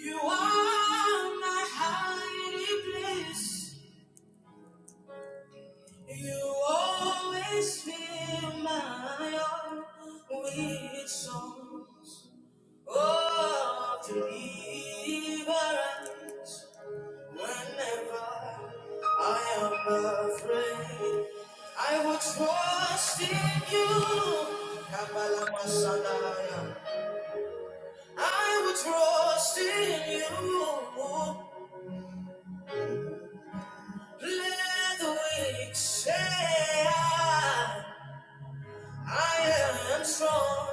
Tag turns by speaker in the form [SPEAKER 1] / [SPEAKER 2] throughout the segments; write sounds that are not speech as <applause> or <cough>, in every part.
[SPEAKER 1] You are my hiding place. You always fill my heart with songs of deliverance. Whenever I am afraid, I will trust in you. Kabbalah Masanaya. I will trust in you. Let the weak say I, I am strong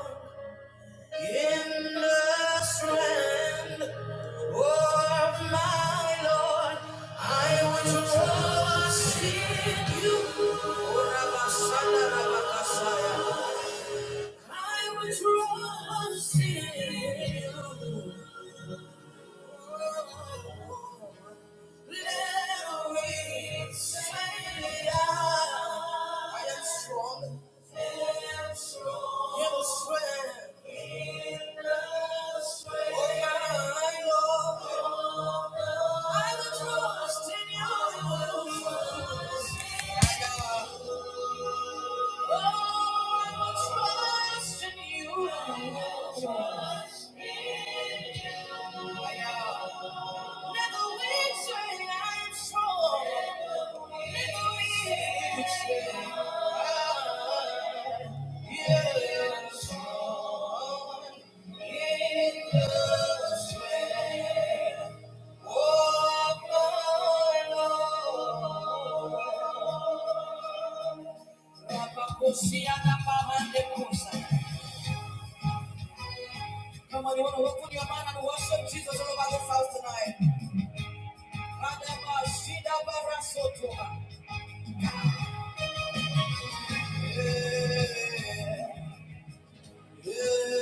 [SPEAKER 1] in the strength of my Lord. I will trust in you. I will trust in you. I I am strong. in the strength. Oh, my Lord. I will Trust in you. My God. Oh, I will trust in you. My God. Come on, you want to open your mouth and worship Jesus all over this house tonight. Radaba Shida Barasoto. Yeah. Now,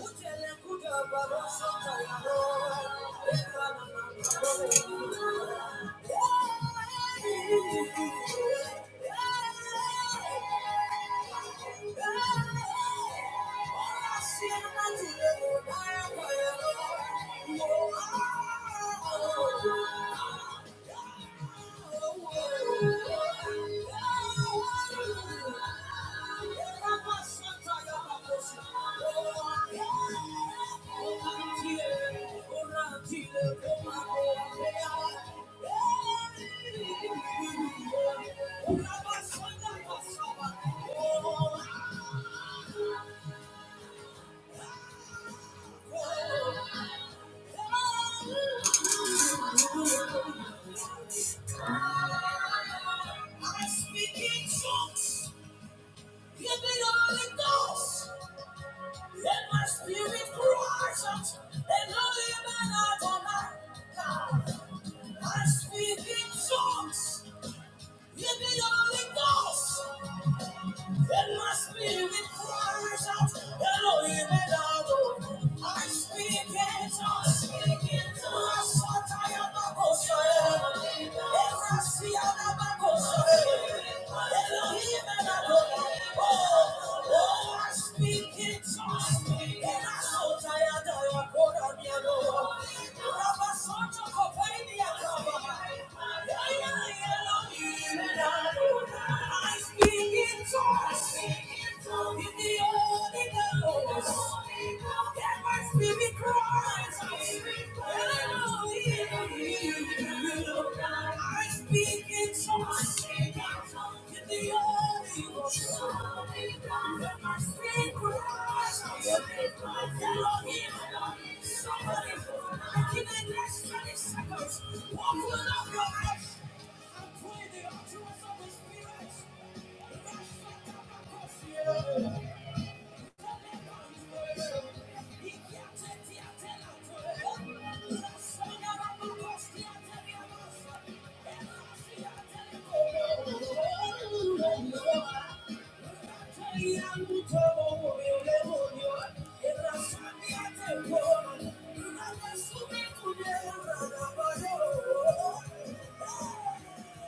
[SPEAKER 1] Thank you. I speak in tongues. Give me the Holy Ghost. Let my spirit crush out and only man out of my God. I speak in tongues. Give me the Holy Ghost. Then my spirit cries out, Elohim Elohim. I speak in tongues. Rasataya Bakosaya. Erasiana Bakosaya. Elohim Elohim. Oh, oh, I speak in tongues. Erasotaya Dayakora Miano. Rabasoto Kopenia Kaba. Elohim Elohim. I speak Somebody, I can next 20 seconds. Walk with your life and pray the utterance of the Spirit. Thank you.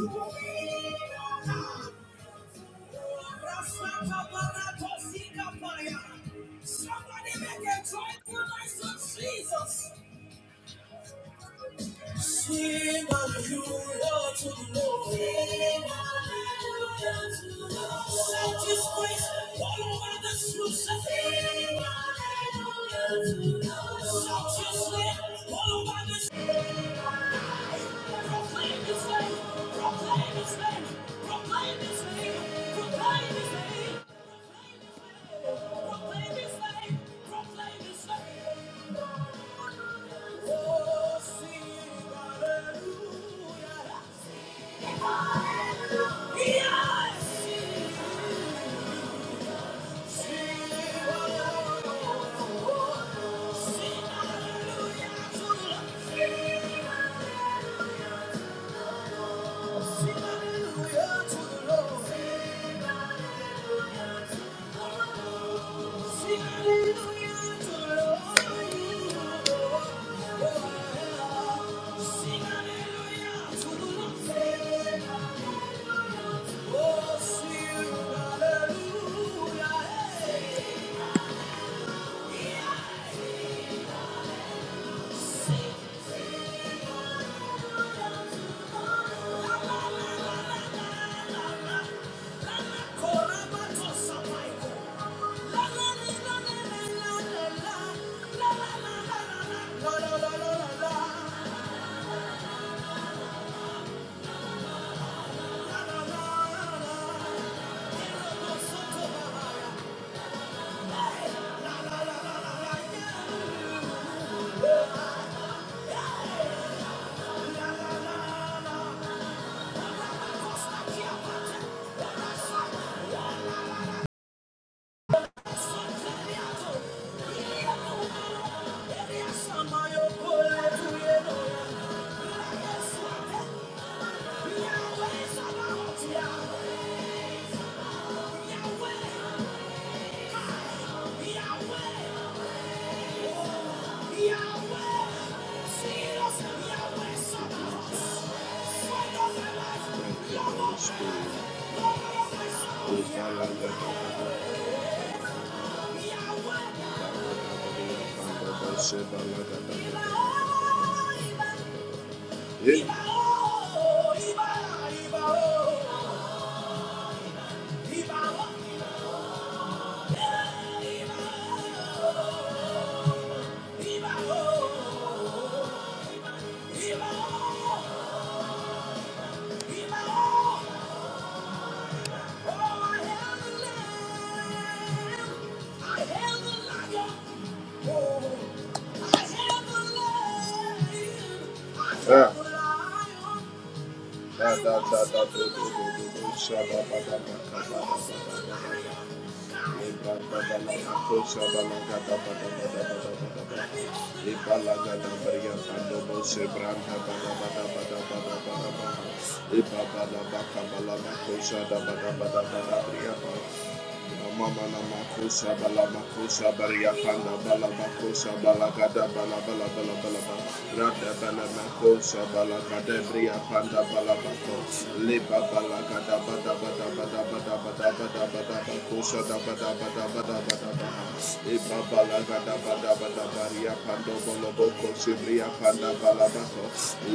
[SPEAKER 1] Oh, see, Somebody make a joyful noise to Jesus. Sing hallelujah to the Lord. Sing hallelujah to the Lord. Shout his praise all over this room. Sing hallelujah to the Lord. Shout his name all over this Proclaim his name. Proclaim his name. Proclaim his name. Proclaim his name. Proclaim his name. Proclaim his name. Oh, sing hallelujah. Sing hallelujah. Yes. Sing hallelujah to the Lord. Sing hallelujah to the Lord. La la la la la la. Yahweh, Yahweh, Holy Spirit. We balada, balada, balada, balada, balada, balada. Yeah. Ah, da da da da da da da da da da da da da da da da da da Thank you. Mama na makosa bala makosa baria panda bala makosa bala gada bala bala bala bala bala rada bala makosa bala gada bria panda bala bako leba bala gada bada bada bada bada bada bada bada makosa da bada bada bada bada bada leba bala gada bada bada bariya panda bala, pando bolo boko Banda Balabaco,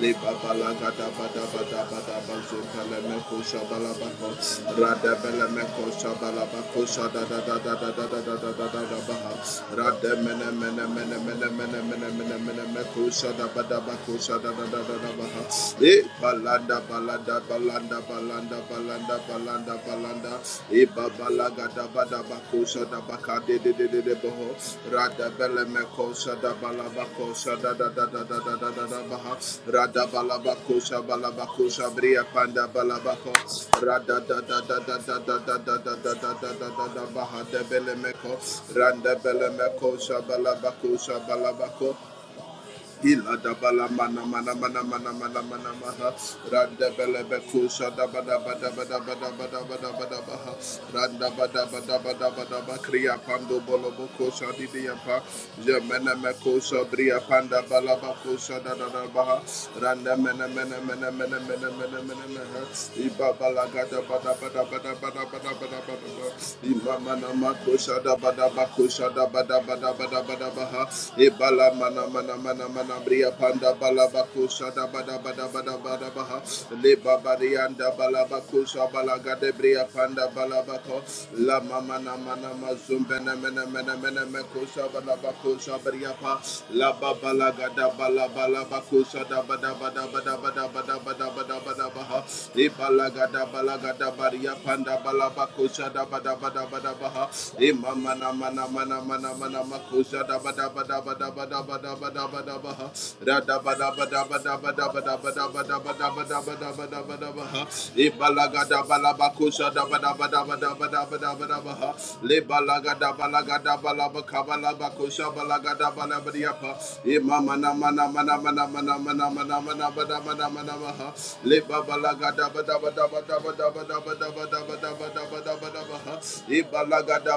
[SPEAKER 1] Liba Balagada Bada Bada Bada Bazo Pelemeco Shabalabaco, Rada Belemeco Shabalabaco Shada da da da da da da da da da da da Baha, Rada Mene Mene Mene Mene Mene Mene Mene Mene Meco Shada Bada Baco Shada da da da da Baha, Eh, Balanda Balanda Balanda Balanda Balanda Balanda Balanda Balagada, gada Balagada Badabakosa da Bakade de de de de Boho, Rada Belemekosa da Balabakosa da da da da da da da da Baha, Rada Balabakosa Balabakosa Bria Panda Balabako, Rada da da da da da da da da da da da da da da da Baha de Belemeko, Randa Belemekosa Balabakosa Balabako, Ilada bala mana mana mana mana mana mana maha. Randa bele beku shada bada bada bada bada bada bada da ba da ba da ba da ba. Randa ba bada bada da ba da ba da ba da ba kriya pando bolo boko shadi diyapa. Jemene meko shabriya panda bala bako shada da da baha. Randa mene mene mene mene mene mene mene mene. Iba bala gada bada bada bada ba bada bada da ba. da ba da ba da ba da ba da ba Ima mana makusha da ba da bekusha da ba da ba da ba bada bada baha bala mana mana mana mana bria panda bala bakusha da bada bada bada bada baha le babarianda bala bakusha bala gade bria panda bala bako la mama na mana mazumbe na mena mena mena mekusha bala bakusha bria pa la baba gada bala bala bakusha da bada bada bada bada bada bada bada bada baha le bala gada bala gada bria panda bala bakusha da bada bada bada baha e mama na mana mana mana mana Ibalaga da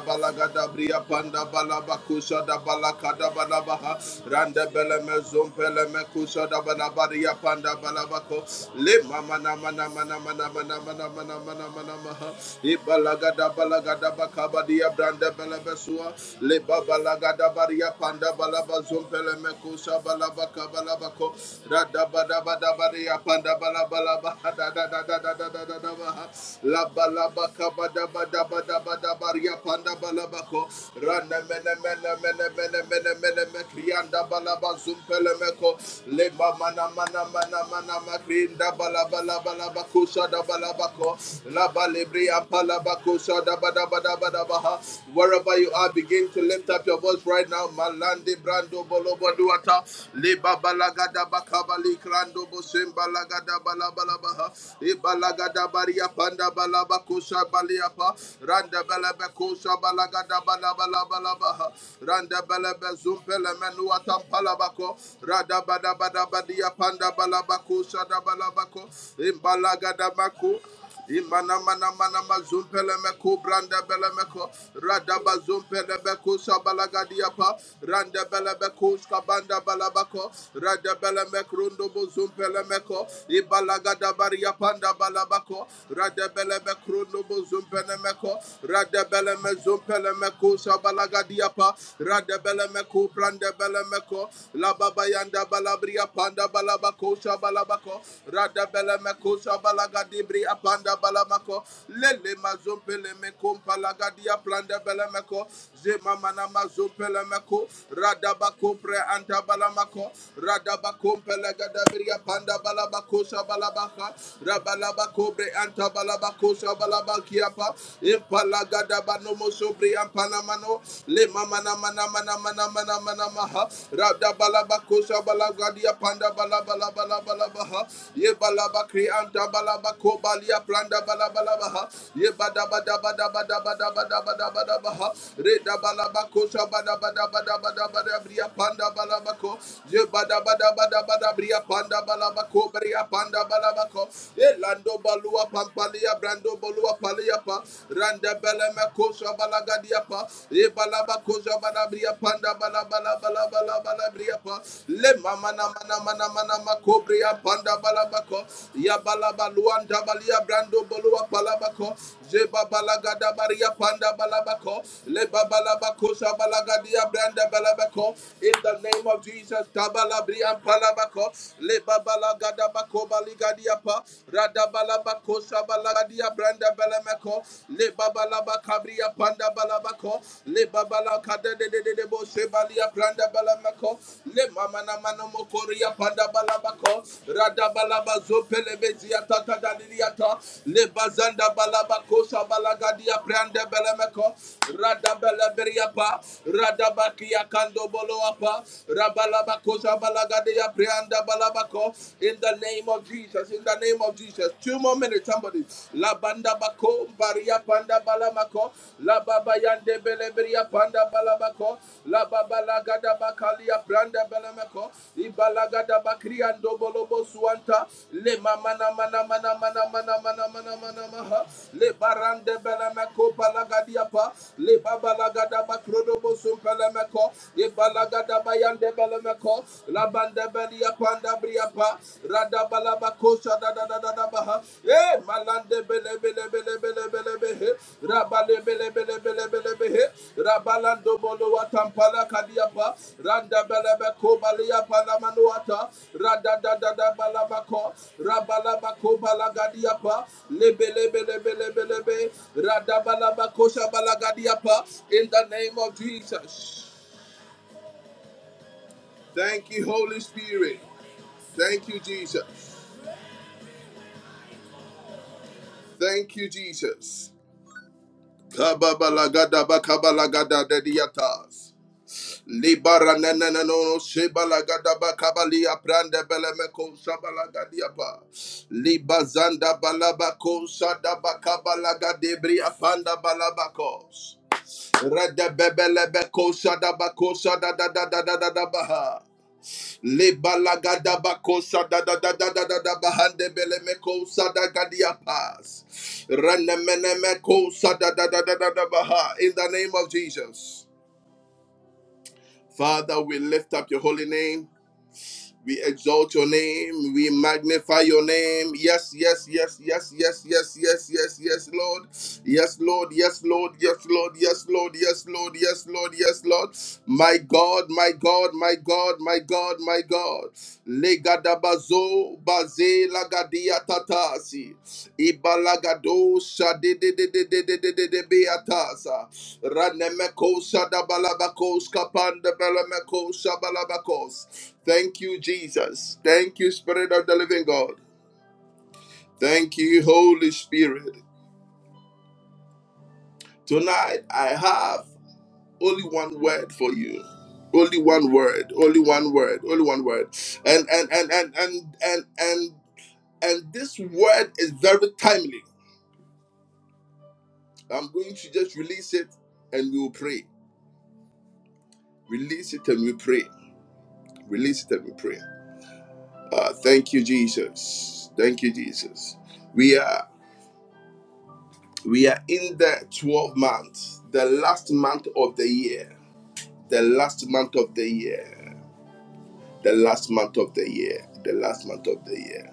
[SPEAKER 1] balaga da bria Maria Panda Balabakusha da Balakada Balabaha Randa Beleme Zompele Mekusha da Balabaria Panda Balabako Le Mama Nama Nama Nama Nama Nama Nama Nama Nama Namaha Ibalagada Balagada Bakabadia Branda Belebesua Le Babalagada Baria Panda Balaba Zompele Mekusha Balabaka Balabako Rada Bada Bada Baria Panda Balabalaba Da Da Da Da Da Da Da Da Da Baha La Balabaka Bada Bada Bada Bada baria panda balabako rana mena mena mena mena mena mena me krianda balaba zumpele meko le mana mana mana mana makrinda balaba balaba balabako shada balabako la balebri apalabako shada bada bada bada baha wherever you are begin to lift up your voice right now malande brando bolobo duata le babalagada bakabali krando bosemba lagada balabala baha e balagada baria panda balabako shaba Baliapa, Randa Belebeko Shabalagada Balabalabalaba, Randa Belebe Zumpele Menuatam Palabako, Rada Bada Bada Badia Panda Balabako Shada Balabako, Imbalagada Bako, Imana mana mana mazumpele meko branda bele meko rada bazumpele meko shabalagadi apa randa bele meko skabanda balabako rada bele meko rundo bozumpele meko ibalagada baria panda balabako Radebeleme kronobo zumpenemeko, radebeleme zumpelemeko sabalagadiapa, radebeleme brandebelemeko, lababayanda balabria panda balabako sabalabako, radebeleme sabalagadibri apanda balamako, lele mazumpelemeko palagadia brandebelemeko, zemamana mazumpelemeko, radabako pre anta radabako pelegadabiria panda balabako sabalabaka, Rabalaba kobre anta balaba kosha balaba kiapa. Impalaga daba no mo sobre ampanamano. Le mamana mana mana mana mana mana maha. Rabda kosha balaga panda balabala balaba balaba balaba Ye balaba kri anta balaba planda balaba balaba ha. Ye bada bada bada bada bada bada bada bada bada ha. Re kosha bada bada bada bada bada bria panda balaba Ye bada bada bada bada bria panda Palia Panda Balabako, Elando Balua Pampalia Brando Balua Paliapa, Randa Belema Kosa Balagadiapa, Ebalaba Kosa Balabria Panda Balabala Balabala Balabriapa, Le Mamana Mana Mana Mana Macobria Panda Balabako, Yabalaba Luanda Balia Brando Balua Palabako, Zeba Balagada Baria Panda Balabako, Le Babalabako Sabala Balagadia Branda Balabako. In the name of Jesus, Tabalabri and Palabako le babala gada bakoba ligadiapa rada balaba kosha balagadia branda belemeko le babala bakabria panda balabako le babala kada de de de de bo shebalia branda belemeko le mama na mano mokoria panda balabako rada balaba zopele bezia tata dadiliata le bazanda balaba kosha balagadia branda belemeko rada beleberia pa rada bakia kando bolo apa in the name of Jesus, in the name of Jesus. Two more minutes, somebody. La Banda Bako, Baria Panda Balamako, La Baba Yande Beleberia Panda Balabako, La Baba Lagada Bakalia Branda Balamako, Ibalagada Bakrian Dobolobo Suanta, Le Mamana Mana Mana Mana Mana Mana Mana Mana Maha, Le Barande Belamako Balagadiapa, Le Baba Lagada Bakrodobo Sumpalamako, ibalaga Radabayande Belemeko, Labanda Belia Panda Briapa, Radabalabakosha da Eh, Malande Bele Bele Bele Bele Bele Behe, Rabale Bele Bele Bele Bele Behe, Rabalando Bolo Watampala Kadiapa, Randa Belebeko Balia Palamanuata, Rada Rabalabako Balagadiapa, Lebe Lebe Lebe Lebe Lebe, Radabalabakosha Balagadiapa, in the name of Jesus. Thank you, Holy Spirit. Thank you, Jesus. Thank you, Jesus. Kababalagada bakabalagada dediatas. Libara nenenenono shebalagada bakabalia prande belemeko shabalagadiapa. Libazanda balabako shadabalagadebriya panda balabakos. Redebebelebeko shadabako shadadadadadadabaha. Lebalagadabakosha da da da da da da da bahande belemekosha da gadiapas. Renemenemekosha da da da da da da baha. In the name of Jesus. Father, we lift up your holy name. We exalt your name. We magnify your name. Yes, yes, yes, yes, yes, yes, yes, yes, yes, Lord. Yes, Lord, yes, Lord, yes, Lord, yes, Lord, yes, Lord, yes, Lord, yes, Lord. My God, my God, my God, my God, my God. Legadaba Zo baze lagadia tatasi ibalagado shadi de de de de de de de de beatasa ranemeko shadabalabakos kapanda balameko shabalabakos. Thank you, Jesus. Thank you, Spirit of the Living God. Thank you, Holy Spirit. Tonight I have only one word for you. Only one word. Only one word. Only one word. And and and and and and and and this word is very timely I'm going to just release it and we will pray. Release it and we pray. Release it and we pray. Ah, thank you, Jesus. Thank you, Jesus. We are we are in the 12 month, the last month of the year. The last month of the year. The last month of the year. The last month of the year.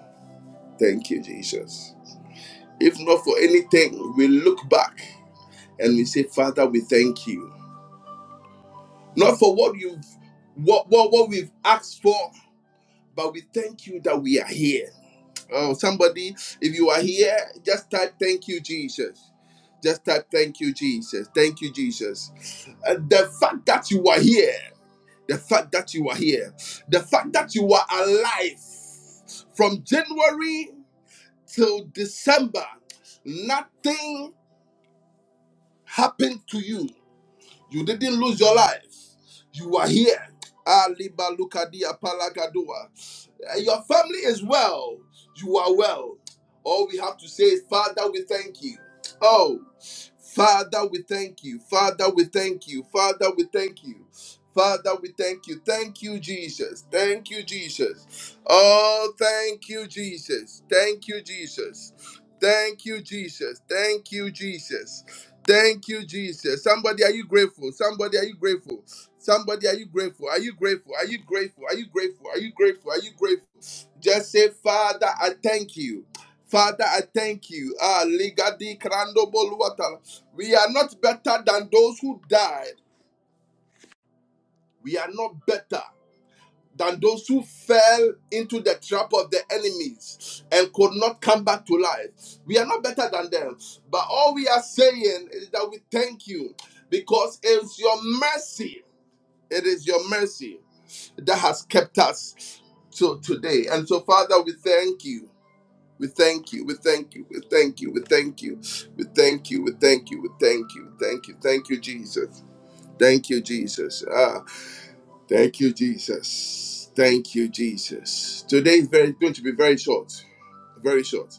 [SPEAKER 1] Thank you, Jesus. If not for anything, we look back and we say, Father, we thank you. Not for what you've what, what, what we've asked for, but we thank you that we are here. Oh, somebody, if you are here, just type thank you, Jesus. Just type thank you, Jesus. Thank you, Jesus. And the fact that you are here, the fact that you are here, the fact that you are alive from January till December, nothing happened to you. You didn't lose your life. You are here. Aliba Lukadia Palagadua. Eh, Your family is well. You are well. All we have to say is, Father, we thank you. Oh, Father, we thank you. Father, we thank you. Father, we thank you. Father, we thank you. Thank you, Jesus. Thank you, Jesus. Oh, thank you, Jesus. Thank you, Jesus. Thank you, Jesus. Thank you, Jesus. Thank you, Jesus. Somebody, are you grateful? Somebody, are you grateful? Somebody, are you grateful? Are you grateful? Are you grateful? Are you grateful? Are you grateful? Are you grateful? Just say, Father, I thank you. Father, I thank you. Ah, ligadi krando boluata. We are not better than those who died. We are not better than those who fell into the trap of the enemies and could not come back to life. We are not better than them. But all we are saying is that we thank you because it's your mercy. It is your mercy that has kept us till today. And so, Father, we thank you. We thank you. We thank you. We thank you. We thank you. We thank you. We thank you. We thank you. Thank you. Thank you, Jesus. Thank you, Jesus. Ah. Thank you, Jesus. Thank you, Jesus. Today is very going to be very short. Very short.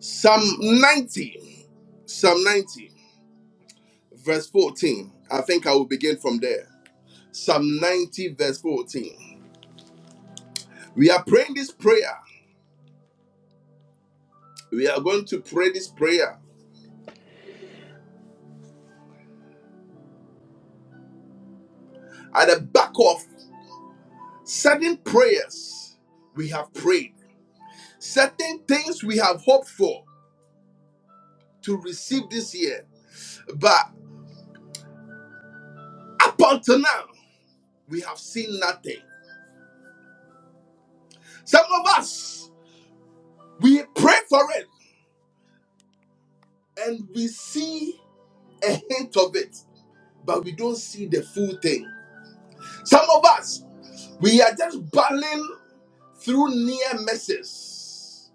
[SPEAKER 1] Psalm 90. Psalm 90, verse 14. I think I will begin from there. Psalm 90, verse 14. We are praying this prayer. We are going to pray this prayer at the back of certain prayers we have prayed, certain things we have hoped for to receive this year. But up until now, we have seen nothing. Some of us, we pray for it and we see a hint of it, but we don't see the full thing. Some of us, we are just battling through near misses.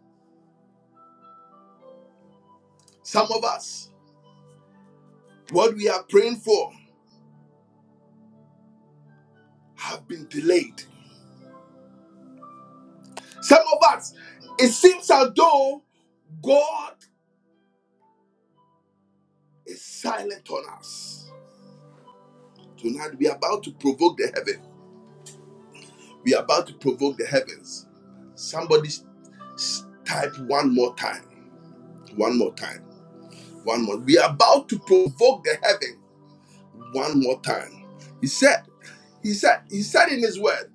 [SPEAKER 1] Some of us, what we are praying for have been delayed. Some of us, it seems as though God is silent on us. Tonight, we are about to provoke the heaven. We are about to provoke the heavens. Somebody s- type one more time. One more time. One more. We are about to provoke the heaven one more time. He said, He said, He said in His word,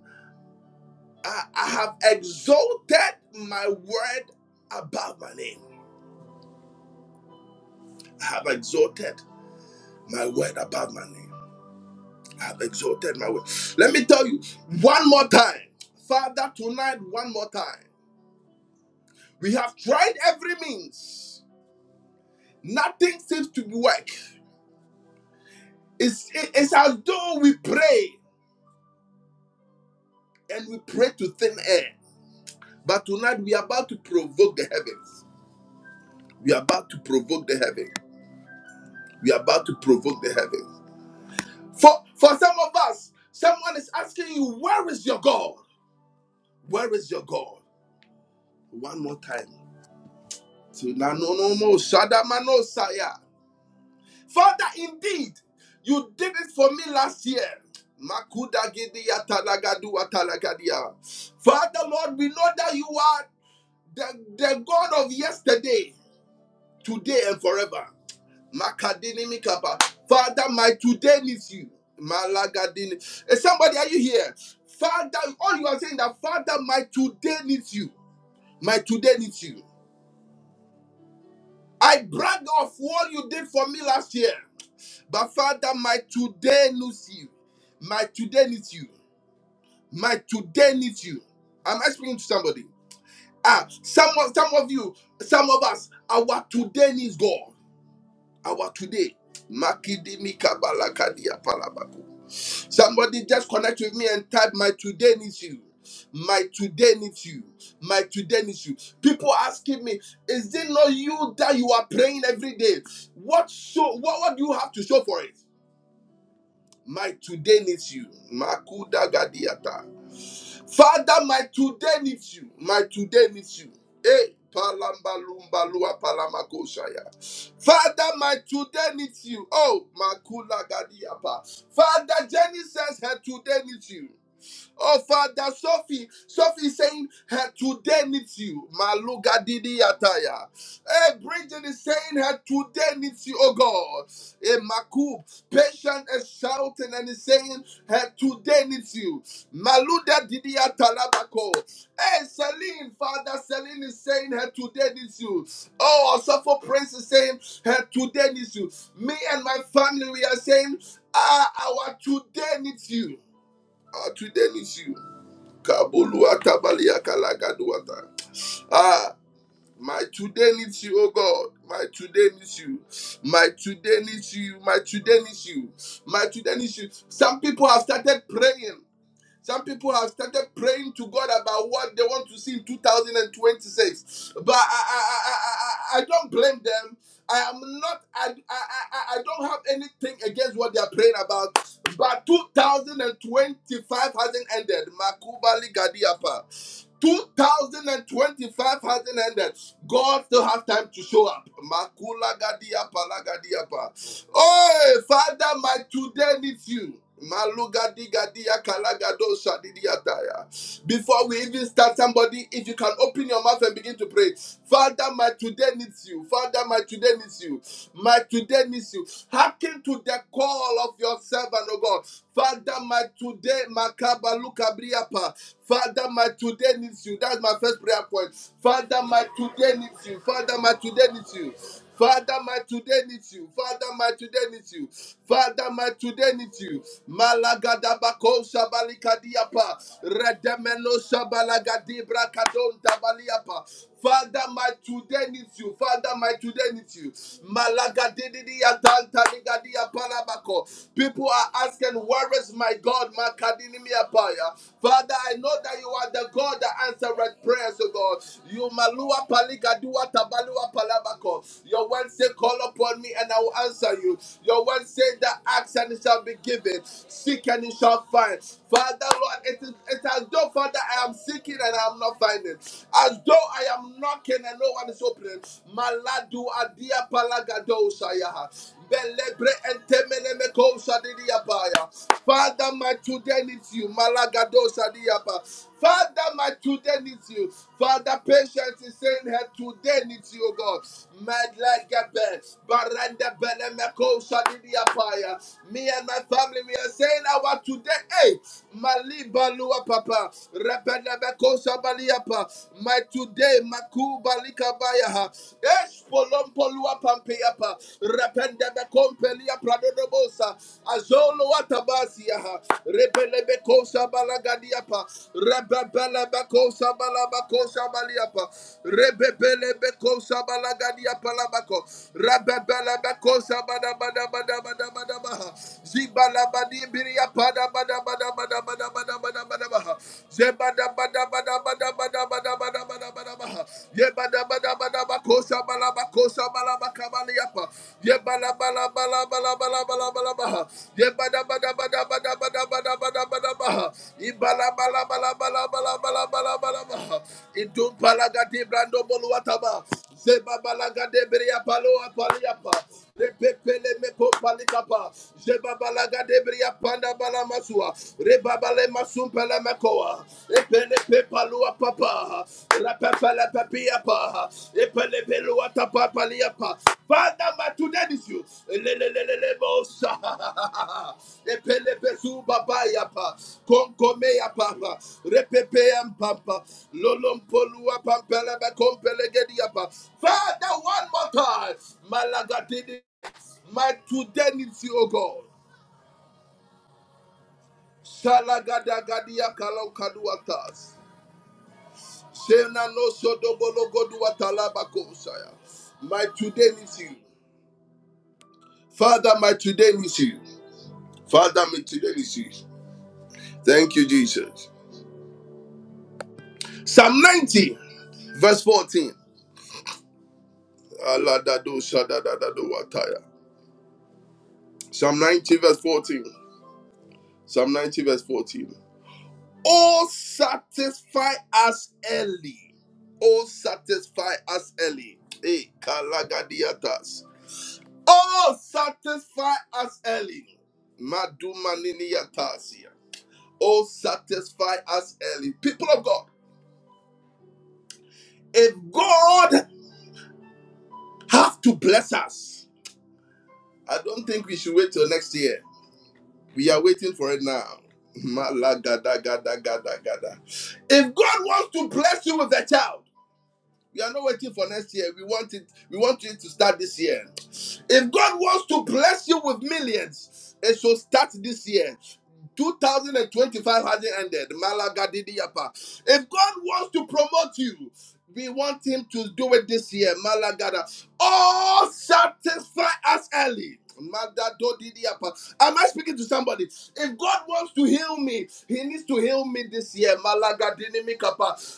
[SPEAKER 1] I, I have exalted my word above my name. I have exalted my word above my name. I have exalted my word. Let me tell you one more time. Father, tonight, one more time. We have tried every means. Nothing seems to work. It's, it- it's as though we pray and we pray to thin air. But tonight we are about to provoke the heavens. We are about to provoke the heavens. We are about to provoke the heavens. For for some of us, someone is asking you, where is your God? Where is your God? One more time. Tonight, no no Shadamano saya. Father, indeed, you did it for me last year. Makuda gidi atalagadu atalagadia. Father Lord, we know that you are the, the God of yesterday, today, and forever. Makadini Mikapa. Father, my today needs you. Malagadini. Eh, Somebody, are you here? Father, all you are saying that Father, my today needs you. My today needs you. I brag of what you did for me last year. But Father, my today needs you. My today needs you. My today needs you. Am I speaking to somebody? Ah, some of some of you, some of us, our today needs God. Our today. Makidimi kabalakadia palaba. Somebody just connect with me and type, My today needs you. My today needs you. My today needs you. People asking me, Is it not you that you are praying every day? What show? what, what do you have to show for it? My today needs you. Makuda gadiata. Father, my today needs you. My today needs you. Hey, palamba lumba lua palamako shaya. Father, my today needs you. Oh, makula gadiapa. Father, Jenny says her today needs you. Oh, Father, Sophie, Sophie is saying her today needs you. Maluga Didi Ataya. Hey, Bridget is saying her today needs you, oh God. Hey, Makub, patient is shouting and is saying her today needs you. Maluda Didi Atalabako. Hey, Celine, Father, Celine is saying her today needs you. Oh, Suffer Prince is saying her today needs you. Me and my family, we are saying, ah, our today needs you. Our today needs you. Ah, my today needs you, oh God. My today needs you. My today needs you. My today needs you. My today needs you. Some people have started praying. Some people have started praying to God about what they want to see in 2026. But I, I, I, I I don't blame them. I am not, I, I, I, don't have anything against what they are praying about. But 2025 hasn't ended. Makubali Gadiapa. 2025 hasn't ended. God still has time to show up. Makula Gadiapa, Lagadiapa. Oh, Father, my today needs you. Before we even start, somebody, if you can open your mouth and begin to pray, Father, my today needs you. Father, my today needs you. My today needs you. Hearken to the call of your servant, oh God. Father, my today, makaba lukabriapa. Father, my today needs you. That's my first prayer point. Father, my today needs you. Father, my today needs you. Father, my today needs you. Father, my today needs you. Father, my today needs you. Malagadabako shabalikadiapa. Redemeno shabalagadibra kadon tabaliapa. Father, my today needs you. Father, my today needs you. Malagadidiya danta ligadiya palabako. People are asking, where is my God? Makadinimiapaya. Father, I know that you are the God that answered prayers, oh God. You malua paligadua tabalua palabako. Your word say, call upon me and I will answer you. Your word say that ask and it shall be given. Seek and you shall find. Father Lord, it is it as though Father I am seeking and I am not finding. As though I am knocking and no one is opening. Maladu adia palagado sayaha. Belebre entemenemeko shadidiyabaya. Father, my children needs you. Malagado shadiyaba. Father, my children needs you. Father, patience is saying her today needs you, oh God. Medlegebe, barende benemeko shadidiyabaya. Me and my family, we are saying our today. Hey, malibalua papa. Rebenemeko shabaliapa. My today, makubalikabayaha. Yes, Polompolua Pampeapa, Rapendebe Compelia Pradodobosa, Azolo Atabasia, Rebelebecosa Balagadiapa, Rebebelebecosa Balabacosa Baliapa, Rebebelebecosa Balagadiapa Labaco, Rebebelebecosa Badabadabadabadabadabaha, Zibalabadi Biria Padabadabadabadabadabadabadabaha, Zebadabadabadabadabadabadabadabaha, Ye bala bala bala bala bala bala, ye bala bala bala bala bala bala bala bala, ye bala bala bala bala bala bala bala bala, ye bala bala bala bala bala bala bala bala. Ye bala bala bala bala bala bala bala bala, ye bala bala bala bala bala bala bala bala. Masumpele mekoa, epele pepalua papa, rapepele pepia pa, epele pelua tapa palia pa. Father, my today is you. Lelelelele mosa, epele pesu baba ya pa, konkome ya papa, repepe ya papa, lolompolua pampele mekompele gedi ya pa. Father, one more time, malagatini, my today is you, O God. Shalagadagadia kalau kaduatas. Sena no My today is you. Father, my today is you. Father, my today is you. Thank you, Jesus. Psalm 90, verse 14. Psalm 90, verse 14. Psalm 90, verse 14. Oh, satisfy us early. Oh, satisfy us early. Hey, kalagadiatas. Oh, satisfy us early. Madumaniniatasia. Oh, satisfy us early. People of God, if God have to bless us, I don't think we should wait till next year. We are waiting for it now. <laughs> Malagadagadagadagada. If God wants to bless you with a child, We are not waiting for next year. We want it. We want it to start this year. If God wants to bless you with millions, it should start this year. 2025 hasn't ended. Malaga Didiapa. If God wants to promote you, we want Him to do it this year. Malaga. Oh, satisfy us early. Am I speaking to somebody? If God wants to heal me, He needs to heal me this year.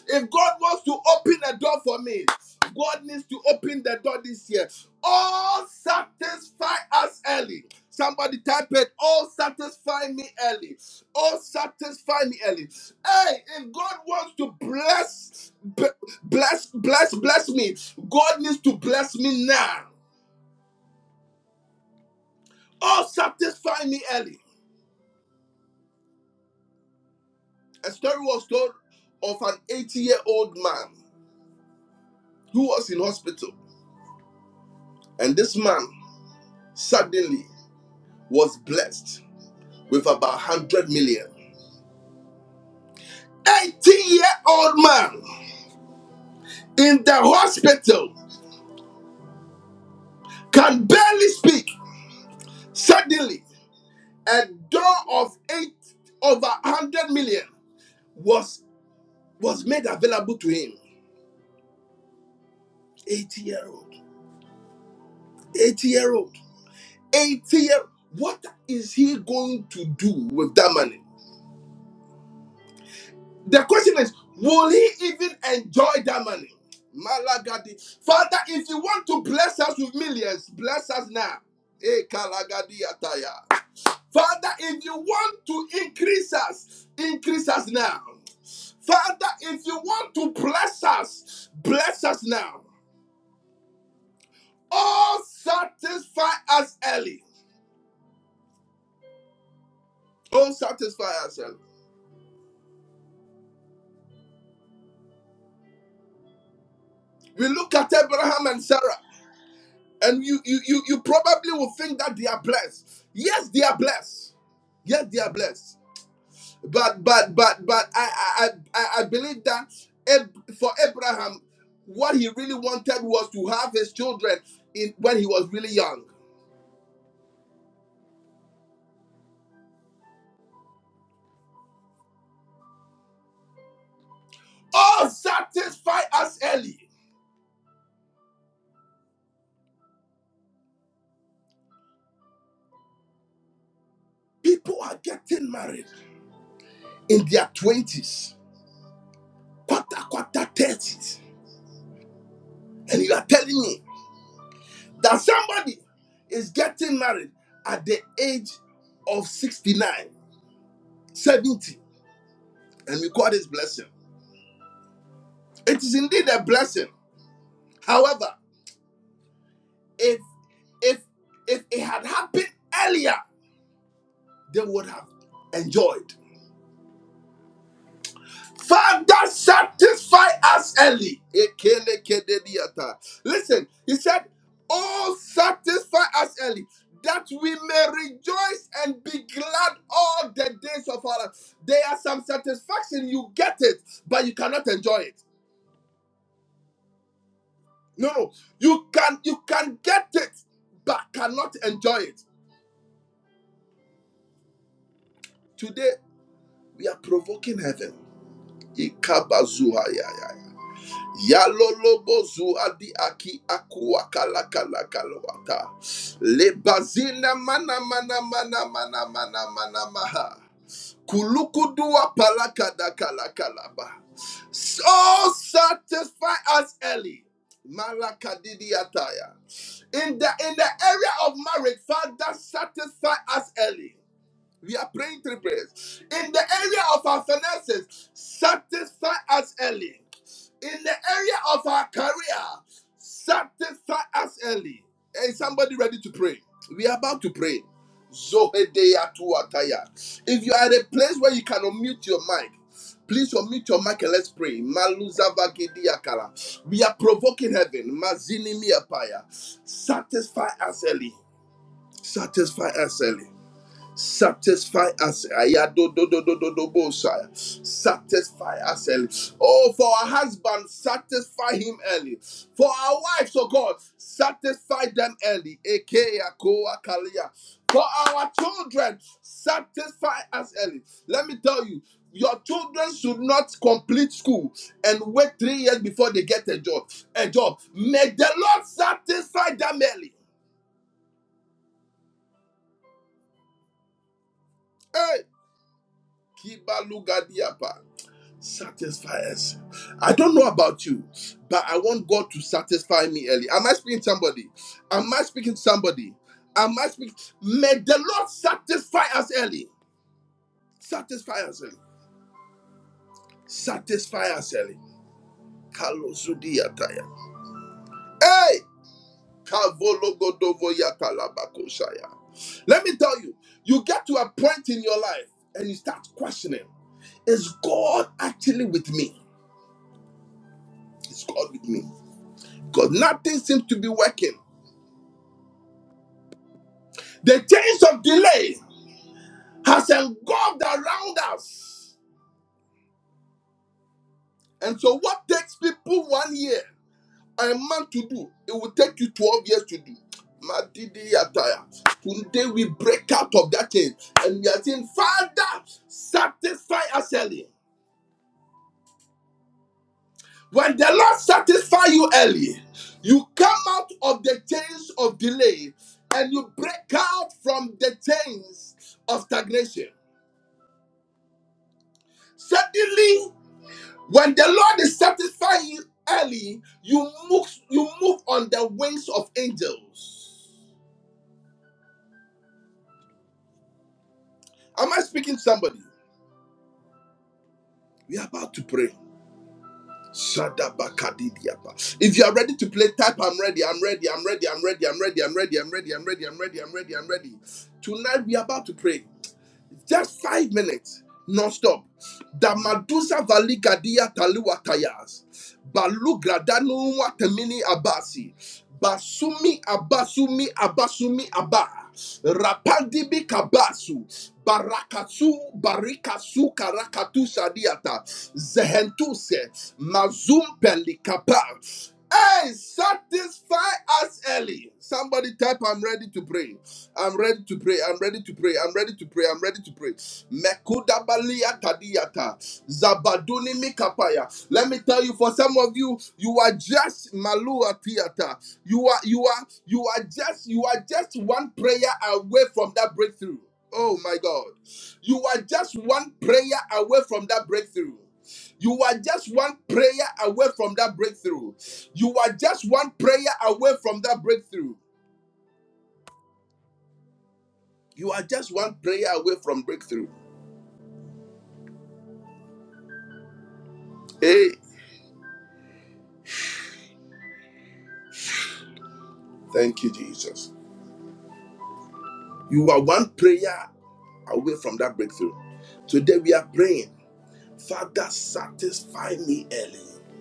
[SPEAKER 1] If God wants to open a door for me, God needs to open the door this year. Oh, satisfy us early. Somebody type it. Oh, satisfy me early. Oh, satisfy me early. Hey, if God wants to bless, b- bless, bless, bless me, God needs to bless me now. Oh, satisfy me early. A story was told of an 80 year old man who was in hospital. And this man suddenly was blessed with about 100 million. 80 year old man in the hospital can barely speak Suddenly, a door of eight over hundred million was was made available to him. Eighty year old, eighty year old, eighty year. What is he going to do with that money? The question is, will he even enjoy that money? Malagadi, Father, if you want to bless us with millions, bless us now. Eh, Kalagadi Ataya. Father, if you want to increase us, increase us now. Father, if you want to bless us, bless us now. Oh, satisfy us early. Oh, satisfy us early. We look at Abraham and Sarah, and you, you, you, you probably will think that they are blessed. Yes, they are blessed. Yes, they are blessed. But but but but I I I, I believe that Ab- for Abraham, what he really wanted was to have his children in when he was really young. Oh, satisfy us early. People are getting married in their twenties, quarter quarter thirties, and you are telling me that somebody is getting married at the age of 69, 70, and we call this blessing. It is indeed a blessing. However, If if if it had happened earlier, they would have enjoyed. Father, satisfy us early. Ekelekedediata. Listen, he said, Oh, satisfy us early, that we may rejoice and be glad all the days of our life. There are some satisfaction, you get it, but you cannot enjoy it. No, no, you can you can get it, but cannot enjoy it. Today we are provoking heaven. Ikabazuha ya Yalolobozu adi aki akua kala kala kalwata Le bazina mana mana mana mana mana mana maha. Kulukudua palakada kala kalaba. So satisfy us early. Malakadidiataya. In the in the area of marriage, Father, satisfy us early. We are praying three prayers. In the area of our finances, satisfy us early. In the area of our career, satisfy us early. Is somebody ready to pray? We are about to pray. Zohedea tuataya. If you are at a place where you can unmute your mic, please unmute your mic and let's pray. Maluzavagidiakala. We are provoking heaven. Mazinimiapaya. Satisfy us early. Satisfy us early. Satisfy us. Ayado do do do do do bo sa. Satisfy us early. Oh, for our husband, satisfy him early. For our wives, oh God, satisfy them early. Eke akoa kalia. For our children, satisfy us early. Let me tell you, your children should not complete school and wait three years before they get a job. A job. May the Lord satisfy them early. Hey, kiba Lugadiapa. Satisfy us. I don't know about you, but I want God to satisfy me early. Am I speaking to somebody? Am I speaking to somebody? Am I speaking? May the Lord satisfy us early. Satisfy us early. Satisfy us early. Kalosudiyataya. Hey! Kavologodovoyatalabakosaya. Let me tell you, you get to a point in your life and you start questioning Is God actually with me? Is God with me? Because nothing seems to be working. The chains of delay has engulfed around us. And so, what takes people one year or a month to do, it will take you 12 years to do. Madidi Ataya. Today, we break out of that chain and we are saying, Father, satisfy us early. When the Lord satisfy you early, you come out of the chains of delay and you break out from the chains of stagnation. Suddenly, When the Lord is satisfying you early, you move, you move on the wings of angels. Am I speaking to somebody? We are about to pray. Shadabakadidiapa. If you are ready to play, type I'm ready, I'm ready, I'm ready, I'm ready, I'm ready, I'm ready, I'm ready, I'm ready, I'm ready, I'm ready, I'm ready. Tonight we are about to pray. Just five minutes, non-stop. Damadusa valigadia taluatayas. Balugradanu watemini abasi. Basumi abasumi abasumi aba. Rapandibi kabasu. Barakasu barikasu karakatu sadiata. Zehentuse. Mazumpeli kapa. Hey, satisfy us early. Somebody type, I'm ready to pray. I'm ready to pray. I'm ready to pray. I'm ready to pray. I'm ready to pray. Mekuda balia tadiyata. Zabaduni mikapaya. Let me tell you, for some of you, you are just malua theater. You are you are you are just you are just one prayer away from that breakthrough. Oh my God. You are just one prayer away from that breakthrough. You are just one prayer away from that breakthrough. You are just one prayer away from that breakthrough. You are just one prayer away from breakthrough. Hey, thank you, Jesus. You are one prayer away from that breakthrough. Today we are praying, Father, satisfy me early.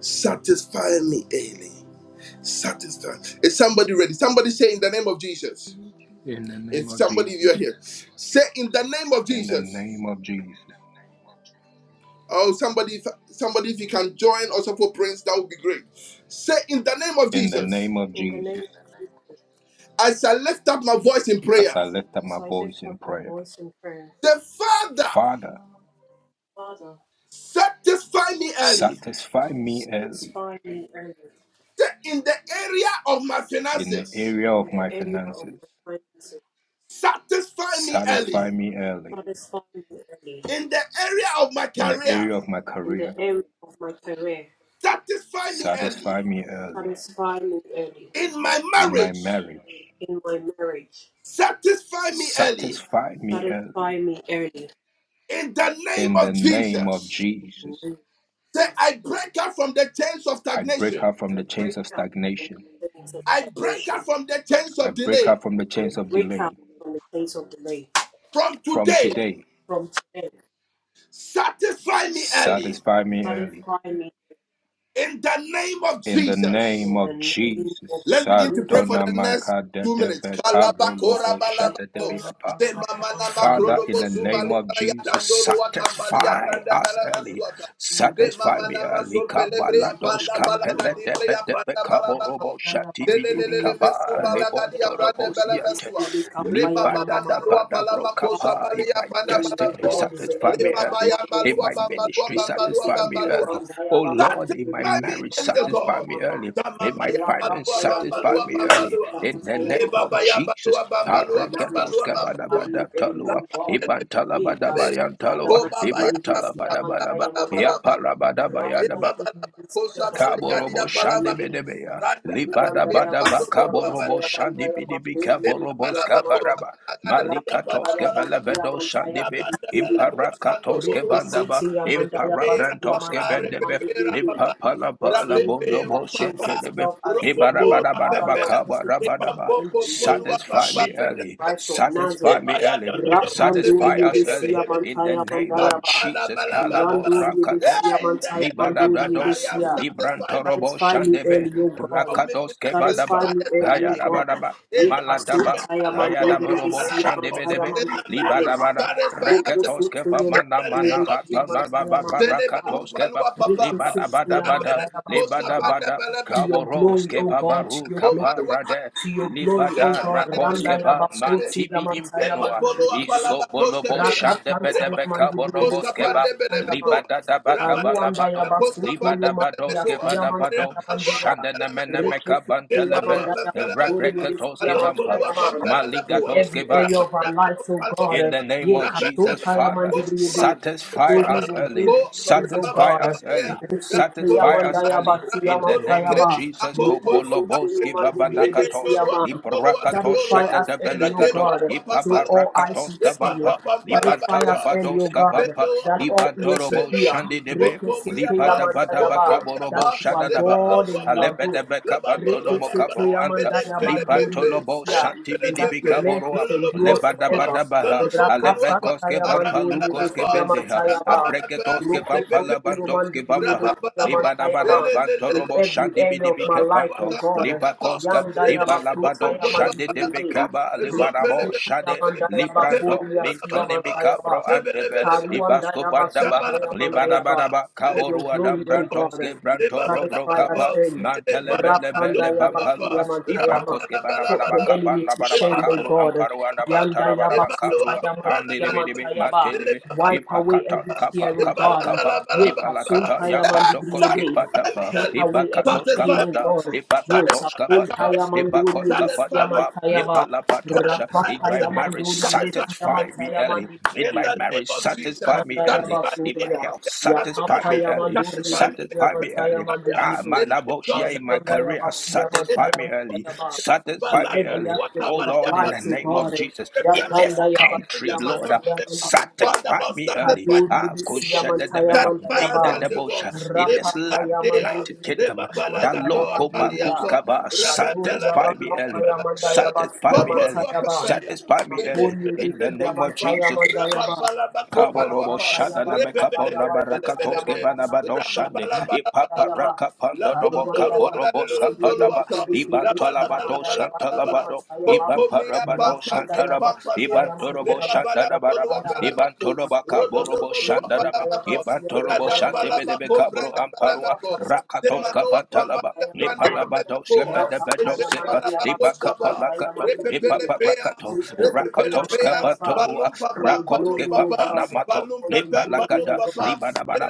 [SPEAKER 1] Satisfy me early. Satisfy. Is somebody ready? Somebody say in the name of Jesus.
[SPEAKER 2] In the name
[SPEAKER 1] If
[SPEAKER 2] of
[SPEAKER 1] somebody if
[SPEAKER 2] Jesus.
[SPEAKER 1] you're here, say in the name of
[SPEAKER 2] In the
[SPEAKER 1] Jesus.
[SPEAKER 2] name of Jesus.
[SPEAKER 1] Oh, somebody, somebody, if you can join also for Prince, that would be great. Say in the name of
[SPEAKER 2] In the
[SPEAKER 1] Jesus.
[SPEAKER 2] name of
[SPEAKER 3] In the name
[SPEAKER 2] Jesus.
[SPEAKER 3] of Jesus,
[SPEAKER 1] As I lift up my voice in
[SPEAKER 2] As
[SPEAKER 1] prayer,
[SPEAKER 2] I lift up my
[SPEAKER 3] as I
[SPEAKER 2] voice
[SPEAKER 3] lift
[SPEAKER 2] in
[SPEAKER 3] up my
[SPEAKER 2] prayer.
[SPEAKER 3] voice in prayer,
[SPEAKER 1] the Father.
[SPEAKER 2] Father,
[SPEAKER 3] Father,
[SPEAKER 1] Satisfy me early.
[SPEAKER 2] satisfy me early
[SPEAKER 3] satisfy me early
[SPEAKER 1] In the area of my
[SPEAKER 2] in the
[SPEAKER 1] finances,
[SPEAKER 2] area
[SPEAKER 3] in
[SPEAKER 2] of my
[SPEAKER 3] the area of
[SPEAKER 2] finances.
[SPEAKER 3] my finances.
[SPEAKER 1] satisfy me
[SPEAKER 2] Satisfy
[SPEAKER 1] early.
[SPEAKER 2] me early
[SPEAKER 3] Satisfy me early
[SPEAKER 1] In the area of my
[SPEAKER 2] in the
[SPEAKER 1] career,
[SPEAKER 2] area of my
[SPEAKER 3] in
[SPEAKER 2] career.
[SPEAKER 3] the area of my career.
[SPEAKER 1] satisfy me early.
[SPEAKER 2] Satisfy me early
[SPEAKER 3] Satisfy me early
[SPEAKER 1] In my
[SPEAKER 2] in my
[SPEAKER 1] marriage,
[SPEAKER 2] marriage.
[SPEAKER 3] in my marriage.
[SPEAKER 1] satisfy me early.
[SPEAKER 2] Satisfy me early
[SPEAKER 3] Satisfy me early.
[SPEAKER 1] In the name
[SPEAKER 2] in the
[SPEAKER 1] of
[SPEAKER 2] name of
[SPEAKER 1] Jesus.
[SPEAKER 3] In
[SPEAKER 2] Jesus.
[SPEAKER 3] the name
[SPEAKER 1] Say,
[SPEAKER 3] of Jesus,
[SPEAKER 1] I break out from the chains of
[SPEAKER 2] I break
[SPEAKER 1] stagnation.
[SPEAKER 2] out from
[SPEAKER 3] I
[SPEAKER 2] the
[SPEAKER 3] break
[SPEAKER 2] chains of
[SPEAKER 3] out from
[SPEAKER 2] stagnation.
[SPEAKER 3] the chains of
[SPEAKER 1] I break out
[SPEAKER 3] salvation.
[SPEAKER 1] from the chains
[SPEAKER 2] I
[SPEAKER 1] of
[SPEAKER 2] break
[SPEAKER 1] delay.
[SPEAKER 2] out from the
[SPEAKER 3] I
[SPEAKER 2] chains of
[SPEAKER 3] break out
[SPEAKER 2] delay.
[SPEAKER 3] from the chains of delay.
[SPEAKER 1] From
[SPEAKER 2] From
[SPEAKER 1] today,
[SPEAKER 2] today,
[SPEAKER 3] From today,
[SPEAKER 1] satisfy me early.
[SPEAKER 2] Satisfy me early.
[SPEAKER 3] satisfy me
[SPEAKER 1] In the name of
[SPEAKER 2] In the
[SPEAKER 1] Jesus.
[SPEAKER 2] name
[SPEAKER 3] in
[SPEAKER 2] of
[SPEAKER 3] the name of
[SPEAKER 2] Jesus.
[SPEAKER 1] Let's begin to pray
[SPEAKER 3] Jesus.
[SPEAKER 1] for
[SPEAKER 2] Sadona
[SPEAKER 1] the next
[SPEAKER 2] Maika de
[SPEAKER 1] two
[SPEAKER 2] de
[SPEAKER 1] minutes.
[SPEAKER 2] be ka
[SPEAKER 3] Rapa
[SPEAKER 2] bo
[SPEAKER 1] Kalabakora balabako.
[SPEAKER 3] Payama,
[SPEAKER 2] apa.
[SPEAKER 1] Zemamana
[SPEAKER 2] Father, in
[SPEAKER 1] makrodobo
[SPEAKER 2] the name
[SPEAKER 1] zubali
[SPEAKER 2] of
[SPEAKER 1] braya
[SPEAKER 2] Jesus,
[SPEAKER 1] watambalia
[SPEAKER 2] satisfy
[SPEAKER 1] branda
[SPEAKER 2] us
[SPEAKER 1] bala
[SPEAKER 2] early. Satisfy me
[SPEAKER 1] Zemamana
[SPEAKER 2] early.
[SPEAKER 1] maso pelebrea
[SPEAKER 2] Kabalados
[SPEAKER 1] panda bala
[SPEAKER 2] kapele de debe
[SPEAKER 1] brea
[SPEAKER 2] de be
[SPEAKER 1] panda bala
[SPEAKER 2] shati bi di bi
[SPEAKER 1] Zelelelele
[SPEAKER 2] kaba
[SPEAKER 1] mesu bala
[SPEAKER 2] lebonto
[SPEAKER 1] branda
[SPEAKER 2] robo
[SPEAKER 1] bala
[SPEAKER 2] siante.
[SPEAKER 1] Reba
[SPEAKER 2] Liba da
[SPEAKER 1] bala
[SPEAKER 2] bada ba
[SPEAKER 1] malua bala
[SPEAKER 2] bro
[SPEAKER 1] makosa
[SPEAKER 2] kapa. In
[SPEAKER 1] balia
[SPEAKER 2] my
[SPEAKER 1] panda bala
[SPEAKER 2] destiny, satisfy me
[SPEAKER 1] Leba
[SPEAKER 2] early
[SPEAKER 1] baya
[SPEAKER 2] early. In
[SPEAKER 1] balua
[SPEAKER 2] my
[SPEAKER 1] bambalua
[SPEAKER 2] ministry,
[SPEAKER 1] bambalua
[SPEAKER 2] satisfy me early.
[SPEAKER 1] bambalua.
[SPEAKER 2] Oh Lord, in my
[SPEAKER 1] Satisfy me,
[SPEAKER 2] marriage,
[SPEAKER 1] Elio
[SPEAKER 2] satisfy
[SPEAKER 1] God.
[SPEAKER 2] me early. In
[SPEAKER 1] Samama
[SPEAKER 2] my
[SPEAKER 1] ya
[SPEAKER 2] finance,
[SPEAKER 1] balua
[SPEAKER 2] satisfy
[SPEAKER 3] the
[SPEAKER 1] bambalua
[SPEAKER 2] me early.
[SPEAKER 1] bambalua.
[SPEAKER 2] In the
[SPEAKER 1] Le
[SPEAKER 2] name
[SPEAKER 1] baba
[SPEAKER 2] of
[SPEAKER 3] Mama,
[SPEAKER 1] ya
[SPEAKER 2] Jesus.
[SPEAKER 1] balua
[SPEAKER 3] my
[SPEAKER 1] bambalua
[SPEAKER 3] marriage,
[SPEAKER 1] bambalua
[SPEAKER 3] satisfy
[SPEAKER 1] bambalua.
[SPEAKER 3] me early,
[SPEAKER 2] Arekedoskabadabadatalua,
[SPEAKER 3] O God. Yea,
[SPEAKER 1] Labalebe.
[SPEAKER 3] cast all
[SPEAKER 1] Ko
[SPEAKER 3] Sadaman,
[SPEAKER 2] ibantalabadabayantaloa,
[SPEAKER 1] baba ya
[SPEAKER 3] you will see a
[SPEAKER 1] bala
[SPEAKER 2] ibantalabadabadaba,
[SPEAKER 3] man,
[SPEAKER 1] bala bala
[SPEAKER 3] Mama.
[SPEAKER 1] bala.
[SPEAKER 3] Rapa,
[SPEAKER 2] yapalabadabayadaba.
[SPEAKER 3] you
[SPEAKER 1] Rapapa,
[SPEAKER 3] will see a
[SPEAKER 2] Kaborobo shande
[SPEAKER 3] man,
[SPEAKER 2] bedebeya.
[SPEAKER 3] let
[SPEAKER 2] Libada bada ba kaborobo shandi bidibi kaborobo skabaraba. Malika toske velebedo shandibi. Imparakatos kevandaba. Imparabrantos kevendebe. Impapalaba la ba la bondo
[SPEAKER 3] anything
[SPEAKER 2] bo
[SPEAKER 3] that shows
[SPEAKER 2] sentelebe.
[SPEAKER 3] itself as delay, Father
[SPEAKER 2] Ibarabarabaraba
[SPEAKER 3] Lord, let it be
[SPEAKER 2] kabarabadaba.
[SPEAKER 3] in the name of
[SPEAKER 2] Satisfy me
[SPEAKER 3] Jesus
[SPEAKER 2] early.
[SPEAKER 3] Christ of
[SPEAKER 2] Satisfy
[SPEAKER 3] Nazareth.
[SPEAKER 2] me early. Satisfy
[SPEAKER 3] Rapanduri
[SPEAKER 2] us early
[SPEAKER 3] Ebesia
[SPEAKER 2] in the
[SPEAKER 3] Mantaya
[SPEAKER 2] name of
[SPEAKER 3] Mandayaba.
[SPEAKER 2] Jesus. Kalabo
[SPEAKER 3] Kuranduri
[SPEAKER 1] Shalabalabalabala.
[SPEAKER 2] rakatos.
[SPEAKER 3] Ebesia
[SPEAKER 1] Hey, in the
[SPEAKER 3] Mantaya
[SPEAKER 1] area of my
[SPEAKER 3] Manduri
[SPEAKER 2] Libadabrados,
[SPEAKER 1] career,
[SPEAKER 3] Ebesia.
[SPEAKER 1] satisfy me.
[SPEAKER 2] Librantorobo
[SPEAKER 3] Satisfy me
[SPEAKER 1] early. In
[SPEAKER 2] Shandebe,
[SPEAKER 3] early, O
[SPEAKER 1] the area
[SPEAKER 3] God.
[SPEAKER 1] of my
[SPEAKER 2] Rakados
[SPEAKER 1] finances,
[SPEAKER 2] Kevadaba,
[SPEAKER 3] Satisfy me
[SPEAKER 1] satisfy
[SPEAKER 3] early, O
[SPEAKER 1] me. early.
[SPEAKER 3] God.
[SPEAKER 2] Hayadabadaba,
[SPEAKER 3] Ye
[SPEAKER 1] In the
[SPEAKER 3] paso
[SPEAKER 2] Maladaba,
[SPEAKER 1] area of
[SPEAKER 3] taya
[SPEAKER 1] my local
[SPEAKER 3] manduri
[SPEAKER 1] Lua
[SPEAKER 3] de
[SPEAKER 2] Hayadaborobo
[SPEAKER 3] siya
[SPEAKER 1] Kalabako,
[SPEAKER 3] mantaya
[SPEAKER 2] Shandebedebe,
[SPEAKER 1] in my
[SPEAKER 3] manduri.
[SPEAKER 1] marriage,
[SPEAKER 2] Libadabada,
[SPEAKER 1] satisfy us.
[SPEAKER 3] Roko
[SPEAKER 1] early.
[SPEAKER 3] so
[SPEAKER 2] Reketos Keva
[SPEAKER 3] toyo
[SPEAKER 1] In
[SPEAKER 2] Mana
[SPEAKER 1] the
[SPEAKER 3] manduri de
[SPEAKER 1] name of
[SPEAKER 2] Manaha,
[SPEAKER 3] siya
[SPEAKER 1] Jesus.
[SPEAKER 2] Baba
[SPEAKER 3] mantaya
[SPEAKER 2] Baba
[SPEAKER 1] Sele
[SPEAKER 3] mandaya.
[SPEAKER 1] balu
[SPEAKER 2] Rakatos Keva.
[SPEAKER 1] balua
[SPEAKER 3] Roko
[SPEAKER 1] papapa.
[SPEAKER 3] so
[SPEAKER 2] Libada bada
[SPEAKER 3] toya
[SPEAKER 2] bada,
[SPEAKER 1] Rabele
[SPEAKER 3] mandaya
[SPEAKER 1] koska
[SPEAKER 3] basiya
[SPEAKER 2] libada
[SPEAKER 3] ma.
[SPEAKER 1] panda
[SPEAKER 2] bada,
[SPEAKER 3] To
[SPEAKER 1] balaba.
[SPEAKER 3] your
[SPEAKER 2] kaboros
[SPEAKER 3] glory, O
[SPEAKER 2] keva
[SPEAKER 3] God, to
[SPEAKER 2] baru
[SPEAKER 3] your glory.
[SPEAKER 1] Rapanda
[SPEAKER 2] kaparade,
[SPEAKER 3] To your glory, O
[SPEAKER 2] libada
[SPEAKER 3] God.
[SPEAKER 2] rakos
[SPEAKER 3] Randaya
[SPEAKER 2] keva
[SPEAKER 3] baso tiya
[SPEAKER 2] mantibi
[SPEAKER 3] mantaya
[SPEAKER 2] impenoa,
[SPEAKER 3] manduri.
[SPEAKER 2] isobolobo shande
[SPEAKER 3] Rakatantaya
[SPEAKER 2] bedebe kabodombos
[SPEAKER 3] mandibiyebeskiya
[SPEAKER 2] keva,
[SPEAKER 3] mantayama.
[SPEAKER 2] libada daba kabalabado, libada bados keva dabado, shande nemene meka bantelebe, rebrekatos kevampa,
[SPEAKER 3] In
[SPEAKER 2] maligados
[SPEAKER 3] every
[SPEAKER 2] keva,
[SPEAKER 3] area of our lives, oh God,
[SPEAKER 2] in
[SPEAKER 3] uh,
[SPEAKER 2] the name
[SPEAKER 3] ye
[SPEAKER 2] of Jesus,
[SPEAKER 3] katuntaya
[SPEAKER 2] Father,
[SPEAKER 3] mandibiyebe. So
[SPEAKER 2] satisfy
[SPEAKER 3] we
[SPEAKER 2] us
[SPEAKER 3] will
[SPEAKER 2] early,
[SPEAKER 3] bring you praise, oh
[SPEAKER 2] satisfy
[SPEAKER 3] God.
[SPEAKER 2] us early,
[SPEAKER 1] Rababa
[SPEAKER 3] Rekesekiya
[SPEAKER 2] satisfy us
[SPEAKER 1] Rabakoluaka,
[SPEAKER 3] mandaya
[SPEAKER 2] early.
[SPEAKER 3] basiya
[SPEAKER 2] In the name
[SPEAKER 1] Rabakoluake,
[SPEAKER 2] of
[SPEAKER 3] mantayama.
[SPEAKER 2] Jesus,
[SPEAKER 3] Rukusutuyu
[SPEAKER 1] Akonkoluakake,
[SPEAKER 2] Koboloboski Babanakatos,
[SPEAKER 3] mandibiyebeskiyama.
[SPEAKER 1] Rekendoluakandolua
[SPEAKER 2] Liprakatos
[SPEAKER 3] Satisfy
[SPEAKER 1] Kandolua,
[SPEAKER 3] us early, O
[SPEAKER 2] Shadadabelagato,
[SPEAKER 3] God,
[SPEAKER 1] Elekembalua
[SPEAKER 3] so
[SPEAKER 1] Pampalua,
[SPEAKER 3] all eyes
[SPEAKER 2] Ipaparakatos
[SPEAKER 3] should see.
[SPEAKER 2] Kabampa,
[SPEAKER 1] Epalua
[SPEAKER 3] Satisfy
[SPEAKER 1] Pampalabalua,
[SPEAKER 3] us early, O
[SPEAKER 2] Libantalabados
[SPEAKER 3] God,
[SPEAKER 2] Kabampa,
[SPEAKER 1] Elependoa,
[SPEAKER 3] that all ears should
[SPEAKER 2] Libantorobo
[SPEAKER 3] hear.
[SPEAKER 1] Elependoa,
[SPEAKER 2] Shandidebe.
[SPEAKER 3] Rekesetea
[SPEAKER 1] Pompomiapa,
[SPEAKER 2] Lipada bada
[SPEAKER 3] mandayaba, That
[SPEAKER 1] Pompomiapa,
[SPEAKER 2] bakaborobo
[SPEAKER 3] you are
[SPEAKER 2] shadadaba
[SPEAKER 3] God
[SPEAKER 1] Lebambolua
[SPEAKER 3] and you are
[SPEAKER 1] Bamba,
[SPEAKER 3] good.
[SPEAKER 2] alebede Bantono
[SPEAKER 1] Lebambolua
[SPEAKER 2] mokabro
[SPEAKER 1] Bamba,
[SPEAKER 3] Rekesetea
[SPEAKER 2] anta
[SPEAKER 3] mandayaba duri
[SPEAKER 1] Elepelepempe,
[SPEAKER 2] libantolobo
[SPEAKER 3] ebesia,
[SPEAKER 2] shanti
[SPEAKER 3] And
[SPEAKER 2] bidi
[SPEAKER 3] that
[SPEAKER 1] Elepelepempe,
[SPEAKER 3] your mercy endures
[SPEAKER 1] Lololopoluapa,
[SPEAKER 3] forever.
[SPEAKER 2] Lebadabadabaha,
[SPEAKER 1] Lolopoluapa,
[SPEAKER 2] Alebekoske
[SPEAKER 3] Rakasantaya
[SPEAKER 2] Vampa
[SPEAKER 3] manduri
[SPEAKER 2] Lukoske
[SPEAKER 1] Arampalamapa,
[SPEAKER 3] edesia
[SPEAKER 2] Vendeha,
[SPEAKER 3] mantayama.
[SPEAKER 1] Arampalamapa,
[SPEAKER 2] Abreketoske
[SPEAKER 3] Roko
[SPEAKER 2] Vampa
[SPEAKER 1] Lepepe.
[SPEAKER 3] sotuyo
[SPEAKER 2] Labantoske
[SPEAKER 3] manduri
[SPEAKER 2] Vampaha,
[SPEAKER 3] edesia
[SPEAKER 1] Rapapalapa,
[SPEAKER 3] mantayama.
[SPEAKER 2] Libadabada
[SPEAKER 3] In
[SPEAKER 1] lelelelele,
[SPEAKER 2] Bantorobo
[SPEAKER 3] every
[SPEAKER 2] Shandi
[SPEAKER 3] area of my
[SPEAKER 2] Bidibike
[SPEAKER 3] life,
[SPEAKER 2] Panto,
[SPEAKER 3] oh God,
[SPEAKER 1] adontoluwatataliata,
[SPEAKER 2] Libakoska,
[SPEAKER 3] Yandaya
[SPEAKER 2] Ibalabado
[SPEAKER 3] Basutaya
[SPEAKER 2] Shandi de
[SPEAKER 3] Mandibide,
[SPEAKER 1] redededebokompoluwapalabako,
[SPEAKER 2] Bekaba, Libarabo
[SPEAKER 3] Rikaya
[SPEAKER 2] Shade,
[SPEAKER 1] ezompelebelebelebe,
[SPEAKER 3] Mandaya
[SPEAKER 2] Libranto,
[SPEAKER 3] Bakuria Sia
[SPEAKER 1] zebalabalabalaba,
[SPEAKER 2] Mintonemica
[SPEAKER 3] Mantayaba,
[SPEAKER 2] Bro Antebe,
[SPEAKER 1] zebelebelebelebe,
[SPEAKER 3] Paruanda
[SPEAKER 2] Ibasco
[SPEAKER 3] yaba
[SPEAKER 2] Bandaba,
[SPEAKER 3] sutaya manda yaba.
[SPEAKER 1] zabalabalabalaba,
[SPEAKER 2] Libadabadaba,
[SPEAKER 3] For your
[SPEAKER 1] leba-
[SPEAKER 2] Kaboru Adam
[SPEAKER 3] glory, O God,
[SPEAKER 2] Brantoske, Branto Robro
[SPEAKER 3] satisfy us
[SPEAKER 1] lebabalabako,
[SPEAKER 2] Kappa,
[SPEAKER 3] early. Rapanda
[SPEAKER 2] Mantelebelebele
[SPEAKER 3] yaba
[SPEAKER 2] Bampalua,
[SPEAKER 1] lebalabandobalabako,
[SPEAKER 3] suyamanta yama.
[SPEAKER 2] Ibakoske
[SPEAKER 3] Put
[SPEAKER 2] banabaraba
[SPEAKER 3] the
[SPEAKER 1] rababalabalabalaba,
[SPEAKER 3] enemy to
[SPEAKER 2] kabanabaraba
[SPEAKER 3] shame, O
[SPEAKER 2] kabru
[SPEAKER 3] God.
[SPEAKER 2] amparu
[SPEAKER 1] lebabalabalabalaba,
[SPEAKER 3] Yanda yaba
[SPEAKER 2] andamantarabaraba kabru
[SPEAKER 3] sutaya masuyamanta
[SPEAKER 2] pandelibidibi
[SPEAKER 3] yaba.
[SPEAKER 2] mantelibi
[SPEAKER 3] Wipe
[SPEAKER 1] lebaloabambalabalaba,
[SPEAKER 3] away
[SPEAKER 2] ipakata
[SPEAKER 3] every tear,
[SPEAKER 2] kapa
[SPEAKER 3] O
[SPEAKER 2] kapa
[SPEAKER 3] God.
[SPEAKER 2] kapa
[SPEAKER 3] Ye
[SPEAKER 1] Ebalabalabalabalaba.
[SPEAKER 2] Ipalakata
[SPEAKER 3] kasuntaya
[SPEAKER 1] Eh,
[SPEAKER 2] yapatokoske
[SPEAKER 3] mandibiyebe.
[SPEAKER 1] Satisfy me,
[SPEAKER 2] patapa
[SPEAKER 3] Take
[SPEAKER 1] Alex.
[SPEAKER 3] away every
[SPEAKER 2] ibakatos
[SPEAKER 3] pain,
[SPEAKER 1] Satisfy
[SPEAKER 3] O
[SPEAKER 1] me,
[SPEAKER 2] pata.
[SPEAKER 3] God.
[SPEAKER 1] Alex.
[SPEAKER 3] Yo
[SPEAKER 2] ibakatos
[SPEAKER 1] Satisfy my
[SPEAKER 2] kapata
[SPEAKER 1] career,
[SPEAKER 3] sapuntaya
[SPEAKER 1] Alex.
[SPEAKER 2] ibakos
[SPEAKER 3] manduriyebe
[SPEAKER 1] Satisfy
[SPEAKER 2] kapata
[SPEAKER 1] my
[SPEAKER 2] ba
[SPEAKER 3] suyamanta
[SPEAKER 1] business,
[SPEAKER 3] yaba.
[SPEAKER 1] Alex.
[SPEAKER 2] ipalapatosha
[SPEAKER 1] Satisfy
[SPEAKER 2] in
[SPEAKER 1] us,
[SPEAKER 2] my
[SPEAKER 3] Rapapaya
[SPEAKER 1] Alex.
[SPEAKER 2] marriage
[SPEAKER 3] manduriyebe
[SPEAKER 1] Satisfy this
[SPEAKER 2] satisfy
[SPEAKER 3] suyamanta
[SPEAKER 2] me
[SPEAKER 1] ministry,
[SPEAKER 3] yama.
[SPEAKER 2] early
[SPEAKER 1] Alex.
[SPEAKER 2] in
[SPEAKER 1] In
[SPEAKER 2] my
[SPEAKER 1] the
[SPEAKER 2] marriage
[SPEAKER 1] name of Jesus.
[SPEAKER 2] satisfy me
[SPEAKER 3] Kanda
[SPEAKER 2] early
[SPEAKER 1] Satisfy me
[SPEAKER 2] in
[SPEAKER 1] in
[SPEAKER 2] my
[SPEAKER 1] the
[SPEAKER 3] Yabakuria,
[SPEAKER 2] health
[SPEAKER 1] area of my
[SPEAKER 2] satisfy
[SPEAKER 3] Yapapa
[SPEAKER 2] me
[SPEAKER 1] finances.
[SPEAKER 2] early
[SPEAKER 1] Satisfy
[SPEAKER 3] Yamanduri,
[SPEAKER 1] me in the
[SPEAKER 2] Satisfy
[SPEAKER 1] area
[SPEAKER 2] me
[SPEAKER 1] of my
[SPEAKER 3] Yamantaya
[SPEAKER 2] early.
[SPEAKER 1] career.
[SPEAKER 2] Ah, my
[SPEAKER 3] Mandiri,
[SPEAKER 1] In my job,
[SPEAKER 2] Laboshia in my
[SPEAKER 3] Aranda
[SPEAKER 1] satisfy
[SPEAKER 2] career,
[SPEAKER 1] us,
[SPEAKER 3] Yabasi
[SPEAKER 1] Alex. In
[SPEAKER 2] satisfy
[SPEAKER 1] the
[SPEAKER 2] me
[SPEAKER 3] Yamantaya
[SPEAKER 1] name of
[SPEAKER 2] early.
[SPEAKER 3] Mandayaba.
[SPEAKER 1] Jesus.
[SPEAKER 2] Satisfy
[SPEAKER 3] In
[SPEAKER 2] me
[SPEAKER 3] every
[SPEAKER 1] Baladodo
[SPEAKER 2] early.
[SPEAKER 3] aspect
[SPEAKER 2] Oh
[SPEAKER 3] of our
[SPEAKER 1] watabalia
[SPEAKER 2] Lord, in the
[SPEAKER 3] lives, O
[SPEAKER 2] name of
[SPEAKER 1] balabako.
[SPEAKER 3] God,
[SPEAKER 2] Jesus,
[SPEAKER 1] Every
[SPEAKER 2] in
[SPEAKER 1] blessing
[SPEAKER 2] this
[SPEAKER 1] that
[SPEAKER 3] Yakanda
[SPEAKER 1] is due
[SPEAKER 3] Yabasi
[SPEAKER 1] in the
[SPEAKER 2] country,
[SPEAKER 1] month
[SPEAKER 2] Lord,
[SPEAKER 1] month of
[SPEAKER 2] uh,
[SPEAKER 3] Yamantaya
[SPEAKER 1] December.
[SPEAKER 3] Mandiri,
[SPEAKER 1] Father,
[SPEAKER 2] satisfy
[SPEAKER 1] Lord,
[SPEAKER 2] me early.
[SPEAKER 1] satisfy
[SPEAKER 3] Kaduri
[SPEAKER 2] Ah,
[SPEAKER 1] us, dear
[SPEAKER 3] Yabasi
[SPEAKER 1] God.
[SPEAKER 3] Yamantaya
[SPEAKER 2] Koshadabeha,
[SPEAKER 1] Satisfy
[SPEAKER 2] in
[SPEAKER 1] us,
[SPEAKER 2] the
[SPEAKER 3] Mandayaba,
[SPEAKER 1] dear God.
[SPEAKER 2] Debosha, in
[SPEAKER 1] Leba
[SPEAKER 2] this
[SPEAKER 3] Rapapa
[SPEAKER 2] land,
[SPEAKER 1] lagadea,
[SPEAKER 2] United
[SPEAKER 3] Yamanduri Yabasi
[SPEAKER 1] leba
[SPEAKER 2] Kingdom, the
[SPEAKER 3] Yamantaya
[SPEAKER 1] balagadoa
[SPEAKER 2] local
[SPEAKER 3] Manduria,
[SPEAKER 1] baliapa,
[SPEAKER 2] Bakuskaba,
[SPEAKER 3] Shaduri
[SPEAKER 1] rebembele bele
[SPEAKER 2] satisfy
[SPEAKER 1] bele
[SPEAKER 2] me
[SPEAKER 1] bele
[SPEAKER 3] Yabakampa
[SPEAKER 2] early.
[SPEAKER 1] bele bele.
[SPEAKER 3] Yamandayabasi
[SPEAKER 2] Satisfy me early.
[SPEAKER 1] Popolua
[SPEAKER 3] Yamantayaba,
[SPEAKER 1] pepeya,
[SPEAKER 2] Satisfy me
[SPEAKER 1] bele
[SPEAKER 2] early.
[SPEAKER 3] Makuri
[SPEAKER 1] bele
[SPEAKER 2] In the
[SPEAKER 3] Yabasi
[SPEAKER 1] belua
[SPEAKER 2] name of
[SPEAKER 1] papa,
[SPEAKER 3] Yamantaya
[SPEAKER 2] Jesus.
[SPEAKER 3] Mandayaba.
[SPEAKER 1] rabambala bakopa
[SPEAKER 2] Kaborobo
[SPEAKER 1] luapa,
[SPEAKER 3] Rapapaya
[SPEAKER 2] shada na
[SPEAKER 1] rebe
[SPEAKER 2] mekapo
[SPEAKER 1] bele
[SPEAKER 3] Mandia
[SPEAKER 2] na
[SPEAKER 1] bele bele
[SPEAKER 2] baraka
[SPEAKER 1] bele
[SPEAKER 3] Basia
[SPEAKER 2] toske vana
[SPEAKER 3] Mantaya
[SPEAKER 1] bele,
[SPEAKER 2] bado shande
[SPEAKER 1] rababala bala bala
[SPEAKER 2] ipapa
[SPEAKER 1] bala.
[SPEAKER 2] raka
[SPEAKER 1] La
[SPEAKER 2] pando dobo
[SPEAKER 1] bondolo la
[SPEAKER 2] kaborobo
[SPEAKER 1] lolo lolo
[SPEAKER 2] skafada ba
[SPEAKER 1] ata,
[SPEAKER 2] iban
[SPEAKER 1] la
[SPEAKER 2] tola
[SPEAKER 1] bala bala
[SPEAKER 2] bado
[SPEAKER 1] bala bala.
[SPEAKER 2] shantala
[SPEAKER 1] bala.
[SPEAKER 2] iban para
[SPEAKER 1] Pokomia pa
[SPEAKER 2] bado
[SPEAKER 1] pampamia
[SPEAKER 2] shantala
[SPEAKER 1] pampamia
[SPEAKER 2] iban torobo
[SPEAKER 1] lebabala
[SPEAKER 2] shanda na
[SPEAKER 1] bolua
[SPEAKER 2] baraba iban
[SPEAKER 1] palamako
[SPEAKER 2] toroba
[SPEAKER 1] rododo
[SPEAKER 2] Robo
[SPEAKER 1] bolua
[SPEAKER 2] Shandadaba,
[SPEAKER 1] palamako
[SPEAKER 2] Ibantolobo
[SPEAKER 1] radambala
[SPEAKER 2] Shandebedebe
[SPEAKER 1] bako
[SPEAKER 2] Cabro
[SPEAKER 1] brenda
[SPEAKER 2] Amparua,
[SPEAKER 1] palamako
[SPEAKER 2] Rakatos
[SPEAKER 1] Demanoa
[SPEAKER 2] Capantalaba,
[SPEAKER 1] pambalia brande
[SPEAKER 2] Nipalabato
[SPEAKER 1] pelemekoa eje
[SPEAKER 2] Shepedebeto Sipa,
[SPEAKER 1] palabako skapa
[SPEAKER 2] Ipacapalacato,
[SPEAKER 3] Mandi
[SPEAKER 2] Ipapa
[SPEAKER 1] repepelepea
[SPEAKER 2] Rakato,
[SPEAKER 3] Rikesikia
[SPEAKER 2] Rakatos
[SPEAKER 1] repepelepea
[SPEAKER 3] Mandayaba
[SPEAKER 2] Capantorua,
[SPEAKER 1] palum
[SPEAKER 3] for
[SPEAKER 1] papa
[SPEAKER 3] your
[SPEAKER 2] Rakos
[SPEAKER 1] palum
[SPEAKER 3] glory, O
[SPEAKER 1] papa
[SPEAKER 3] God.
[SPEAKER 2] Kepapanamato.
[SPEAKER 1] palum
[SPEAKER 3] For your
[SPEAKER 1] pepe
[SPEAKER 3] glory,
[SPEAKER 1] palum
[SPEAKER 2] Nipalakada,
[SPEAKER 3] O God.
[SPEAKER 1] papa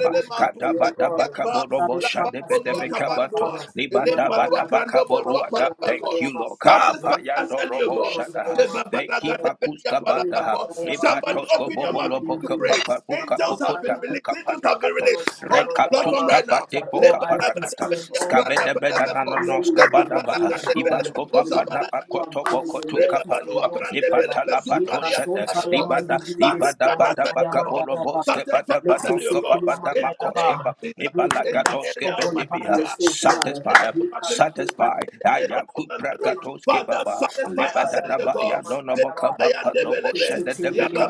[SPEAKER 3] For your
[SPEAKER 1] mampum
[SPEAKER 3] glory, O
[SPEAKER 2] Kadabadaba
[SPEAKER 1] palimia
[SPEAKER 3] God.
[SPEAKER 1] pa
[SPEAKER 2] Caborobo
[SPEAKER 1] la
[SPEAKER 2] Shandebedebe
[SPEAKER 3] Satisfy us,
[SPEAKER 1] pampolua
[SPEAKER 3] Lady of our
[SPEAKER 2] Cabanto, baka borobo shande bede beka bato,
[SPEAKER 1] kabandua
[SPEAKER 3] Father.
[SPEAKER 1] elem
[SPEAKER 2] libanda
[SPEAKER 1] palua
[SPEAKER 2] bada
[SPEAKER 3] Mandaya,
[SPEAKER 2] baka
[SPEAKER 1] krando bolua
[SPEAKER 2] boruata.
[SPEAKER 3] Mandaya,
[SPEAKER 1] palabako
[SPEAKER 2] Thank you,
[SPEAKER 3] Mandaya.
[SPEAKER 2] Lord.
[SPEAKER 1] Satisfy us
[SPEAKER 2] Kapayando
[SPEAKER 1] early, O
[SPEAKER 2] Robo
[SPEAKER 3] Rekikiya, Mandaya, Mandaya, Mandaya.
[SPEAKER 1] God.
[SPEAKER 2] Shadaha.
[SPEAKER 3] mandaya,
[SPEAKER 2] Thank you,
[SPEAKER 3] mandaya.
[SPEAKER 2] Pakuska Banda.
[SPEAKER 3] Mandaya,
[SPEAKER 1] Somebody
[SPEAKER 2] Ibatosko
[SPEAKER 1] open your
[SPEAKER 2] bobo
[SPEAKER 1] mouth, begin
[SPEAKER 2] lobo
[SPEAKER 1] to pray.
[SPEAKER 2] kapapa ruka
[SPEAKER 1] Angels
[SPEAKER 3] mandaya,
[SPEAKER 1] have
[SPEAKER 2] popota
[SPEAKER 1] been
[SPEAKER 2] kuka
[SPEAKER 1] released. Angels have been
[SPEAKER 2] patakato
[SPEAKER 1] released on this
[SPEAKER 2] rekatus
[SPEAKER 1] platform
[SPEAKER 3] mandaya.
[SPEAKER 1] right now.
[SPEAKER 2] kapate
[SPEAKER 3] That
[SPEAKER 2] poka
[SPEAKER 3] all eyes can see
[SPEAKER 2] parakata
[SPEAKER 3] and all
[SPEAKER 2] skavede beda
[SPEAKER 3] let me
[SPEAKER 2] nanonos
[SPEAKER 3] know
[SPEAKER 2] kabada
[SPEAKER 3] that
[SPEAKER 2] baha
[SPEAKER 3] you are God.
[SPEAKER 2] Ibasko
[SPEAKER 3] Let me
[SPEAKER 2] papa na
[SPEAKER 3] know you are
[SPEAKER 2] bakoto
[SPEAKER 3] good and your
[SPEAKER 2] bokoto
[SPEAKER 3] life is in
[SPEAKER 2] kapadua.
[SPEAKER 3] yours forever.
[SPEAKER 2] Ipatala
[SPEAKER 3] Ye kason
[SPEAKER 2] patoshende.
[SPEAKER 3] tayaman di
[SPEAKER 2] Ibada
[SPEAKER 3] di besi
[SPEAKER 2] ibada
[SPEAKER 1] Satisfy
[SPEAKER 3] yaman
[SPEAKER 1] us
[SPEAKER 2] bada
[SPEAKER 1] early, O
[SPEAKER 3] tayaman
[SPEAKER 1] God.
[SPEAKER 2] bakabolo
[SPEAKER 3] dayaba.
[SPEAKER 2] boske
[SPEAKER 1] Satisfy
[SPEAKER 2] bada
[SPEAKER 3] Let
[SPEAKER 1] us
[SPEAKER 3] me
[SPEAKER 1] early, O
[SPEAKER 3] see
[SPEAKER 2] banosko
[SPEAKER 1] God.
[SPEAKER 3] Kiyaman
[SPEAKER 2] babada
[SPEAKER 1] In the name
[SPEAKER 2] makoske
[SPEAKER 1] of
[SPEAKER 2] ba.
[SPEAKER 3] dayaba.
[SPEAKER 1] Jesus.
[SPEAKER 3] Break
[SPEAKER 1] In
[SPEAKER 3] every
[SPEAKER 1] the
[SPEAKER 2] Ibalagatoske
[SPEAKER 1] area of
[SPEAKER 3] stubborn
[SPEAKER 1] my
[SPEAKER 2] pendibiha.
[SPEAKER 1] career.
[SPEAKER 3] balance, oh
[SPEAKER 1] In the
[SPEAKER 3] God.
[SPEAKER 1] area
[SPEAKER 2] Satisfy,
[SPEAKER 3] Ye
[SPEAKER 1] of my
[SPEAKER 3] kason
[SPEAKER 1] finances,
[SPEAKER 2] satisfy.
[SPEAKER 1] in
[SPEAKER 3] tayaman
[SPEAKER 1] the area
[SPEAKER 3] dayaba.
[SPEAKER 1] of my marriage.
[SPEAKER 2] Ayakuprakatoske
[SPEAKER 1] Father,
[SPEAKER 2] baba.
[SPEAKER 1] satisfy us, Elio
[SPEAKER 2] Lebadadaba
[SPEAKER 1] God.
[SPEAKER 2] ya no no bokaba
[SPEAKER 3] In
[SPEAKER 2] pano
[SPEAKER 1] Zemayandebelebe,
[SPEAKER 2] boshende debeka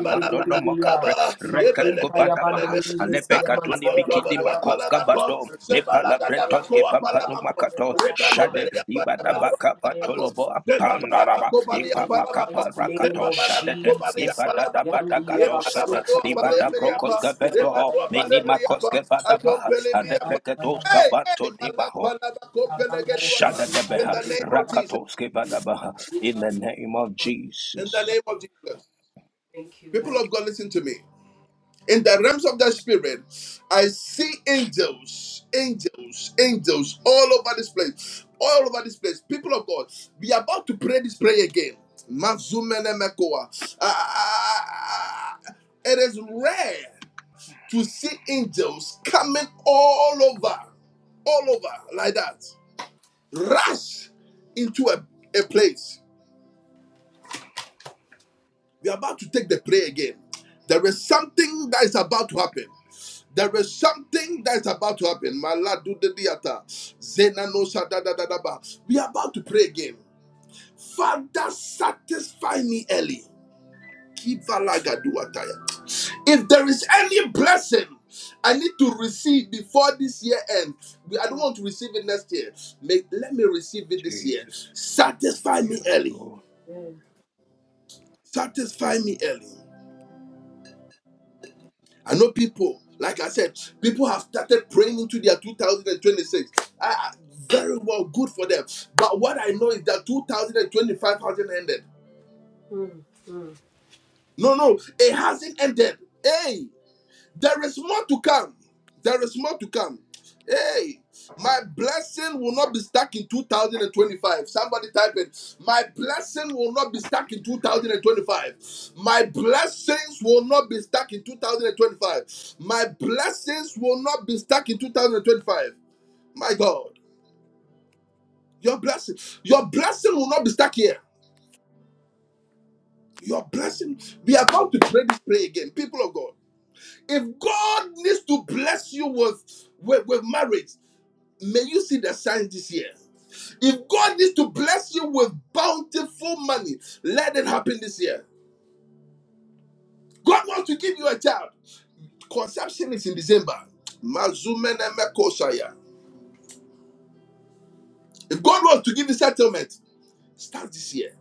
[SPEAKER 2] kapre rekas kovanda baha
[SPEAKER 1] ebelebelebelebe,
[SPEAKER 2] alepe katuni bikidi makos
[SPEAKER 1] Salabalondoboluapalabako,
[SPEAKER 2] kabado nepala prentos ke papanu
[SPEAKER 1] Zebalagadabakoapalabako,
[SPEAKER 2] makato shade ibada baka
[SPEAKER 1] Rebaleberiapalabaluapalabako,
[SPEAKER 2] patolobo pandaraba
[SPEAKER 3] the
[SPEAKER 2] ipapa
[SPEAKER 3] mighty
[SPEAKER 1] Zebabalabakobaliapalabako,
[SPEAKER 2] kapa
[SPEAKER 3] name
[SPEAKER 2] rakato
[SPEAKER 3] of
[SPEAKER 2] shade de
[SPEAKER 3] Jesus,
[SPEAKER 2] ibada
[SPEAKER 1] Zebabalabakobaliapalabako,
[SPEAKER 2] dabada
[SPEAKER 3] Yandi
[SPEAKER 2] gado shade
[SPEAKER 3] Yabasuta
[SPEAKER 2] ibada
[SPEAKER 3] Yabandu
[SPEAKER 2] brokos
[SPEAKER 1] Yepalabadoapalemiapa,
[SPEAKER 3] Bibis
[SPEAKER 2] kavendo
[SPEAKER 3] Yamanta
[SPEAKER 2] ho nini
[SPEAKER 3] Yabanda Yabanda
[SPEAKER 2] makos
[SPEAKER 1] Rebadoapalemiapa,
[SPEAKER 2] kavada
[SPEAKER 3] Yabanda
[SPEAKER 2] baha
[SPEAKER 3] Yabanda
[SPEAKER 2] alepe
[SPEAKER 1] Altompelemiapa,
[SPEAKER 2] katos
[SPEAKER 3] Yabanda
[SPEAKER 1] Hey, hey,
[SPEAKER 2] kavanto nimaho
[SPEAKER 1] malapalabakopelekediwata.
[SPEAKER 2] Shada
[SPEAKER 1] in
[SPEAKER 2] debeha
[SPEAKER 1] the
[SPEAKER 3] Yabanda
[SPEAKER 1] name of Jesus,
[SPEAKER 2] rakatos
[SPEAKER 3] Thank
[SPEAKER 2] kevadabaha in the name of
[SPEAKER 1] in the
[SPEAKER 2] Jesus.
[SPEAKER 1] name of Jesus.
[SPEAKER 3] you,
[SPEAKER 1] People
[SPEAKER 3] Lord.
[SPEAKER 1] of God, listen to me. In the realms of the spirit, I see angels, angels, angels all over this place, all over this place. People of God, we are about to pray this prayer again. Mazumenemekoa. Ah, ah, ah, ah, ah, ah. It is rare to see angels coming all over, all over like that. rush into a, a place. We are about to take the prayer again. There is something that is about to happen. There is something that is about to happen. no We are about to pray again. Father, satisfy me early. If there is any blessing I need to receive before this year ends, I don't want to receive it next year. let me receive it this year.
[SPEAKER 2] Jesus,
[SPEAKER 1] Satisfy me
[SPEAKER 2] yes,
[SPEAKER 1] early.
[SPEAKER 2] Lord.
[SPEAKER 3] Amen.
[SPEAKER 1] Satisfy me early. I know people, like I said, people have started praying into their 2026. I, I- very well, good for them. But what I know is that 2025 hasn't ended.
[SPEAKER 3] Mm, mm.
[SPEAKER 1] No, no, it hasn't ended. Hey! There is more to come. There is more to come. Hey, my blessing will not be stuck in 2025. Somebody type it. My blessing will not be stuck in 2025. My blessings will not be stuck in 2025. My blessings will not be stuck in 2025. My God, your blessing, your blessing will not be stuck here. Your blessing, we are about to pray this prayer again, people of God. If God needs to bless you with, with, with marriage, May you see the signs this year. If God needs to bless you with bountiful money, let it happen this year. God wants to give you a child. Conception is in December. Mazumenemekosaya. If God wants to give you settlement, start this year.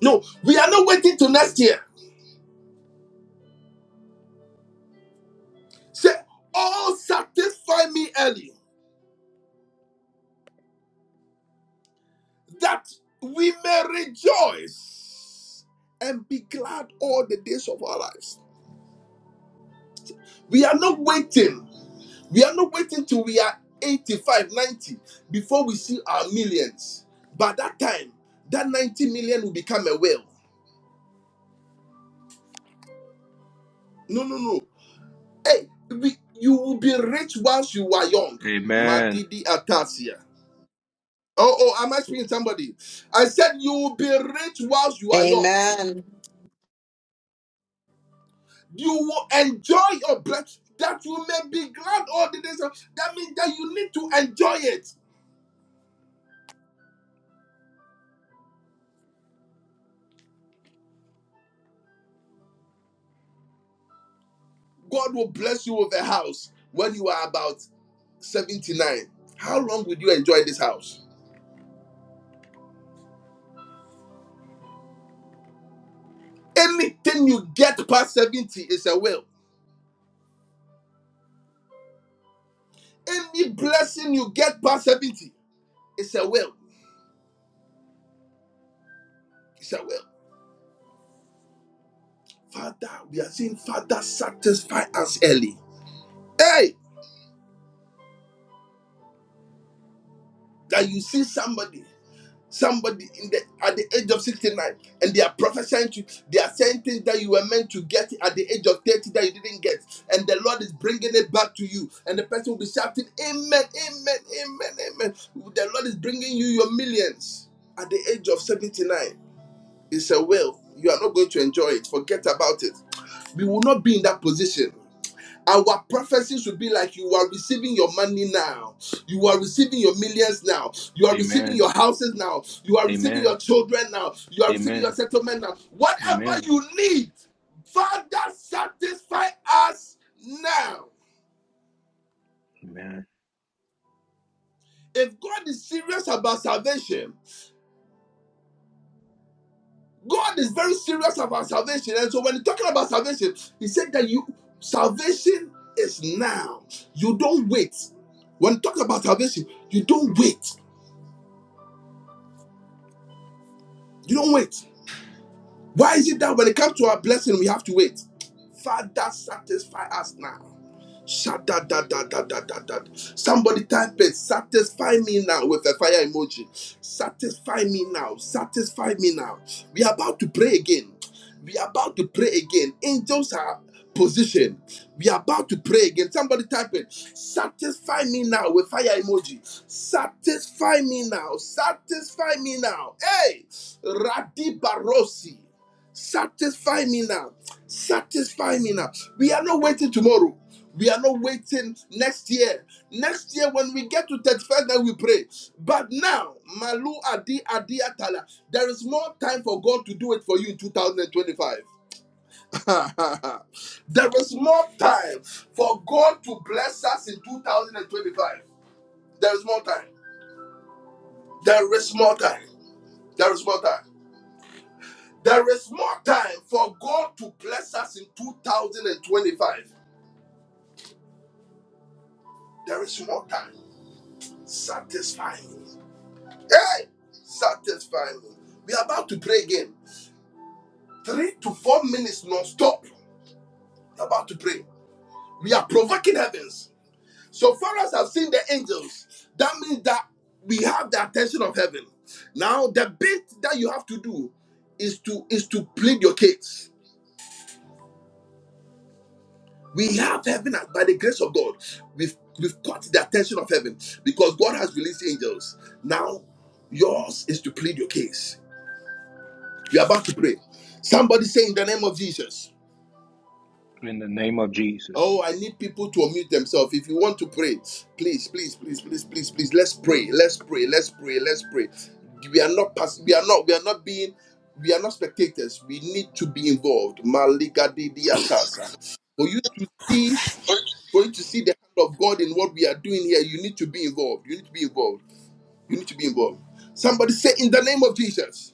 [SPEAKER 1] No, we are not waiting till next year. Say, all satisfy me early, that we may rejoice and be glad all the days of our lives. We are not waiting. We are not waiting till we are 85, 90 before we see our millions. By that time, that 90 million will become a will. No, no, no. Hey, we, you will be rich whilst you are young.
[SPEAKER 2] Amen.
[SPEAKER 1] Madidi Atasia. Oh, oh, am I speaking to somebody? I said you will be rich whilst you are young.
[SPEAKER 4] Amen.
[SPEAKER 1] You will enjoy your blessing that you may be glad all the days. of- That means that you need to enjoy it. God will bless you with a house when you are about 79. How long would you enjoy this house? Anything you get past 70 is a will. Any blessing you get past 70 is a will. It's a will. Father, we are saying, Father, satisfy us early. Hey, that you see somebody. Somebody in the at the age of 69, and they are prophesying to they are saying things that you were meant to get at the age of 30 that you didn't get, and the Lord is bringing it back to you. And the person will be shouting, Amen, Amen, Amen, Amen. The Lord is bringing you your millions at the age of 79. It's a will. You are not going to enjoy it. Forget about it. We will not be in that position. Our prophecies will be like you are receiving your money now. You are receiving your millions now. You are receiving your
[SPEAKER 2] Amen.
[SPEAKER 1] houses now. You are receiving your
[SPEAKER 2] Amen.
[SPEAKER 1] children now. You are receiving your
[SPEAKER 2] Amen.
[SPEAKER 1] settlement now. Whatever
[SPEAKER 2] Amen.
[SPEAKER 1] you need, Father, satisfy us now.
[SPEAKER 2] Amen.
[SPEAKER 1] If God is serious about salvation, God is very serious about salvation. And so when he's talking about salvation, he said that you salvation is now. You don't wait. When talking about salvation, you don't wait. You don't wait. Why is it that when it comes to our blessing, we have to wait? Father, satisfy us now. Shada da da da da da da. Somebody type it. Satisfy me now with a fire emoji. Satisfy me now. Satisfy me now. We are about to pray again. We are about to pray again. Angels are positioned. We are about to pray again. Somebody type it. Satisfy me now with fire emoji. Satisfy me now. Satisfy me now. Hey, Radi Barosi. Satisfy me now. Satisfy me now. We are not waiting tomorrow. We are not waiting next year. Next year, when we get to 31st, then we pray. But now, Malu Adi Adi Atala, there is more time for God to do it for you in 2025. <laughs> there is more time for God to bless us in 2025. There is more time. There is more time. There is more time. There is more time for God to bless us in 2025. There is more time. Satisfy me. Hey, satisfy me. We are about to pray again. Three to four minutes non-stop. We are about to pray. We are provoking heavens. So far as I've seen the angels, that means that we have the attention of heaven. Now, the bit that you have to do is to is to plead your case. We have heaven at- by the grace of God. We've we've caught the attention of heaven because God has released angels. Now, yours is to plead your case. We are about to pray. Somebody say in the name of Jesus.
[SPEAKER 2] In the name of Jesus.
[SPEAKER 1] Oh, I need people to unmute themselves. If you want to pray, please, please, please, please, please, please, let's pray. Let's pray. Let's pray. Let's pray. We are not pass- we are not we are not being we are not spectators. We need to be involved. Malika Didi Atasa. For you to see for you to see the hand of God in what we are doing here, you need to be involved. You need to be involved. You need to be involved. Somebody say in the name of Jesus,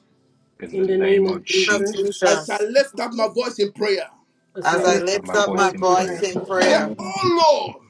[SPEAKER 2] In the
[SPEAKER 3] In the name
[SPEAKER 2] name
[SPEAKER 3] of
[SPEAKER 2] of
[SPEAKER 4] Lord
[SPEAKER 3] Jesus,
[SPEAKER 2] Jesus.
[SPEAKER 1] as I
[SPEAKER 4] Jesus,
[SPEAKER 1] lift up my voice in prayer,
[SPEAKER 3] as
[SPEAKER 2] As
[SPEAKER 4] as
[SPEAKER 3] I
[SPEAKER 2] I
[SPEAKER 4] I
[SPEAKER 2] lift
[SPEAKER 3] lift
[SPEAKER 2] up
[SPEAKER 3] up
[SPEAKER 4] lift
[SPEAKER 2] my
[SPEAKER 3] my
[SPEAKER 4] up my
[SPEAKER 2] voice
[SPEAKER 3] voice
[SPEAKER 2] in
[SPEAKER 3] in prayer,
[SPEAKER 4] voice
[SPEAKER 2] prayer.
[SPEAKER 4] in
[SPEAKER 1] say,
[SPEAKER 4] prayer,
[SPEAKER 5] Beautiful
[SPEAKER 1] Oh Lord,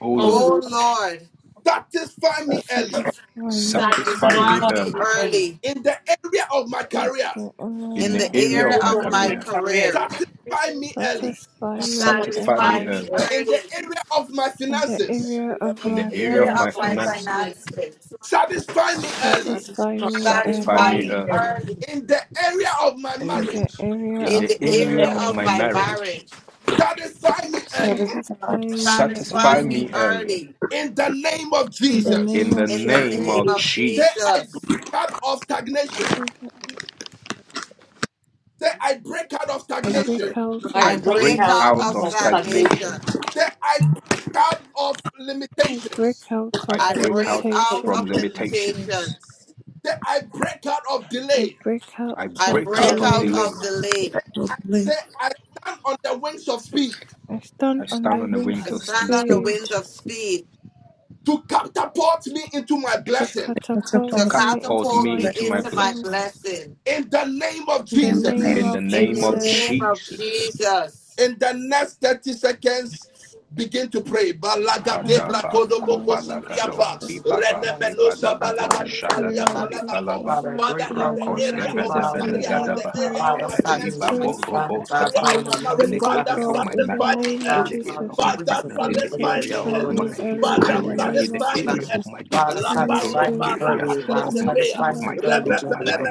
[SPEAKER 2] O
[SPEAKER 3] oh
[SPEAKER 5] Lord,
[SPEAKER 4] oh
[SPEAKER 2] Lord,
[SPEAKER 3] Lord,
[SPEAKER 4] Lord,
[SPEAKER 1] satisfy me early
[SPEAKER 6] Satisfy me,
[SPEAKER 2] satisfy
[SPEAKER 6] Annie,
[SPEAKER 5] satisfy
[SPEAKER 2] me
[SPEAKER 4] satisfy
[SPEAKER 3] satisfy
[SPEAKER 4] me
[SPEAKER 5] me in
[SPEAKER 3] me
[SPEAKER 2] early
[SPEAKER 3] early,
[SPEAKER 4] early
[SPEAKER 1] in the area of my career,
[SPEAKER 6] the
[SPEAKER 2] in
[SPEAKER 4] in
[SPEAKER 2] the
[SPEAKER 4] the
[SPEAKER 5] the
[SPEAKER 6] area
[SPEAKER 5] area
[SPEAKER 6] of
[SPEAKER 5] of
[SPEAKER 3] the
[SPEAKER 2] area
[SPEAKER 6] my
[SPEAKER 4] area
[SPEAKER 2] of
[SPEAKER 5] my
[SPEAKER 2] my
[SPEAKER 4] of
[SPEAKER 3] end of
[SPEAKER 4] my
[SPEAKER 5] career,
[SPEAKER 3] my
[SPEAKER 6] career.
[SPEAKER 2] career.
[SPEAKER 3] career,
[SPEAKER 4] career.
[SPEAKER 1] satisfy me early.
[SPEAKER 6] Satisfy me,
[SPEAKER 5] satisfy
[SPEAKER 2] Satisfy
[SPEAKER 3] satisfy
[SPEAKER 2] me
[SPEAKER 6] Annie,
[SPEAKER 4] Satisfy
[SPEAKER 3] me
[SPEAKER 5] me
[SPEAKER 4] me
[SPEAKER 2] early
[SPEAKER 1] In
[SPEAKER 3] early,
[SPEAKER 1] the
[SPEAKER 4] early
[SPEAKER 1] area of my
[SPEAKER 6] in the
[SPEAKER 1] finances,
[SPEAKER 6] area of
[SPEAKER 4] in
[SPEAKER 2] in the
[SPEAKER 6] my
[SPEAKER 5] in
[SPEAKER 4] the
[SPEAKER 5] the
[SPEAKER 3] the
[SPEAKER 2] area
[SPEAKER 4] area
[SPEAKER 2] of
[SPEAKER 3] end
[SPEAKER 5] area
[SPEAKER 4] of
[SPEAKER 2] my
[SPEAKER 5] of
[SPEAKER 3] of
[SPEAKER 4] my
[SPEAKER 5] my
[SPEAKER 3] my
[SPEAKER 6] finances.
[SPEAKER 2] finances.
[SPEAKER 3] finances,
[SPEAKER 5] finances,
[SPEAKER 4] finances.
[SPEAKER 1] satisfy me early.
[SPEAKER 6] Satisfy
[SPEAKER 7] satisfied
[SPEAKER 6] me,
[SPEAKER 2] Satisfy
[SPEAKER 4] Satisfy
[SPEAKER 5] satisfy
[SPEAKER 3] satisfy
[SPEAKER 6] Annie,
[SPEAKER 2] me
[SPEAKER 5] me
[SPEAKER 3] me
[SPEAKER 5] in
[SPEAKER 4] me
[SPEAKER 5] the
[SPEAKER 2] early
[SPEAKER 5] area
[SPEAKER 3] early,
[SPEAKER 4] early
[SPEAKER 1] In the area of my
[SPEAKER 7] and
[SPEAKER 6] in the
[SPEAKER 1] marriage,
[SPEAKER 6] area
[SPEAKER 2] in
[SPEAKER 4] in
[SPEAKER 6] of
[SPEAKER 2] the
[SPEAKER 4] the
[SPEAKER 6] my
[SPEAKER 3] the
[SPEAKER 2] area
[SPEAKER 3] end
[SPEAKER 4] area
[SPEAKER 5] of
[SPEAKER 2] of
[SPEAKER 5] my
[SPEAKER 4] of
[SPEAKER 2] my
[SPEAKER 5] family.
[SPEAKER 6] marriage.
[SPEAKER 4] my
[SPEAKER 3] of the marriage,
[SPEAKER 2] marriage.
[SPEAKER 4] marriage.
[SPEAKER 1] satisfy me early.
[SPEAKER 6] Satisfy me,
[SPEAKER 2] Satisfy
[SPEAKER 4] Satisfy
[SPEAKER 5] satisfy
[SPEAKER 3] satisfy
[SPEAKER 4] me
[SPEAKER 2] me
[SPEAKER 6] Annie,
[SPEAKER 5] me
[SPEAKER 3] me
[SPEAKER 2] early
[SPEAKER 4] early
[SPEAKER 3] early.
[SPEAKER 1] In the name of
[SPEAKER 6] in the
[SPEAKER 1] Jesus,
[SPEAKER 2] in
[SPEAKER 6] name
[SPEAKER 2] the
[SPEAKER 6] of
[SPEAKER 4] in
[SPEAKER 5] in
[SPEAKER 3] In
[SPEAKER 4] the
[SPEAKER 2] name
[SPEAKER 6] Jesus.
[SPEAKER 3] the
[SPEAKER 5] the
[SPEAKER 4] name
[SPEAKER 2] of
[SPEAKER 3] name,
[SPEAKER 4] of
[SPEAKER 5] marriage.
[SPEAKER 1] say,
[SPEAKER 2] Jesus.
[SPEAKER 1] I break
[SPEAKER 4] Jesus.
[SPEAKER 1] out of stagnation. Say, I break out of
[SPEAKER 6] I break
[SPEAKER 1] stagnation.
[SPEAKER 6] out
[SPEAKER 3] I
[SPEAKER 6] of
[SPEAKER 5] I
[SPEAKER 2] I
[SPEAKER 4] I
[SPEAKER 5] break
[SPEAKER 3] break
[SPEAKER 5] out
[SPEAKER 2] break
[SPEAKER 4] break
[SPEAKER 5] of
[SPEAKER 3] out
[SPEAKER 4] out
[SPEAKER 2] out
[SPEAKER 6] stagnation.
[SPEAKER 4] of
[SPEAKER 2] of
[SPEAKER 3] of
[SPEAKER 5] stagnation,
[SPEAKER 2] stagnation.
[SPEAKER 4] stagnation.
[SPEAKER 3] stagnation.
[SPEAKER 1] Say, I break out of
[SPEAKER 6] I break
[SPEAKER 1] limitations.
[SPEAKER 6] out
[SPEAKER 2] I
[SPEAKER 6] of
[SPEAKER 4] I
[SPEAKER 2] break
[SPEAKER 4] break
[SPEAKER 2] out
[SPEAKER 4] out
[SPEAKER 5] out
[SPEAKER 6] limitation.
[SPEAKER 2] from
[SPEAKER 4] of
[SPEAKER 5] of
[SPEAKER 2] limitations.
[SPEAKER 5] limitations,
[SPEAKER 4] limitations.
[SPEAKER 1] Say, I break out of
[SPEAKER 6] I
[SPEAKER 1] delay.
[SPEAKER 6] break out
[SPEAKER 2] I
[SPEAKER 5] I
[SPEAKER 4] I
[SPEAKER 6] of
[SPEAKER 2] break
[SPEAKER 5] break
[SPEAKER 2] out
[SPEAKER 4] break
[SPEAKER 5] out of
[SPEAKER 2] of
[SPEAKER 4] out
[SPEAKER 6] delay.
[SPEAKER 5] the
[SPEAKER 2] delay.
[SPEAKER 4] of
[SPEAKER 5] law,
[SPEAKER 4] delay.
[SPEAKER 1] Say,
[SPEAKER 7] satisfactorily
[SPEAKER 1] I stand on the wings of speed
[SPEAKER 6] I stand
[SPEAKER 2] I
[SPEAKER 7] as
[SPEAKER 6] on
[SPEAKER 7] I
[SPEAKER 2] stand
[SPEAKER 6] the
[SPEAKER 2] on
[SPEAKER 7] am
[SPEAKER 2] the
[SPEAKER 7] the
[SPEAKER 6] wings
[SPEAKER 2] wings
[SPEAKER 4] I
[SPEAKER 6] of
[SPEAKER 2] of
[SPEAKER 5] in
[SPEAKER 7] wings
[SPEAKER 5] the
[SPEAKER 4] stand
[SPEAKER 7] of
[SPEAKER 2] speed
[SPEAKER 4] on
[SPEAKER 5] length
[SPEAKER 4] the
[SPEAKER 7] speech.
[SPEAKER 5] of
[SPEAKER 6] speed.
[SPEAKER 4] wings of
[SPEAKER 5] speed,
[SPEAKER 4] speed
[SPEAKER 1] to catapult me into my
[SPEAKER 6] to
[SPEAKER 1] blessing.
[SPEAKER 7] That's a
[SPEAKER 2] to
[SPEAKER 4] to
[SPEAKER 6] catapult
[SPEAKER 7] false
[SPEAKER 6] me
[SPEAKER 2] catapult
[SPEAKER 6] into
[SPEAKER 4] catapult
[SPEAKER 2] me
[SPEAKER 4] me
[SPEAKER 6] my
[SPEAKER 7] I
[SPEAKER 2] into my
[SPEAKER 4] into
[SPEAKER 5] that's my
[SPEAKER 4] my
[SPEAKER 6] blessings.
[SPEAKER 2] blessings.
[SPEAKER 5] blessing.
[SPEAKER 4] blessing.
[SPEAKER 1] in the name of
[SPEAKER 6] In the
[SPEAKER 7] am the name
[SPEAKER 6] name
[SPEAKER 1] Jesus.
[SPEAKER 2] In
[SPEAKER 5] In
[SPEAKER 7] of
[SPEAKER 2] the
[SPEAKER 6] of
[SPEAKER 4] In
[SPEAKER 2] name
[SPEAKER 4] the
[SPEAKER 2] of
[SPEAKER 5] the name
[SPEAKER 7] Jesus.
[SPEAKER 5] of
[SPEAKER 4] name
[SPEAKER 6] Jesus,
[SPEAKER 4] of
[SPEAKER 2] Jesus,
[SPEAKER 5] Jesus.
[SPEAKER 4] Jesus.
[SPEAKER 1] In the next 30 seconds, begin to pray. Balaga
[SPEAKER 6] Father,
[SPEAKER 1] debra
[SPEAKER 2] Kadaba
[SPEAKER 6] in the
[SPEAKER 1] kodoboko
[SPEAKER 6] name of
[SPEAKER 4] Name
[SPEAKER 2] Kobalagado
[SPEAKER 1] sibriapa.
[SPEAKER 6] Jesus,
[SPEAKER 4] Jesus, I
[SPEAKER 2] Libaba
[SPEAKER 4] know it's
[SPEAKER 1] Renemeno
[SPEAKER 4] such an
[SPEAKER 2] Libadabado
[SPEAKER 6] I
[SPEAKER 1] sabalaga
[SPEAKER 4] opportunity,
[SPEAKER 6] pray
[SPEAKER 1] dibalia
[SPEAKER 2] Shadada
[SPEAKER 4] God.
[SPEAKER 6] against
[SPEAKER 1] palabako.
[SPEAKER 6] my
[SPEAKER 2] Libalaba
[SPEAKER 4] Father,
[SPEAKER 6] life.
[SPEAKER 1] Father,
[SPEAKER 4] break
[SPEAKER 6] In
[SPEAKER 1] in
[SPEAKER 6] the
[SPEAKER 4] out
[SPEAKER 1] the
[SPEAKER 6] name
[SPEAKER 4] of
[SPEAKER 6] of
[SPEAKER 2] Rakoske
[SPEAKER 4] my
[SPEAKER 1] area of my
[SPEAKER 6] Jesus, in the
[SPEAKER 4] father,
[SPEAKER 1] career,
[SPEAKER 6] air
[SPEAKER 1] in
[SPEAKER 4] God.
[SPEAKER 6] of
[SPEAKER 1] the
[SPEAKER 2] Vedabelegadaba
[SPEAKER 6] my
[SPEAKER 1] area of
[SPEAKER 4] Father,
[SPEAKER 1] my
[SPEAKER 6] life, I
[SPEAKER 1] finances,
[SPEAKER 4] stagnation, my
[SPEAKER 6] pray
[SPEAKER 2] Libabo
[SPEAKER 1] in
[SPEAKER 4] son,
[SPEAKER 1] the
[SPEAKER 4] God,
[SPEAKER 1] area
[SPEAKER 6] for
[SPEAKER 2] Roboskabaha
[SPEAKER 4] Father,
[SPEAKER 6] your
[SPEAKER 1] of
[SPEAKER 4] the
[SPEAKER 1] my
[SPEAKER 4] wings
[SPEAKER 2] in
[SPEAKER 1] marriage,
[SPEAKER 4] of
[SPEAKER 2] the
[SPEAKER 6] spirit,
[SPEAKER 4] God,
[SPEAKER 6] of
[SPEAKER 4] of
[SPEAKER 1] Father,
[SPEAKER 2] area of
[SPEAKER 4] the
[SPEAKER 6] God,
[SPEAKER 2] my
[SPEAKER 6] in the
[SPEAKER 1] satisfy
[SPEAKER 2] marriage,
[SPEAKER 4] oh,
[SPEAKER 1] me
[SPEAKER 6] name of
[SPEAKER 2] in
[SPEAKER 4] God,
[SPEAKER 1] early.
[SPEAKER 2] the area
[SPEAKER 4] Father,
[SPEAKER 2] of
[SPEAKER 6] Jesus.
[SPEAKER 4] the
[SPEAKER 2] my
[SPEAKER 4] wings
[SPEAKER 1] Father,
[SPEAKER 4] of
[SPEAKER 2] finance,
[SPEAKER 4] God,
[SPEAKER 2] in
[SPEAKER 6] Please
[SPEAKER 2] the
[SPEAKER 4] the
[SPEAKER 1] satisfy
[SPEAKER 2] area
[SPEAKER 1] me
[SPEAKER 4] progression,
[SPEAKER 2] of
[SPEAKER 6] satisfy
[SPEAKER 4] Lord,
[SPEAKER 1] early.
[SPEAKER 6] me
[SPEAKER 4] in the
[SPEAKER 2] my
[SPEAKER 4] mighty
[SPEAKER 6] early in
[SPEAKER 1] Father,
[SPEAKER 4] name
[SPEAKER 6] the
[SPEAKER 4] of
[SPEAKER 2] career,
[SPEAKER 6] name
[SPEAKER 2] in the
[SPEAKER 4] Jesus,
[SPEAKER 6] of
[SPEAKER 1] satisfy
[SPEAKER 4] oh
[SPEAKER 1] me
[SPEAKER 2] area
[SPEAKER 4] God.
[SPEAKER 5] I
[SPEAKER 2] of
[SPEAKER 6] Jesus.
[SPEAKER 1] early.
[SPEAKER 2] my
[SPEAKER 5] shall
[SPEAKER 4] Father,
[SPEAKER 1] La
[SPEAKER 2] development,
[SPEAKER 6] Holy
[SPEAKER 2] in
[SPEAKER 4] satisfy
[SPEAKER 1] palo
[SPEAKER 2] the
[SPEAKER 6] Spirit,
[SPEAKER 4] me
[SPEAKER 6] give
[SPEAKER 2] area
[SPEAKER 1] paraka
[SPEAKER 4] early, God,
[SPEAKER 2] of
[SPEAKER 1] dose
[SPEAKER 4] satisfy
[SPEAKER 6] stagnation,
[SPEAKER 2] of
[SPEAKER 6] oh
[SPEAKER 4] me
[SPEAKER 2] my
[SPEAKER 6] God.
[SPEAKER 4] early,
[SPEAKER 2] my, my
[SPEAKER 1] Rebepele
[SPEAKER 4] Jehovah.
[SPEAKER 1] me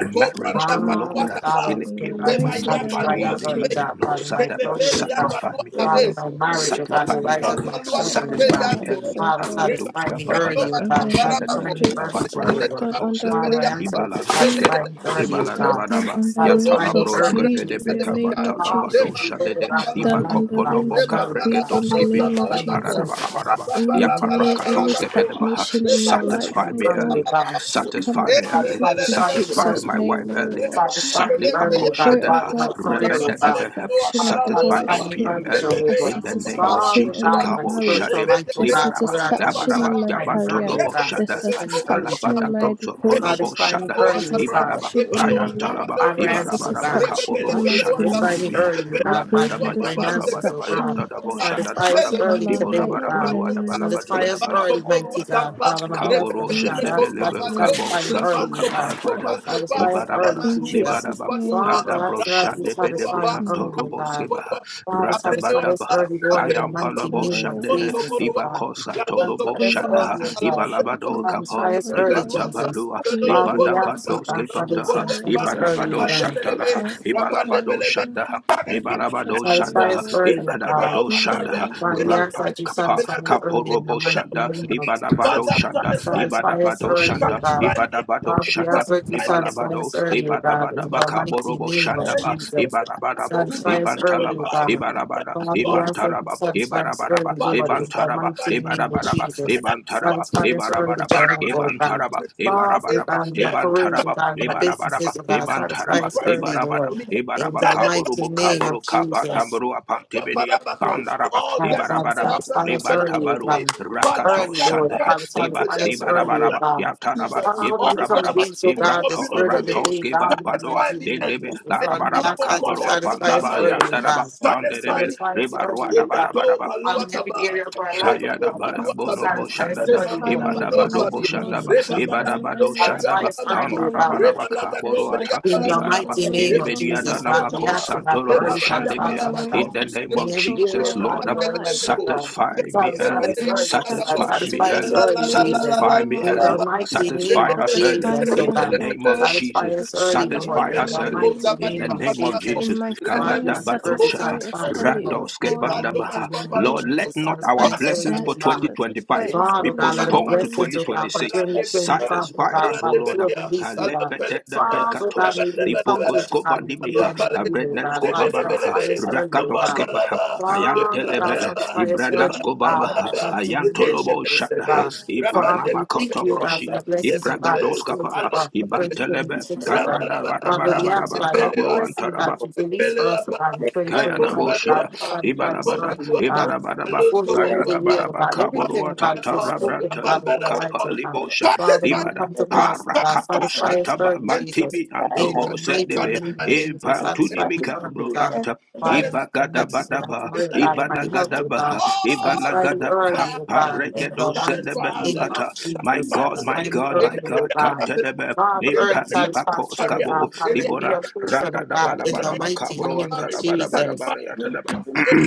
[SPEAKER 6] I
[SPEAKER 2] oh
[SPEAKER 1] paria
[SPEAKER 6] come
[SPEAKER 1] palua
[SPEAKER 2] Lord,
[SPEAKER 4] Father,
[SPEAKER 2] uh,
[SPEAKER 6] against
[SPEAKER 4] God, I
[SPEAKER 6] it
[SPEAKER 2] in the
[SPEAKER 6] in my
[SPEAKER 4] pray,
[SPEAKER 2] area of
[SPEAKER 4] God, to
[SPEAKER 2] my
[SPEAKER 6] life in
[SPEAKER 1] Temaya
[SPEAKER 6] the
[SPEAKER 4] satisfy
[SPEAKER 6] name
[SPEAKER 2] ministry,
[SPEAKER 4] me
[SPEAKER 1] palua
[SPEAKER 2] in
[SPEAKER 6] of
[SPEAKER 2] the
[SPEAKER 4] early,
[SPEAKER 6] Jesus.
[SPEAKER 2] in
[SPEAKER 1] zibe.
[SPEAKER 2] the
[SPEAKER 4] God,
[SPEAKER 2] no
[SPEAKER 4] Father, my
[SPEAKER 2] Sadaba
[SPEAKER 4] clothing, oh
[SPEAKER 6] pray
[SPEAKER 1] Sepepelia
[SPEAKER 4] God.
[SPEAKER 2] satisfy
[SPEAKER 1] balua
[SPEAKER 2] me
[SPEAKER 8] My
[SPEAKER 6] for
[SPEAKER 2] early
[SPEAKER 4] Father,
[SPEAKER 6] your
[SPEAKER 1] cabeza.
[SPEAKER 4] my
[SPEAKER 6] glory.
[SPEAKER 4] marriage,
[SPEAKER 6] I
[SPEAKER 4] oh
[SPEAKER 5] say,
[SPEAKER 1] Reba
[SPEAKER 4] God,
[SPEAKER 2] Satisfy
[SPEAKER 4] the
[SPEAKER 6] pray
[SPEAKER 2] me
[SPEAKER 4] lives
[SPEAKER 6] for
[SPEAKER 4] of
[SPEAKER 2] early.
[SPEAKER 6] your
[SPEAKER 4] my
[SPEAKER 1] campalua
[SPEAKER 6] power
[SPEAKER 4] children,
[SPEAKER 6] over
[SPEAKER 4] oh
[SPEAKER 2] Satisfy
[SPEAKER 6] my
[SPEAKER 4] God.
[SPEAKER 2] me
[SPEAKER 6] life,
[SPEAKER 1] campeyantos.
[SPEAKER 2] early.
[SPEAKER 6] oh
[SPEAKER 4] Father,
[SPEAKER 6] God.
[SPEAKER 1] Reba
[SPEAKER 4] satisfy
[SPEAKER 2] Aladoska
[SPEAKER 4] me
[SPEAKER 1] yando
[SPEAKER 4] early, O
[SPEAKER 6] In
[SPEAKER 2] babadagado
[SPEAKER 1] manua
[SPEAKER 6] the
[SPEAKER 4] God.
[SPEAKER 6] name of
[SPEAKER 4] Satisfy
[SPEAKER 1] palabaco.
[SPEAKER 2] shepede
[SPEAKER 4] me early,
[SPEAKER 2] libaba
[SPEAKER 6] Jesus, I
[SPEAKER 1] Lelele
[SPEAKER 4] Jehovah.
[SPEAKER 6] stand on
[SPEAKER 2] raprekatos
[SPEAKER 6] the
[SPEAKER 2] and
[SPEAKER 4] Father, I
[SPEAKER 6] wings
[SPEAKER 4] am so
[SPEAKER 1] masupeyapa.
[SPEAKER 6] of
[SPEAKER 4] satisfied.
[SPEAKER 6] speed.
[SPEAKER 2] ibaladoske
[SPEAKER 1] Lelele
[SPEAKER 2] ba
[SPEAKER 4] early, O
[SPEAKER 6] I
[SPEAKER 4] God.
[SPEAKER 1] masupeyapa.
[SPEAKER 6] stand
[SPEAKER 2] ibaladabadaba
[SPEAKER 6] on the
[SPEAKER 1] Lobon
[SPEAKER 4] Satisfy
[SPEAKER 6] wings
[SPEAKER 4] me
[SPEAKER 6] of
[SPEAKER 1] polua
[SPEAKER 4] early,
[SPEAKER 2] yatalabroske
[SPEAKER 6] speed
[SPEAKER 2] de
[SPEAKER 1] branda
[SPEAKER 2] de
[SPEAKER 6] in the
[SPEAKER 4] Jesus.
[SPEAKER 2] bekaba
[SPEAKER 1] balemica.
[SPEAKER 6] name of
[SPEAKER 4] Father,
[SPEAKER 2] talabado
[SPEAKER 1] Zema
[SPEAKER 4] make
[SPEAKER 6] Jesus.
[SPEAKER 4] me worry
[SPEAKER 1] manua
[SPEAKER 2] shadede
[SPEAKER 6] I
[SPEAKER 4] about my
[SPEAKER 6] stand
[SPEAKER 1] palamaco.
[SPEAKER 4] life,
[SPEAKER 6] on
[SPEAKER 4] O
[SPEAKER 6] the
[SPEAKER 4] God, my
[SPEAKER 2] ibakopolobo
[SPEAKER 6] wings of
[SPEAKER 1] Zema
[SPEAKER 4] marriage, O
[SPEAKER 6] speed
[SPEAKER 4] God.
[SPEAKER 6] in
[SPEAKER 1] balabaco
[SPEAKER 6] the
[SPEAKER 2] kapreketoski
[SPEAKER 4] Father,
[SPEAKER 2] bi
[SPEAKER 6] name of
[SPEAKER 4] Satisfy me
[SPEAKER 1] sabalabaco.
[SPEAKER 4] early,
[SPEAKER 6] Jesus.
[SPEAKER 4] O God.
[SPEAKER 2] iparadabarabaraba
[SPEAKER 1] Raba
[SPEAKER 6] Any
[SPEAKER 4] In the name
[SPEAKER 6] delay,
[SPEAKER 4] of
[SPEAKER 6] any
[SPEAKER 2] yaparakatoske
[SPEAKER 1] balabalabaco.
[SPEAKER 2] bedebaha.
[SPEAKER 6] stagnation in
[SPEAKER 1] Reba
[SPEAKER 6] my
[SPEAKER 4] satisfy
[SPEAKER 6] life,
[SPEAKER 2] Satisfy
[SPEAKER 4] me
[SPEAKER 6] oh
[SPEAKER 1] balabaco
[SPEAKER 2] me
[SPEAKER 4] early,
[SPEAKER 6] God,
[SPEAKER 2] early.
[SPEAKER 4] O God.
[SPEAKER 1] sabalabaco.
[SPEAKER 6] I come
[SPEAKER 2] Satisfy me
[SPEAKER 4] Father,
[SPEAKER 6] against
[SPEAKER 2] early,
[SPEAKER 6] it in
[SPEAKER 4] satisfy me
[SPEAKER 2] satisfy
[SPEAKER 4] early.
[SPEAKER 6] Jesus'
[SPEAKER 2] my wife
[SPEAKER 6] name, oh
[SPEAKER 2] early,
[SPEAKER 6] Lord.
[SPEAKER 4] Satisfy me
[SPEAKER 6] I
[SPEAKER 4] early, O
[SPEAKER 6] pray,
[SPEAKER 4] God.
[SPEAKER 6] O
[SPEAKER 2] Salibakoshadaha,
[SPEAKER 4] Father, my
[SPEAKER 6] God, for the
[SPEAKER 4] career, O God.
[SPEAKER 2] Rebedadabeha,
[SPEAKER 6] satisfaction
[SPEAKER 4] Father,
[SPEAKER 6] of the
[SPEAKER 2] satisfy
[SPEAKER 6] Holy
[SPEAKER 4] satisfy me
[SPEAKER 6] Spirit,
[SPEAKER 2] LPM
[SPEAKER 4] early,
[SPEAKER 2] early,
[SPEAKER 6] the
[SPEAKER 4] Jehovah.
[SPEAKER 2] in the name of
[SPEAKER 6] satisfaction
[SPEAKER 4] Father,
[SPEAKER 2] Jesus,
[SPEAKER 6] in
[SPEAKER 4] God,
[SPEAKER 6] my
[SPEAKER 4] my
[SPEAKER 2] Kabo
[SPEAKER 6] marriage,
[SPEAKER 4] spiritual
[SPEAKER 2] Shade,
[SPEAKER 4] life,
[SPEAKER 6] the
[SPEAKER 4] O God.
[SPEAKER 2] Libaraba,
[SPEAKER 4] Father, I pray that you
[SPEAKER 6] satisfaction
[SPEAKER 2] Labaraba,
[SPEAKER 6] in my
[SPEAKER 4] satisfy me
[SPEAKER 6] career,
[SPEAKER 4] early, O
[SPEAKER 2] Jabantolobo
[SPEAKER 4] God.
[SPEAKER 6] the
[SPEAKER 2] Shadaha,
[SPEAKER 4] Satisfy me early,
[SPEAKER 6] satisfaction in
[SPEAKER 2] Alabada
[SPEAKER 6] my
[SPEAKER 4] Jehovah.
[SPEAKER 2] Broso
[SPEAKER 6] education,
[SPEAKER 2] Bolobo
[SPEAKER 4] Satisfy me
[SPEAKER 6] the
[SPEAKER 2] Shadaha,
[SPEAKER 4] early, O God.
[SPEAKER 2] Ibaraba,
[SPEAKER 6] satisfaction in my life,
[SPEAKER 2] Ayantalaba,
[SPEAKER 4] Father, I
[SPEAKER 6] the
[SPEAKER 4] ask you,
[SPEAKER 2] Ibarabaraba,
[SPEAKER 4] God,
[SPEAKER 2] Kabo
[SPEAKER 6] satisfaction in
[SPEAKER 2] Robo
[SPEAKER 4] help you
[SPEAKER 6] my
[SPEAKER 2] Shandi,
[SPEAKER 4] satisfy me
[SPEAKER 6] finances.
[SPEAKER 2] Dibidibiha,
[SPEAKER 4] early, oh
[SPEAKER 6] I
[SPEAKER 4] God,
[SPEAKER 6] pray
[SPEAKER 4] Father,
[SPEAKER 6] for
[SPEAKER 2] Radadaba
[SPEAKER 4] my
[SPEAKER 6] the
[SPEAKER 2] Yantalaba,
[SPEAKER 4] finances, oh
[SPEAKER 1] Rebebele
[SPEAKER 4] God.
[SPEAKER 6] satisfaction of
[SPEAKER 2] Yandadabo
[SPEAKER 6] God uh,
[SPEAKER 4] Satisfy us
[SPEAKER 1] Lele
[SPEAKER 2] Shadadabadaba,
[SPEAKER 6] over
[SPEAKER 4] early
[SPEAKER 6] my
[SPEAKER 4] today,
[SPEAKER 1] matumpa
[SPEAKER 4] oh
[SPEAKER 6] life in
[SPEAKER 2] Iborabaraba,
[SPEAKER 1] tumpa
[SPEAKER 4] God.
[SPEAKER 6] the
[SPEAKER 1] tumpa
[SPEAKER 6] name of
[SPEAKER 4] Satisfy us
[SPEAKER 2] Ruadabalaba,
[SPEAKER 6] Jesus.
[SPEAKER 1] rabanto
[SPEAKER 4] early, mighty
[SPEAKER 1] polua
[SPEAKER 4] God.
[SPEAKER 1] tampa
[SPEAKER 4] Father, my
[SPEAKER 2] Kaboro
[SPEAKER 4] husband, oh
[SPEAKER 1] repepele
[SPEAKER 6] In
[SPEAKER 4] God,
[SPEAKER 2] shende
[SPEAKER 4] I ask
[SPEAKER 1] metompa
[SPEAKER 6] Jesus'
[SPEAKER 4] that you
[SPEAKER 2] belebe
[SPEAKER 6] name,
[SPEAKER 1] panto
[SPEAKER 6] I
[SPEAKER 2] kabo
[SPEAKER 4] satisfy him
[SPEAKER 2] sato
[SPEAKER 4] early, oh
[SPEAKER 1] rapanto
[SPEAKER 4] God.
[SPEAKER 1] panto
[SPEAKER 6] pray.
[SPEAKER 2] kaparada
[SPEAKER 1] panto pa
[SPEAKER 4] Satisfy him
[SPEAKER 1] le
[SPEAKER 2] libarabara
[SPEAKER 4] early,
[SPEAKER 6] In
[SPEAKER 1] matumpa
[SPEAKER 4] Jesus.
[SPEAKER 6] Jesus'
[SPEAKER 2] libaraba
[SPEAKER 1] tumpa
[SPEAKER 6] name.
[SPEAKER 1] tumpa
[SPEAKER 4] Father, I
[SPEAKER 2] Adabro
[SPEAKER 4] ask that you
[SPEAKER 1] rapanto
[SPEAKER 2] shande bede
[SPEAKER 1] polua
[SPEAKER 4] satisfy
[SPEAKER 1] pa
[SPEAKER 4] him
[SPEAKER 6] Amen.
[SPEAKER 2] bihamto
[SPEAKER 4] early, oh
[SPEAKER 2] robo
[SPEAKER 1] rapanto
[SPEAKER 4] God.
[SPEAKER 2] sebaha
[SPEAKER 1] polua pa
[SPEAKER 4] Father,
[SPEAKER 2] rada
[SPEAKER 1] apele
[SPEAKER 4] satisfy
[SPEAKER 2] bada
[SPEAKER 4] us
[SPEAKER 1] wampa
[SPEAKER 2] badabaha
[SPEAKER 4] early, Lord, in
[SPEAKER 1] apele
[SPEAKER 4] the
[SPEAKER 2] ayam
[SPEAKER 1] wampa
[SPEAKER 4] mighty
[SPEAKER 6] In
[SPEAKER 2] palabo
[SPEAKER 6] the
[SPEAKER 4] name
[SPEAKER 1] la
[SPEAKER 4] of
[SPEAKER 2] shande
[SPEAKER 1] lonto
[SPEAKER 4] Jesus, oh
[SPEAKER 1] polua
[SPEAKER 2] liba
[SPEAKER 4] God.
[SPEAKER 2] kosa
[SPEAKER 1] la
[SPEAKER 4] Satisfy
[SPEAKER 2] tolobo
[SPEAKER 6] name
[SPEAKER 4] us
[SPEAKER 2] shandaha
[SPEAKER 4] early, oh
[SPEAKER 6] of
[SPEAKER 4] God.
[SPEAKER 1] alumpe
[SPEAKER 2] ibalabado
[SPEAKER 1] Satisfy me,
[SPEAKER 2] kapo
[SPEAKER 4] Satisfy us early,
[SPEAKER 2] ipanta
[SPEAKER 4] Jesus.
[SPEAKER 2] balua
[SPEAKER 4] Father, we
[SPEAKER 2] libada
[SPEAKER 4] ask, oh
[SPEAKER 2] bado
[SPEAKER 4] God, Father, you
[SPEAKER 2] skevandaha
[SPEAKER 4] satisfy us early, oh
[SPEAKER 2] ibadabado
[SPEAKER 4] God.
[SPEAKER 2] shandalaha ibalabado shandaha Ibalabado
[SPEAKER 4] Satisfy
[SPEAKER 1] God,
[SPEAKER 2] Shanda,
[SPEAKER 4] us
[SPEAKER 1] in
[SPEAKER 4] early, oh
[SPEAKER 1] the area
[SPEAKER 4] God.
[SPEAKER 1] of
[SPEAKER 2] Ibalabado
[SPEAKER 1] my career,
[SPEAKER 2] Shanda,
[SPEAKER 4] Father,
[SPEAKER 1] in
[SPEAKER 4] we
[SPEAKER 1] the
[SPEAKER 4] ask
[SPEAKER 2] Rapa
[SPEAKER 1] area
[SPEAKER 4] that you
[SPEAKER 1] of my
[SPEAKER 6] Jesus,
[SPEAKER 2] Kapa,
[SPEAKER 4] satisfy us
[SPEAKER 1] finances,
[SPEAKER 4] early
[SPEAKER 1] in
[SPEAKER 4] in the
[SPEAKER 2] Kaporobo
[SPEAKER 1] the
[SPEAKER 4] mighty
[SPEAKER 1] area of
[SPEAKER 2] Shanda,
[SPEAKER 1] my
[SPEAKER 4] name of
[SPEAKER 1] marriage.
[SPEAKER 2] Ibarabado
[SPEAKER 4] Jesus.
[SPEAKER 1] Father, satisfy me,
[SPEAKER 4] Satisfy us
[SPEAKER 2] Ibadabado
[SPEAKER 4] early, O
[SPEAKER 2] Shanda, Ibadabado
[SPEAKER 4] God.
[SPEAKER 1] satisfy me,
[SPEAKER 2] Shanda, Ibadabado
[SPEAKER 4] Father, we
[SPEAKER 2] Shanda,
[SPEAKER 4] ask that you
[SPEAKER 1] satisfy me.
[SPEAKER 4] satisfy
[SPEAKER 2] Ibalabado,
[SPEAKER 4] us early, O God, in
[SPEAKER 2] Ibadabadaba
[SPEAKER 4] the mighty
[SPEAKER 2] Kaborobo
[SPEAKER 4] name of
[SPEAKER 2] Shandaba,
[SPEAKER 1] Any blessing
[SPEAKER 4] Jesus.
[SPEAKER 1] that comes to
[SPEAKER 2] Ibadabadabo,
[SPEAKER 4] Satisfy us early, O
[SPEAKER 2] Ibantalaba,
[SPEAKER 1] 2025 and
[SPEAKER 4] God.
[SPEAKER 1] the
[SPEAKER 2] Ibarabada,
[SPEAKER 1] month
[SPEAKER 4] Father, we
[SPEAKER 1] of
[SPEAKER 4] ask
[SPEAKER 1] in the
[SPEAKER 4] that you
[SPEAKER 2] Ibantaraba,
[SPEAKER 1] month of
[SPEAKER 4] satisfy
[SPEAKER 1] December,
[SPEAKER 4] us
[SPEAKER 2] Ibarabaraba,
[SPEAKER 4] early, Lord,
[SPEAKER 1] Father,
[SPEAKER 4] in the
[SPEAKER 2] Ibantaraba,
[SPEAKER 4] mighty
[SPEAKER 1] satisfy me
[SPEAKER 4] name of
[SPEAKER 1] at it.
[SPEAKER 2] Ibarabaraba,
[SPEAKER 1] My
[SPEAKER 4] Jesus.
[SPEAKER 1] God, what
[SPEAKER 2] Ibantaraba,
[SPEAKER 4] Satisfy
[SPEAKER 1] Father,
[SPEAKER 4] us early,
[SPEAKER 2] Ibarabaraba,
[SPEAKER 1] any
[SPEAKER 4] Jehovah,
[SPEAKER 1] money
[SPEAKER 4] O
[SPEAKER 1] I need
[SPEAKER 4] God.
[SPEAKER 1] to
[SPEAKER 2] Ibantaraba,
[SPEAKER 1] receive
[SPEAKER 4] Father,
[SPEAKER 1] in
[SPEAKER 2] Ibarabaraba,
[SPEAKER 1] this
[SPEAKER 4] God, in our
[SPEAKER 1] year,
[SPEAKER 4] careers, O
[SPEAKER 2] Ibantaraba,
[SPEAKER 4] God, in our
[SPEAKER 1] satisfy me at
[SPEAKER 2] Ibarabaraba,
[SPEAKER 4] businesses, O God,
[SPEAKER 1] it. Any
[SPEAKER 4] satisfy
[SPEAKER 2] Ibantaraba,
[SPEAKER 1] good
[SPEAKER 4] us
[SPEAKER 1] person
[SPEAKER 4] early,
[SPEAKER 1] I need
[SPEAKER 2] Ibaraba,
[SPEAKER 1] to
[SPEAKER 4] Lord,
[SPEAKER 1] meet,
[SPEAKER 2] Ibaraba,
[SPEAKER 4] in
[SPEAKER 2] Ibaraba,
[SPEAKER 4] the
[SPEAKER 1] satisfy
[SPEAKER 4] mighty
[SPEAKER 2] Kaborubo,
[SPEAKER 1] me at
[SPEAKER 4] name of
[SPEAKER 2] Kaboro,
[SPEAKER 1] it.
[SPEAKER 2] Kapa,
[SPEAKER 4] Jesus.
[SPEAKER 2] Tamburu, Apantibidia, Pandaraba,
[SPEAKER 1] All
[SPEAKER 4] God,
[SPEAKER 1] destiny
[SPEAKER 4] Father,
[SPEAKER 2] Ibarabaraba,
[SPEAKER 1] helpers
[SPEAKER 4] satisfy us early,
[SPEAKER 1] available
[SPEAKER 4] O
[SPEAKER 1] to
[SPEAKER 2] Ibatabarua,
[SPEAKER 1] me.
[SPEAKER 4] God.
[SPEAKER 1] Father,
[SPEAKER 2] Rakato,
[SPEAKER 4] Early, Lord,
[SPEAKER 2] Sandeha,
[SPEAKER 1] satisfy
[SPEAKER 4] Father,
[SPEAKER 1] me
[SPEAKER 2] Liba,
[SPEAKER 1] with
[SPEAKER 4] satisfy
[SPEAKER 1] them.
[SPEAKER 4] us
[SPEAKER 1] In
[SPEAKER 4] early,
[SPEAKER 1] the
[SPEAKER 4] O
[SPEAKER 2] Ibarabaraba,
[SPEAKER 4] God.
[SPEAKER 1] name of
[SPEAKER 2] Yataraba,
[SPEAKER 1] Jesus.
[SPEAKER 4] Father,
[SPEAKER 1] All
[SPEAKER 4] we come
[SPEAKER 1] doors
[SPEAKER 2] Iparabaraba,
[SPEAKER 1] that
[SPEAKER 4] against, O
[SPEAKER 1] need to be
[SPEAKER 4] God, the
[SPEAKER 2] Ibranto,
[SPEAKER 1] opened
[SPEAKER 4] spirit
[SPEAKER 1] unto
[SPEAKER 4] of the
[SPEAKER 1] me.
[SPEAKER 2] Brantos,
[SPEAKER 4] day,
[SPEAKER 2] Giba,
[SPEAKER 4] God, in the
[SPEAKER 2] Badoa,
[SPEAKER 1] Satisfy
[SPEAKER 4] mighty
[SPEAKER 1] me
[SPEAKER 4] name of
[SPEAKER 1] early.
[SPEAKER 2] Inibi,
[SPEAKER 4] Jesus.
[SPEAKER 1] Any
[SPEAKER 4] Lord, we
[SPEAKER 1] good
[SPEAKER 2] Larabaraba,
[SPEAKER 4] ask
[SPEAKER 1] phone
[SPEAKER 4] that you
[SPEAKER 1] call
[SPEAKER 2] Kaboro,
[SPEAKER 1] that need to
[SPEAKER 4] satisfy
[SPEAKER 1] come
[SPEAKER 4] us
[SPEAKER 2] Pandaba,
[SPEAKER 1] my way.
[SPEAKER 4] early, O
[SPEAKER 2] Yandaraba,
[SPEAKER 4] God.
[SPEAKER 1] Satisfy
[SPEAKER 2] Panderebe,
[SPEAKER 1] me
[SPEAKER 4] Satisfy us
[SPEAKER 1] early.
[SPEAKER 4] early, O God.
[SPEAKER 1] Edado
[SPEAKER 2] Ribarua,
[SPEAKER 1] palua
[SPEAKER 4] Father, in every
[SPEAKER 1] taba.
[SPEAKER 4] area of our life,
[SPEAKER 1] Reba
[SPEAKER 4] O God,
[SPEAKER 1] loka
[SPEAKER 4] we
[SPEAKER 2] Shayadaba
[SPEAKER 1] dua
[SPEAKER 4] ask that you
[SPEAKER 1] tabe.
[SPEAKER 2] bonobo
[SPEAKER 4] satisfy us
[SPEAKER 2] shandada
[SPEAKER 1] Reba
[SPEAKER 4] early,
[SPEAKER 6] satisfy
[SPEAKER 1] mana
[SPEAKER 4] Lord,
[SPEAKER 6] me,
[SPEAKER 4] in the
[SPEAKER 1] mano
[SPEAKER 2] ibadaba
[SPEAKER 6] Annie,
[SPEAKER 2] dobo
[SPEAKER 6] O
[SPEAKER 4] mighty
[SPEAKER 1] sabia.
[SPEAKER 6] God,
[SPEAKER 4] name
[SPEAKER 2] shandaba
[SPEAKER 4] of
[SPEAKER 1] Reba
[SPEAKER 6] satisfy
[SPEAKER 1] balaga
[SPEAKER 4] Jesus.
[SPEAKER 6] me,
[SPEAKER 2] ibadaba
[SPEAKER 1] do
[SPEAKER 2] do
[SPEAKER 6] Annie,
[SPEAKER 1] beria
[SPEAKER 4] Satisfy
[SPEAKER 2] shandaba
[SPEAKER 4] us
[SPEAKER 6] in the
[SPEAKER 1] palamako.
[SPEAKER 4] early,
[SPEAKER 2] panda
[SPEAKER 4] O
[SPEAKER 6] name
[SPEAKER 4] God.
[SPEAKER 6] of
[SPEAKER 2] rabadaba
[SPEAKER 1] Reba laga do
[SPEAKER 6] Jesus.
[SPEAKER 2] kaboro
[SPEAKER 6] I
[SPEAKER 1] beria
[SPEAKER 2] ata
[SPEAKER 4] In
[SPEAKER 6] stand
[SPEAKER 4] the
[SPEAKER 6] on
[SPEAKER 1] palamako.
[SPEAKER 2] ibadaba
[SPEAKER 6] the
[SPEAKER 4] mighty name
[SPEAKER 6] wings
[SPEAKER 1] Reba
[SPEAKER 4] of
[SPEAKER 6] of
[SPEAKER 2] ilibediada
[SPEAKER 6] speed.
[SPEAKER 4] Jesus,
[SPEAKER 1] palamano
[SPEAKER 4] God, we
[SPEAKER 2] namako
[SPEAKER 1] saba.
[SPEAKER 4] ask you, God,
[SPEAKER 6] I
[SPEAKER 4] for
[SPEAKER 2] santorobo
[SPEAKER 1] Reba
[SPEAKER 4] early
[SPEAKER 1] beria
[SPEAKER 6] stand on
[SPEAKER 2] shandebea
[SPEAKER 6] the
[SPEAKER 4] satisfaction, oh
[SPEAKER 1] palamako.
[SPEAKER 6] wings
[SPEAKER 2] in
[SPEAKER 4] God.
[SPEAKER 2] the
[SPEAKER 6] of
[SPEAKER 2] name
[SPEAKER 4] In
[SPEAKER 2] of
[SPEAKER 6] speed,
[SPEAKER 1] Reba
[SPEAKER 4] every
[SPEAKER 6] O
[SPEAKER 1] mano
[SPEAKER 4] area
[SPEAKER 2] Jesus
[SPEAKER 4] of
[SPEAKER 6] God,
[SPEAKER 1] saba
[SPEAKER 2] Lord
[SPEAKER 6] in my
[SPEAKER 1] de
[SPEAKER 4] our
[SPEAKER 6] life.
[SPEAKER 4] lives, oh
[SPEAKER 1] belemeko.
[SPEAKER 4] God.
[SPEAKER 2] satisfy
[SPEAKER 1] Reba
[SPEAKER 2] me
[SPEAKER 4] Satisfy
[SPEAKER 6] Peace
[SPEAKER 2] early
[SPEAKER 4] us
[SPEAKER 6] in
[SPEAKER 1] seberia
[SPEAKER 6] the
[SPEAKER 4] early, uh,
[SPEAKER 1] palamako.
[SPEAKER 2] satisfy
[SPEAKER 6] stagnation
[SPEAKER 2] me
[SPEAKER 4] satisfy
[SPEAKER 1] La
[SPEAKER 6] and
[SPEAKER 4] us
[SPEAKER 6] the
[SPEAKER 1] la
[SPEAKER 2] early
[SPEAKER 1] la
[SPEAKER 4] early,
[SPEAKER 1] la
[SPEAKER 6] delay
[SPEAKER 1] la
[SPEAKER 6] in the
[SPEAKER 1] la
[SPEAKER 4] Jesus.
[SPEAKER 1] la
[SPEAKER 2] satisfy
[SPEAKER 6] name
[SPEAKER 2] me
[SPEAKER 6] of
[SPEAKER 1] la
[SPEAKER 4] In
[SPEAKER 1] la
[SPEAKER 2] early
[SPEAKER 4] the
[SPEAKER 1] la.
[SPEAKER 6] Jesus.
[SPEAKER 4] mighty
[SPEAKER 1] Le
[SPEAKER 4] name
[SPEAKER 2] satisfy
[SPEAKER 1] le
[SPEAKER 4] of
[SPEAKER 1] le
[SPEAKER 2] us
[SPEAKER 1] le le
[SPEAKER 2] early
[SPEAKER 6] Satisfy
[SPEAKER 1] le
[SPEAKER 4] Jesus,
[SPEAKER 6] me
[SPEAKER 4] oh
[SPEAKER 2] in the
[SPEAKER 6] early,
[SPEAKER 1] le
[SPEAKER 4] God.
[SPEAKER 6] O
[SPEAKER 1] le
[SPEAKER 2] name
[SPEAKER 1] le
[SPEAKER 2] of
[SPEAKER 6] God.
[SPEAKER 4] Satisfy
[SPEAKER 1] le.
[SPEAKER 2] Jesus
[SPEAKER 4] us
[SPEAKER 6] Satisfy
[SPEAKER 4] early,
[SPEAKER 6] me
[SPEAKER 4] Lord,
[SPEAKER 2] satisfy
[SPEAKER 6] early
[SPEAKER 4] in
[SPEAKER 6] in
[SPEAKER 2] us
[SPEAKER 4] the
[SPEAKER 6] the
[SPEAKER 2] early
[SPEAKER 6] name
[SPEAKER 4] mighty
[SPEAKER 6] of
[SPEAKER 1] Satisfy
[SPEAKER 2] in the
[SPEAKER 4] name of
[SPEAKER 6] Jesus.
[SPEAKER 2] name of
[SPEAKER 6] In
[SPEAKER 4] Jesus.
[SPEAKER 2] Jesus
[SPEAKER 6] my
[SPEAKER 4] God, we
[SPEAKER 6] family,
[SPEAKER 2] kalada
[SPEAKER 4] ask for early
[SPEAKER 6] satisfy us
[SPEAKER 4] satisfaction,
[SPEAKER 2] Kaladabadosha
[SPEAKER 6] early, O
[SPEAKER 4] Lord,
[SPEAKER 2] Mandoske
[SPEAKER 4] in
[SPEAKER 6] God,
[SPEAKER 4] the
[SPEAKER 6] in
[SPEAKER 4] mighty
[SPEAKER 2] Bandabaha.
[SPEAKER 6] Jesus'
[SPEAKER 4] name of
[SPEAKER 2] Lord,
[SPEAKER 6] name.
[SPEAKER 2] let
[SPEAKER 4] Jesus.
[SPEAKER 2] not
[SPEAKER 6] In
[SPEAKER 4] Satisfy
[SPEAKER 2] our
[SPEAKER 6] my
[SPEAKER 4] us early,
[SPEAKER 2] blessings
[SPEAKER 1] me
[SPEAKER 4] oh
[SPEAKER 2] for
[SPEAKER 6] finances,
[SPEAKER 1] and
[SPEAKER 4] God.
[SPEAKER 1] satisfy
[SPEAKER 2] 2025
[SPEAKER 1] me,
[SPEAKER 6] satisfy us
[SPEAKER 4] Father,
[SPEAKER 2] be
[SPEAKER 4] oh
[SPEAKER 6] early
[SPEAKER 4] God,
[SPEAKER 6] in
[SPEAKER 4] let
[SPEAKER 6] the
[SPEAKER 4] the
[SPEAKER 1] satisfy
[SPEAKER 2] postponed to
[SPEAKER 1] me.
[SPEAKER 6] name of
[SPEAKER 4] blessings, oh God, for
[SPEAKER 2] 2026.
[SPEAKER 1] Palande Belea,
[SPEAKER 4] 2025, oh
[SPEAKER 2] Satisfy
[SPEAKER 4] God,
[SPEAKER 2] us, O
[SPEAKER 1] Palande
[SPEAKER 4] Father,
[SPEAKER 2] Lord.
[SPEAKER 4] to have
[SPEAKER 1] Belea,
[SPEAKER 4] released, oh God.
[SPEAKER 1] Alampelea,
[SPEAKER 4] Father, also God,
[SPEAKER 2] Kalepetedebekatos,
[SPEAKER 4] may
[SPEAKER 1] Rabanda
[SPEAKER 4] we
[SPEAKER 1] Belebe,
[SPEAKER 4] encounter to God before the
[SPEAKER 1] Ipalua
[SPEAKER 2] libokoskobandimiha,
[SPEAKER 4] end of the
[SPEAKER 1] Palea,
[SPEAKER 4] year, oh God. Father,
[SPEAKER 1] Rebele
[SPEAKER 2] abredneskobabaraha,
[SPEAKER 4] satisfy
[SPEAKER 1] Belebe,
[SPEAKER 4] us early, oh God.
[SPEAKER 2] rakadoskebaha,
[SPEAKER 1] Lobambalaba,
[SPEAKER 4] Father, God,
[SPEAKER 2] ayantelebe,
[SPEAKER 1] Yabalabalaba,
[SPEAKER 4] satisfy us early, oh God, in
[SPEAKER 2] ibrenaskobamaha,
[SPEAKER 4] the
[SPEAKER 1] Yabalabalaba,
[SPEAKER 4] mighty name of Jesus, oh
[SPEAKER 2] ayantoloboshanaha,
[SPEAKER 4] God. Father,
[SPEAKER 1] Rabande
[SPEAKER 4] we thank you, oh God,
[SPEAKER 1] Belebe,
[SPEAKER 4] for the
[SPEAKER 2] ipanamakotobroshiya,
[SPEAKER 4] blessings, oh God, restored, oh
[SPEAKER 2] ibragadoskabaha,
[SPEAKER 4] God, for
[SPEAKER 2] ibantelebe,
[SPEAKER 4] 2026, oh God. Father, we ask, oh
[SPEAKER 2] karadabarabarabarabaraba,
[SPEAKER 4] God, every blessing, oh
[SPEAKER 2] kabroantaraba,
[SPEAKER 4] God, you release for us, oh God, in
[SPEAKER 1] La
[SPEAKER 4] 2025,
[SPEAKER 1] pompa
[SPEAKER 4] oh
[SPEAKER 1] de
[SPEAKER 4] God,
[SPEAKER 2] Kayadaboshia,
[SPEAKER 4] we
[SPEAKER 1] wapa, la
[SPEAKER 4] satisfy us
[SPEAKER 2] Ibarabada,
[SPEAKER 1] pompa
[SPEAKER 4] early,
[SPEAKER 1] de
[SPEAKER 4] oh
[SPEAKER 1] wapa,
[SPEAKER 4] God.
[SPEAKER 2] Ibarabadaba.
[SPEAKER 4] Before
[SPEAKER 1] alonto
[SPEAKER 4] the end
[SPEAKER 1] bol
[SPEAKER 4] of the
[SPEAKER 1] wapa,
[SPEAKER 4] year, oh
[SPEAKER 2] Kayadabaraba,
[SPEAKER 4] God, everything,
[SPEAKER 2] Kaboroa,
[SPEAKER 4] oh God, is
[SPEAKER 2] Tanta,
[SPEAKER 4] just
[SPEAKER 1] rapam
[SPEAKER 2] Rabra,
[SPEAKER 4] spoken, oh God, in
[SPEAKER 2] Telebo,
[SPEAKER 4] our lives,
[SPEAKER 2] Kapa,
[SPEAKER 1] rapam
[SPEAKER 4] oh God.
[SPEAKER 2] Libosha,
[SPEAKER 4] Father, may
[SPEAKER 1] satisfy
[SPEAKER 4] you
[SPEAKER 1] them.
[SPEAKER 2] Libada,
[SPEAKER 4] come to pass, oh God.
[SPEAKER 1] Satisfy
[SPEAKER 2] Parakatos,
[SPEAKER 1] us,
[SPEAKER 4] Satisfy us
[SPEAKER 1] Alex.
[SPEAKER 2] Kataba,
[SPEAKER 4] first,
[SPEAKER 1] In the
[SPEAKER 4] Jesus.
[SPEAKER 2] Matibi,
[SPEAKER 1] name of
[SPEAKER 4] In
[SPEAKER 2] Antobo,
[SPEAKER 4] the
[SPEAKER 1] Jesus.
[SPEAKER 4] mighty
[SPEAKER 2] Sendebe,
[SPEAKER 4] name
[SPEAKER 1] Satisfy
[SPEAKER 4] of
[SPEAKER 1] me,
[SPEAKER 4] Jesus,
[SPEAKER 1] Alex. In the
[SPEAKER 4] satisfy me,
[SPEAKER 2] Ibantunimika,
[SPEAKER 1] name
[SPEAKER 4] early,
[SPEAKER 1] of
[SPEAKER 2] Bro,
[SPEAKER 4] God.
[SPEAKER 1] Jesus.
[SPEAKER 2] Anta,
[SPEAKER 4] Father,
[SPEAKER 2] Iba
[SPEAKER 1] Satisfy
[SPEAKER 4] my
[SPEAKER 1] me, Alex.
[SPEAKER 4] finances and my
[SPEAKER 2] Gadabadaba,
[SPEAKER 1] In
[SPEAKER 4] career,
[SPEAKER 1] the
[SPEAKER 4] God,
[SPEAKER 1] name of
[SPEAKER 4] and my
[SPEAKER 1] Jesus.
[SPEAKER 4] health, oh
[SPEAKER 2] Ibadagadaba,
[SPEAKER 4] God.
[SPEAKER 1] Oh,
[SPEAKER 4] Satisfy me
[SPEAKER 1] satisfy
[SPEAKER 2] Ibalagadaba,
[SPEAKER 4] early, oh
[SPEAKER 1] us early.
[SPEAKER 4] God. In
[SPEAKER 2] Paregedo
[SPEAKER 4] the
[SPEAKER 1] Satisfy
[SPEAKER 4] mighty
[SPEAKER 1] us
[SPEAKER 4] name
[SPEAKER 1] early.
[SPEAKER 2] Sendebeluata.
[SPEAKER 4] of
[SPEAKER 2] My
[SPEAKER 4] Jesus,
[SPEAKER 1] Satisfy
[SPEAKER 2] God,
[SPEAKER 1] us
[SPEAKER 2] my
[SPEAKER 4] satisfy
[SPEAKER 1] early.
[SPEAKER 4] me
[SPEAKER 2] God,
[SPEAKER 1] In
[SPEAKER 2] my
[SPEAKER 4] early,
[SPEAKER 1] the
[SPEAKER 2] God,
[SPEAKER 4] oh
[SPEAKER 1] area of our
[SPEAKER 4] God.
[SPEAKER 2] Katedebe,
[SPEAKER 1] finances,
[SPEAKER 4] Father,
[SPEAKER 1] in the
[SPEAKER 4] early
[SPEAKER 1] area
[SPEAKER 2] Impalibako
[SPEAKER 1] of our
[SPEAKER 4] satisfaction, oh
[SPEAKER 1] career,
[SPEAKER 2] Scabo,
[SPEAKER 4] God. Father,
[SPEAKER 1] in the area
[SPEAKER 4] be
[SPEAKER 2] Libora,
[SPEAKER 4] a
[SPEAKER 1] of,
[SPEAKER 4] portion, oh
[SPEAKER 1] our,
[SPEAKER 4] God. In
[SPEAKER 1] in the
[SPEAKER 4] the
[SPEAKER 2] Radadabalabalaba,
[SPEAKER 1] area
[SPEAKER 4] mighty
[SPEAKER 1] of
[SPEAKER 2] Cabro,
[SPEAKER 4] name
[SPEAKER 2] and
[SPEAKER 1] our
[SPEAKER 4] of
[SPEAKER 1] marriage, satisfy
[SPEAKER 4] Jesus.
[SPEAKER 2] Tanabadabadabana Yatadaba.
[SPEAKER 1] anything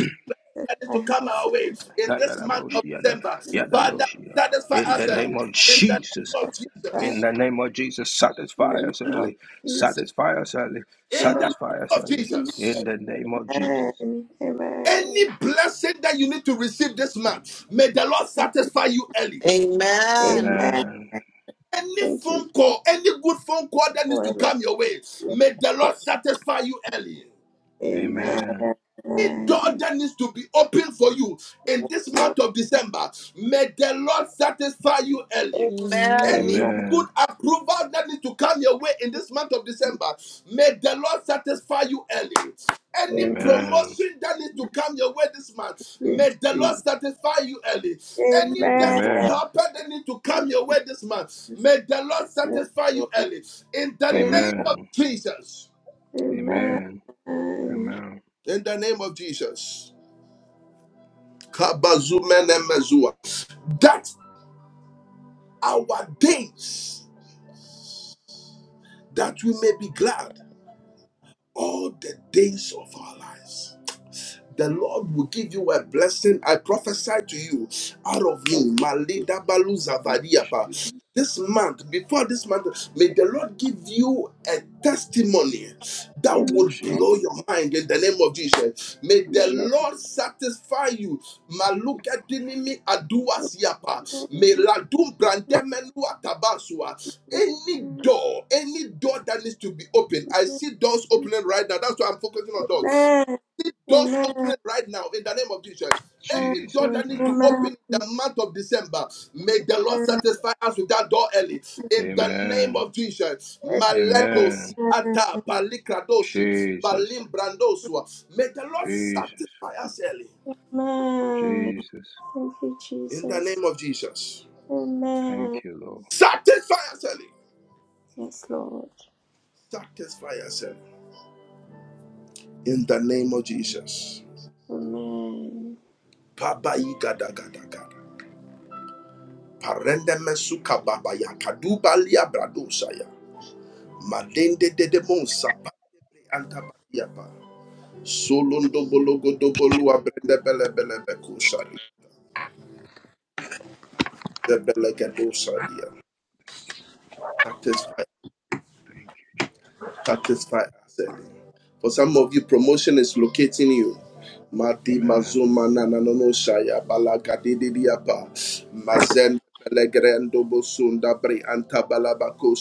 [SPEAKER 1] that is to come our
[SPEAKER 8] household,
[SPEAKER 1] way in this month
[SPEAKER 8] my
[SPEAKER 1] of
[SPEAKER 2] Kayadabroshiyada,
[SPEAKER 1] December.
[SPEAKER 8] children,
[SPEAKER 1] Father,
[SPEAKER 2] Yadabroshiyada.
[SPEAKER 1] satisfy
[SPEAKER 2] In the
[SPEAKER 1] us
[SPEAKER 8] satisfy
[SPEAKER 2] name
[SPEAKER 1] early.
[SPEAKER 2] of
[SPEAKER 1] In the name
[SPEAKER 2] Jesus,
[SPEAKER 1] of
[SPEAKER 2] in
[SPEAKER 1] Jesus.
[SPEAKER 2] the name of Jesus,
[SPEAKER 8] in
[SPEAKER 2] satisfy
[SPEAKER 8] the
[SPEAKER 2] us
[SPEAKER 8] name of
[SPEAKER 2] early,
[SPEAKER 8] Jesus.
[SPEAKER 2] satisfy us early,
[SPEAKER 8] In
[SPEAKER 1] In the
[SPEAKER 8] the
[SPEAKER 2] satisfy us
[SPEAKER 1] name of
[SPEAKER 2] early.
[SPEAKER 8] name
[SPEAKER 2] In
[SPEAKER 1] Jesus.
[SPEAKER 8] of
[SPEAKER 2] the name
[SPEAKER 8] Jesus.
[SPEAKER 2] of Jesus.
[SPEAKER 8] Amen. Amen.
[SPEAKER 1] Any blessing that you need to receive this month, may the Lord satisfy you early.
[SPEAKER 4] Amen.
[SPEAKER 8] Amen.
[SPEAKER 2] Amen.
[SPEAKER 1] Any
[SPEAKER 8] Thank you.
[SPEAKER 1] phone call, any good phone call that needs to
[SPEAKER 8] for
[SPEAKER 1] come your way,
[SPEAKER 8] Amen.
[SPEAKER 1] may the Lord satisfy you early.
[SPEAKER 2] Amen.
[SPEAKER 1] Any door
[SPEAKER 8] Amen.
[SPEAKER 1] that needs to be open for you in this month of December, may the Lord satisfy you early.
[SPEAKER 4] Amen.
[SPEAKER 1] Any
[SPEAKER 8] Amen.
[SPEAKER 5] Amen.
[SPEAKER 1] good
[SPEAKER 2] Amen.
[SPEAKER 1] approval that needs to come your way in this month of December, may the Lord satisfy you early. Any
[SPEAKER 8] Amen.
[SPEAKER 2] Amen.
[SPEAKER 1] promotion that needs to come your way this month,
[SPEAKER 8] Thank you,
[SPEAKER 1] may the Lord
[SPEAKER 8] Jesus.
[SPEAKER 1] satisfy you early. Any
[SPEAKER 8] Amen.
[SPEAKER 1] destiny
[SPEAKER 2] Amen.
[SPEAKER 1] helper that needs to come
[SPEAKER 8] Thank
[SPEAKER 1] your way
[SPEAKER 8] you,
[SPEAKER 1] this month,
[SPEAKER 8] Jesus.
[SPEAKER 1] may the Lord
[SPEAKER 8] Yes,
[SPEAKER 1] satisfy you
[SPEAKER 8] Lord.
[SPEAKER 1] early. In the
[SPEAKER 8] amen,
[SPEAKER 1] name of
[SPEAKER 2] Amen.
[SPEAKER 1] Jesus.
[SPEAKER 2] Amen.
[SPEAKER 8] Amen.
[SPEAKER 2] Amen.
[SPEAKER 1] In the name of Jesus. Kabazumenemezua. That our days, that we may be glad all the days of our lives. The Lord will give you a blessing. I prophesy to you out of me.
[SPEAKER 8] Thank you,
[SPEAKER 1] Malida balu
[SPEAKER 8] Jesus.
[SPEAKER 1] zavadiapa.
[SPEAKER 2] Jesus.
[SPEAKER 1] This month, before this month, may the Lord give you a testimony that would
[SPEAKER 8] Amen.
[SPEAKER 2] Jesus.
[SPEAKER 1] blow your mind in the name of Jesus. May
[SPEAKER 8] In
[SPEAKER 1] the
[SPEAKER 8] the name of
[SPEAKER 2] Jesus.
[SPEAKER 1] Lord satisfy you.
[SPEAKER 8] Jesus.
[SPEAKER 1] Maluka dinimi aduas yapa. May
[SPEAKER 8] Amen.
[SPEAKER 1] ladum brandemenua tabasua. Any
[SPEAKER 8] Amen.
[SPEAKER 1] door, any door that needs to be opened. I see doors opening right now. That's why I'm focusing on doors any doors opening right now in the name of Jesus. Any door
[SPEAKER 2] Jesus
[SPEAKER 1] that needs
[SPEAKER 2] name.
[SPEAKER 1] to open
[SPEAKER 8] Amen.
[SPEAKER 1] in the month of December, may the Lord satisfy us with that door early. In the name
[SPEAKER 2] Amen.
[SPEAKER 1] of Jesus, Maledosi
[SPEAKER 2] Amen.
[SPEAKER 1] Ata
[SPEAKER 8] Amen.
[SPEAKER 1] Palikradoshi
[SPEAKER 2] Jesus.
[SPEAKER 1] Balimbrandosua. May the Lord
[SPEAKER 2] Jesus.
[SPEAKER 1] satisfy us early.
[SPEAKER 8] Amen.
[SPEAKER 2] Jesus.
[SPEAKER 8] Thank you,
[SPEAKER 1] In the
[SPEAKER 8] Jesus.
[SPEAKER 1] name of Jesus,
[SPEAKER 2] Thank
[SPEAKER 8] Amen.
[SPEAKER 2] you, Lord.
[SPEAKER 1] satisfy us early.
[SPEAKER 8] Yes, Lord.
[SPEAKER 1] Satisfy us early. In the name of Jesus,
[SPEAKER 8] Amen.
[SPEAKER 1] Pabayi Gada Gada Gada. Parendeme Suka Babaya Kadubalia Bradosaya. Malende de de monsa pandele antabadiapa. Solondo bologo do bolua brende bele bele beko sadi. The bele gedo sadia. Satisfy
[SPEAKER 2] Thank
[SPEAKER 1] satisfy us For some of you, promotion is locating you.
[SPEAKER 2] you.
[SPEAKER 1] Mati
[SPEAKER 2] Amen.
[SPEAKER 1] mazuma na no no shaya balaga mazen belegrendo bosunda bre anta balabako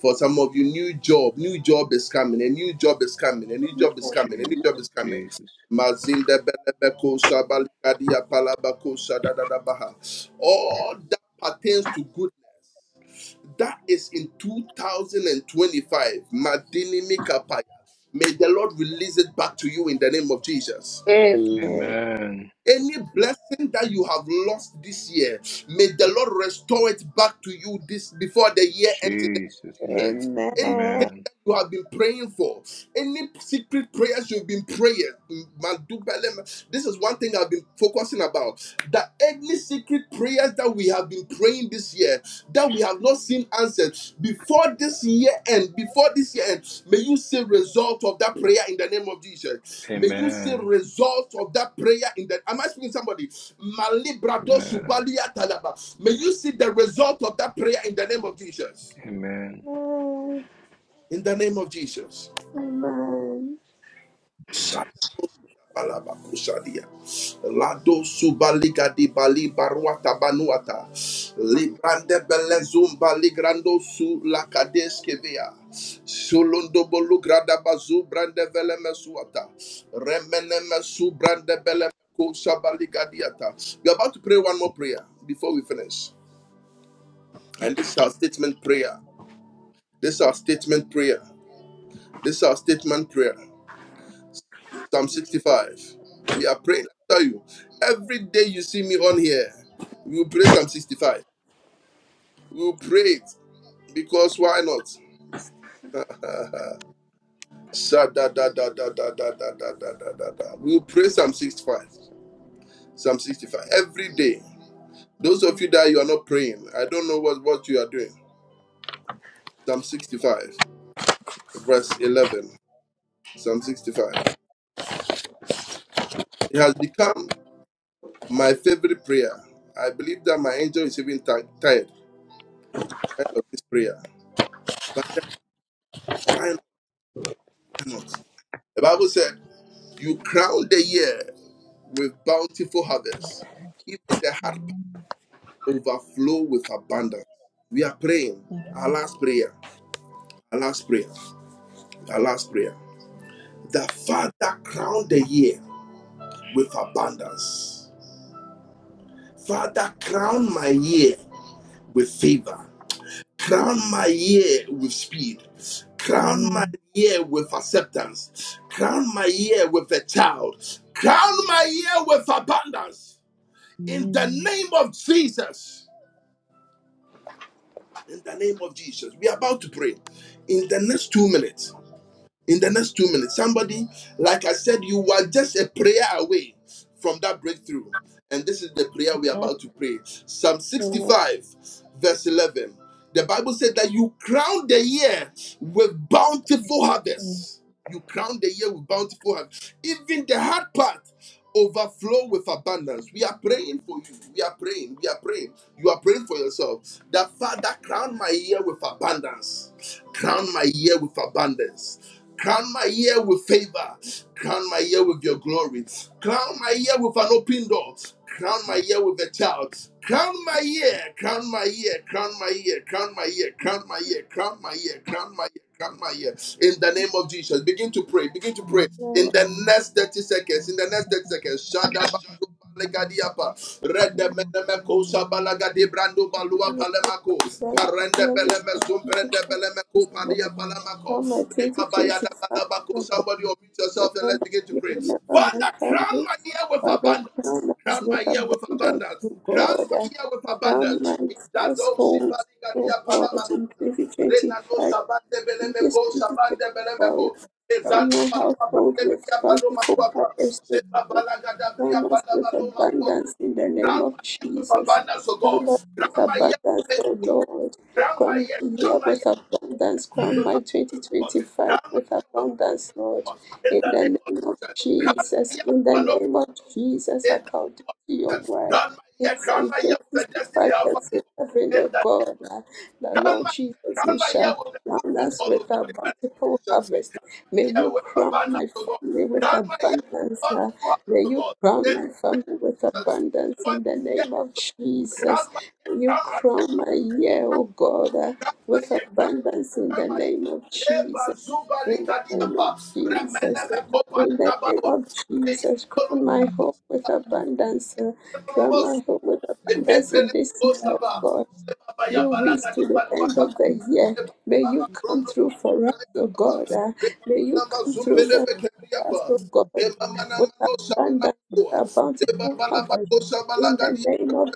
[SPEAKER 1] For some of you, new job, new job is coming, a new job is coming, a new job is coming, a new
[SPEAKER 2] Jesus.
[SPEAKER 1] job is coming.
[SPEAKER 2] Jesus.
[SPEAKER 1] Mazinda belebeko shabaliga di apa All that pertains to good. That is in 2025. Madini Mikapaya. May the Lord release it back to you in the name of Jesus.
[SPEAKER 8] Amen.
[SPEAKER 2] Amen.
[SPEAKER 1] Any blessing that you have lost this year, may the Lord restore it back to you this before the year ends in the name
[SPEAKER 2] Jesus
[SPEAKER 1] of
[SPEAKER 2] name.
[SPEAKER 1] Jesus.
[SPEAKER 8] Amen.
[SPEAKER 1] Anything
[SPEAKER 2] Amen.
[SPEAKER 1] that you have been praying for, any secret prayers you've been praying, Madubelem, this is one thing I've been focusing about. That any secret prayers that we we have been praying this year that we have not seen answered before this year end before this year end may you see result of that prayer in the name of jesus may you see
[SPEAKER 2] Amen.
[SPEAKER 1] result of that prayer in the am i speaking to somebody Malibrado
[SPEAKER 2] Amen.
[SPEAKER 1] subalia talaba. may you see the result of that prayer in the name of jesus
[SPEAKER 2] Amen.
[SPEAKER 8] Amen.
[SPEAKER 1] in the name of jesus
[SPEAKER 8] Amen.
[SPEAKER 1] Balabakusadia. Lado subaliga di bali baruata banuata. Librande belezum baligrando su la kadeskevia. Sulundo bolu grada bazu brande velemesuata. Remenemesu brande beleko sabaligadiata. We're about to pray one more prayer before we finish. And this is our statement prayer. This is our statement prayer. This is our statement prayer. Psalm 65. We are praying. I tell you, every day you see me on here, we will pray Psalm 65. We will pray it because why not? <laughs> Sha da da da da da da da da da da da da. We will pray Psalm 65. Psalm 65 every day. Those of you that you are not praying, I don't know what, what you are doing. Psalm 65, verse 11. Psalm 65. It has become my favorite prayer. I believe that my angel is even tired, tired of this prayer Why not? Why not? The Bible said, You crown the year with bountiful harvest, even the heart
[SPEAKER 9] Amen.
[SPEAKER 1] overflow with abundance. We are praying, our last prayer, our last prayer, our last prayer. The Father crown the year with abundance. Father, crown my year with favor. Crown my year with speed. Crown my
[SPEAKER 9] Amen.
[SPEAKER 1] year with acceptance. Crown my year with a child. Crown my year with abundance. In the
[SPEAKER 9] Amen.
[SPEAKER 1] name of Jesus. In the name of Jesus. We are about to pray. In the next two minutes in the next two minutes. Somebody, like I said, you were just a prayer away from that breakthrough. And this is the prayer we're about to pray. Psalm 65, verse 11. The Bible said that you crown the year with bountiful
[SPEAKER 9] Oh,
[SPEAKER 1] harvest. You crown the year with bountiful harvest. Even the hard part overflow with abundance. We are praying for you. We are praying. We are praying. You are praying for yourself. That Father, crown my year with abundance. Crown my year with abundance Crown my year with favor. Crown my year with your glory. Crown my year with an open door. Crown my year with a child. Crown my year. Crown my year. Crown my year. Crown my year. Crown my year. Crown my year. Crown my year. Kamaya. In the name of Jesus, begin to pray. Begin to pray. In
[SPEAKER 8] Amen.
[SPEAKER 1] the next 30 seconds, in the next 30 seconds, Shadaba. Legadiapa,
[SPEAKER 8] Amen.
[SPEAKER 1] Redemenemeko, Shabalagadi Brando Balua Palemako,
[SPEAKER 8] Yeah,
[SPEAKER 1] Parende
[SPEAKER 8] with
[SPEAKER 1] Beleme,
[SPEAKER 8] my
[SPEAKER 1] Zumbrende
[SPEAKER 8] people,
[SPEAKER 1] Belemeko,
[SPEAKER 8] Lord,
[SPEAKER 1] Padia
[SPEAKER 9] Lord,
[SPEAKER 1] Palamako,
[SPEAKER 8] for my
[SPEAKER 1] Rebabayada Balabako.
[SPEAKER 8] 2025.
[SPEAKER 1] Somebody unmute yourself and let's
[SPEAKER 8] Remember
[SPEAKER 1] begin to
[SPEAKER 8] me,
[SPEAKER 1] pray.
[SPEAKER 8] remember my
[SPEAKER 1] Father, crown
[SPEAKER 8] family.
[SPEAKER 1] my ear with
[SPEAKER 8] Father,
[SPEAKER 1] abundance.
[SPEAKER 8] crown us
[SPEAKER 1] Crown my
[SPEAKER 8] with
[SPEAKER 1] ear with
[SPEAKER 8] abundance, O
[SPEAKER 1] abundance. Crown my
[SPEAKER 8] God.
[SPEAKER 1] ear with
[SPEAKER 8] Crown
[SPEAKER 1] abundance.
[SPEAKER 8] my
[SPEAKER 1] Idado
[SPEAKER 8] household,
[SPEAKER 1] shibali
[SPEAKER 8] O
[SPEAKER 1] gadia
[SPEAKER 8] God, in
[SPEAKER 1] Renano
[SPEAKER 8] 2025.
[SPEAKER 1] Sabande
[SPEAKER 8] This
[SPEAKER 1] Belemeko,
[SPEAKER 8] consisted
[SPEAKER 1] Sabande
[SPEAKER 8] entirely
[SPEAKER 1] Belemeko,
[SPEAKER 8] from
[SPEAKER 1] Ezandu
[SPEAKER 8] a
[SPEAKER 1] Balua
[SPEAKER 8] household
[SPEAKER 1] Bande
[SPEAKER 8] with
[SPEAKER 1] Bria Paloma
[SPEAKER 8] plentiful
[SPEAKER 1] Quata,
[SPEAKER 8] harvest of
[SPEAKER 1] Seba
[SPEAKER 8] God.
[SPEAKER 1] Balagada Bria
[SPEAKER 8] Crown us
[SPEAKER 1] Pala
[SPEAKER 8] with
[SPEAKER 1] Baloma Quata.
[SPEAKER 8] abundance in the name
[SPEAKER 1] Grant
[SPEAKER 8] of
[SPEAKER 1] my ear with
[SPEAKER 8] Jesus.
[SPEAKER 1] abundance, O
[SPEAKER 8] Crown
[SPEAKER 1] God.
[SPEAKER 8] us with
[SPEAKER 1] Grant my ear
[SPEAKER 8] abundance,
[SPEAKER 1] with faith,
[SPEAKER 8] O
[SPEAKER 1] O God.
[SPEAKER 8] Lord.
[SPEAKER 1] Grant my
[SPEAKER 8] Crown
[SPEAKER 1] ear,
[SPEAKER 8] the year
[SPEAKER 1] grant my
[SPEAKER 8] with
[SPEAKER 1] ear, grant my ear
[SPEAKER 8] abundance. Crown
[SPEAKER 1] with
[SPEAKER 8] my
[SPEAKER 1] abundance, O God.
[SPEAKER 8] 2025
[SPEAKER 1] Grant my
[SPEAKER 8] with
[SPEAKER 1] ear with my
[SPEAKER 8] abundance,
[SPEAKER 1] millions, O
[SPEAKER 8] Lord.
[SPEAKER 1] God. In
[SPEAKER 8] In
[SPEAKER 1] the name
[SPEAKER 8] the
[SPEAKER 1] of
[SPEAKER 8] name of
[SPEAKER 1] Jesus. Grant my
[SPEAKER 8] Jesus.
[SPEAKER 1] ear
[SPEAKER 8] In
[SPEAKER 1] with
[SPEAKER 8] the
[SPEAKER 1] an open
[SPEAKER 8] name of
[SPEAKER 1] door, O God.
[SPEAKER 8] Jesus,
[SPEAKER 1] In the
[SPEAKER 8] according to
[SPEAKER 1] name of
[SPEAKER 8] your
[SPEAKER 1] Jesus.
[SPEAKER 8] word.
[SPEAKER 1] Grant my
[SPEAKER 8] In
[SPEAKER 1] ear, grant
[SPEAKER 8] Psalm
[SPEAKER 1] my ear with a destiny
[SPEAKER 8] 65,
[SPEAKER 1] helper, O
[SPEAKER 8] verse
[SPEAKER 1] God.
[SPEAKER 8] 11,
[SPEAKER 1] In
[SPEAKER 8] O
[SPEAKER 1] the name of
[SPEAKER 8] God, uh, the
[SPEAKER 1] Crown
[SPEAKER 8] Lord
[SPEAKER 1] my ear,
[SPEAKER 8] Jesus,
[SPEAKER 1] crown
[SPEAKER 8] you
[SPEAKER 1] my ear
[SPEAKER 8] shall
[SPEAKER 1] with a good
[SPEAKER 8] crown
[SPEAKER 1] phone
[SPEAKER 8] us
[SPEAKER 1] call, oh
[SPEAKER 8] with a
[SPEAKER 1] God, in the name of
[SPEAKER 8] bountiful
[SPEAKER 1] Jesus.
[SPEAKER 8] harvest.
[SPEAKER 1] Crown my
[SPEAKER 8] May
[SPEAKER 1] ear
[SPEAKER 8] you
[SPEAKER 1] with a
[SPEAKER 8] crown
[SPEAKER 1] banner,
[SPEAKER 8] my
[SPEAKER 1] oh God.
[SPEAKER 8] family with
[SPEAKER 1] Crown my ear with a
[SPEAKER 8] abundance. uh,
[SPEAKER 1] bountiful harvest,
[SPEAKER 8] May
[SPEAKER 1] oh
[SPEAKER 8] you
[SPEAKER 1] God,
[SPEAKER 8] crown
[SPEAKER 1] in
[SPEAKER 8] my
[SPEAKER 1] the name
[SPEAKER 8] family
[SPEAKER 1] of
[SPEAKER 8] with
[SPEAKER 1] Jesus.
[SPEAKER 8] abundance
[SPEAKER 1] Before
[SPEAKER 8] in the
[SPEAKER 1] this year,
[SPEAKER 8] name
[SPEAKER 1] ends,
[SPEAKER 8] of
[SPEAKER 1] oh God, crown
[SPEAKER 8] Jesus.
[SPEAKER 1] my ear,
[SPEAKER 8] May you
[SPEAKER 1] crown my ear,
[SPEAKER 8] crown
[SPEAKER 1] crown
[SPEAKER 8] my year, oh God, uh,
[SPEAKER 1] crown my
[SPEAKER 8] with
[SPEAKER 1] ear, crown my ear,
[SPEAKER 8] abundance in
[SPEAKER 1] crown
[SPEAKER 8] the
[SPEAKER 1] my ear.
[SPEAKER 8] name of
[SPEAKER 1] Eba
[SPEAKER 8] Jesus.
[SPEAKER 1] zuba
[SPEAKER 8] In the
[SPEAKER 1] lika
[SPEAKER 8] name
[SPEAKER 1] diapa,
[SPEAKER 8] of
[SPEAKER 1] remene
[SPEAKER 8] Jesus.
[SPEAKER 1] me kopa
[SPEAKER 8] In the
[SPEAKER 1] lika
[SPEAKER 8] name
[SPEAKER 1] bawa.
[SPEAKER 8] of
[SPEAKER 1] Eya
[SPEAKER 8] Jesus,
[SPEAKER 1] tolua
[SPEAKER 8] crown my home with
[SPEAKER 1] kratos.
[SPEAKER 8] abundance. uh, Crown my home with
[SPEAKER 1] In
[SPEAKER 8] abundance
[SPEAKER 1] the
[SPEAKER 8] in this year, oh God
[SPEAKER 9] I
[SPEAKER 8] few
[SPEAKER 9] thank
[SPEAKER 8] weeks to the end of the year. May you come through for us, oh God. Uh, may you come through with us, oh God, with abundance, with our
[SPEAKER 9] you.
[SPEAKER 8] bountiful harvest. In the name of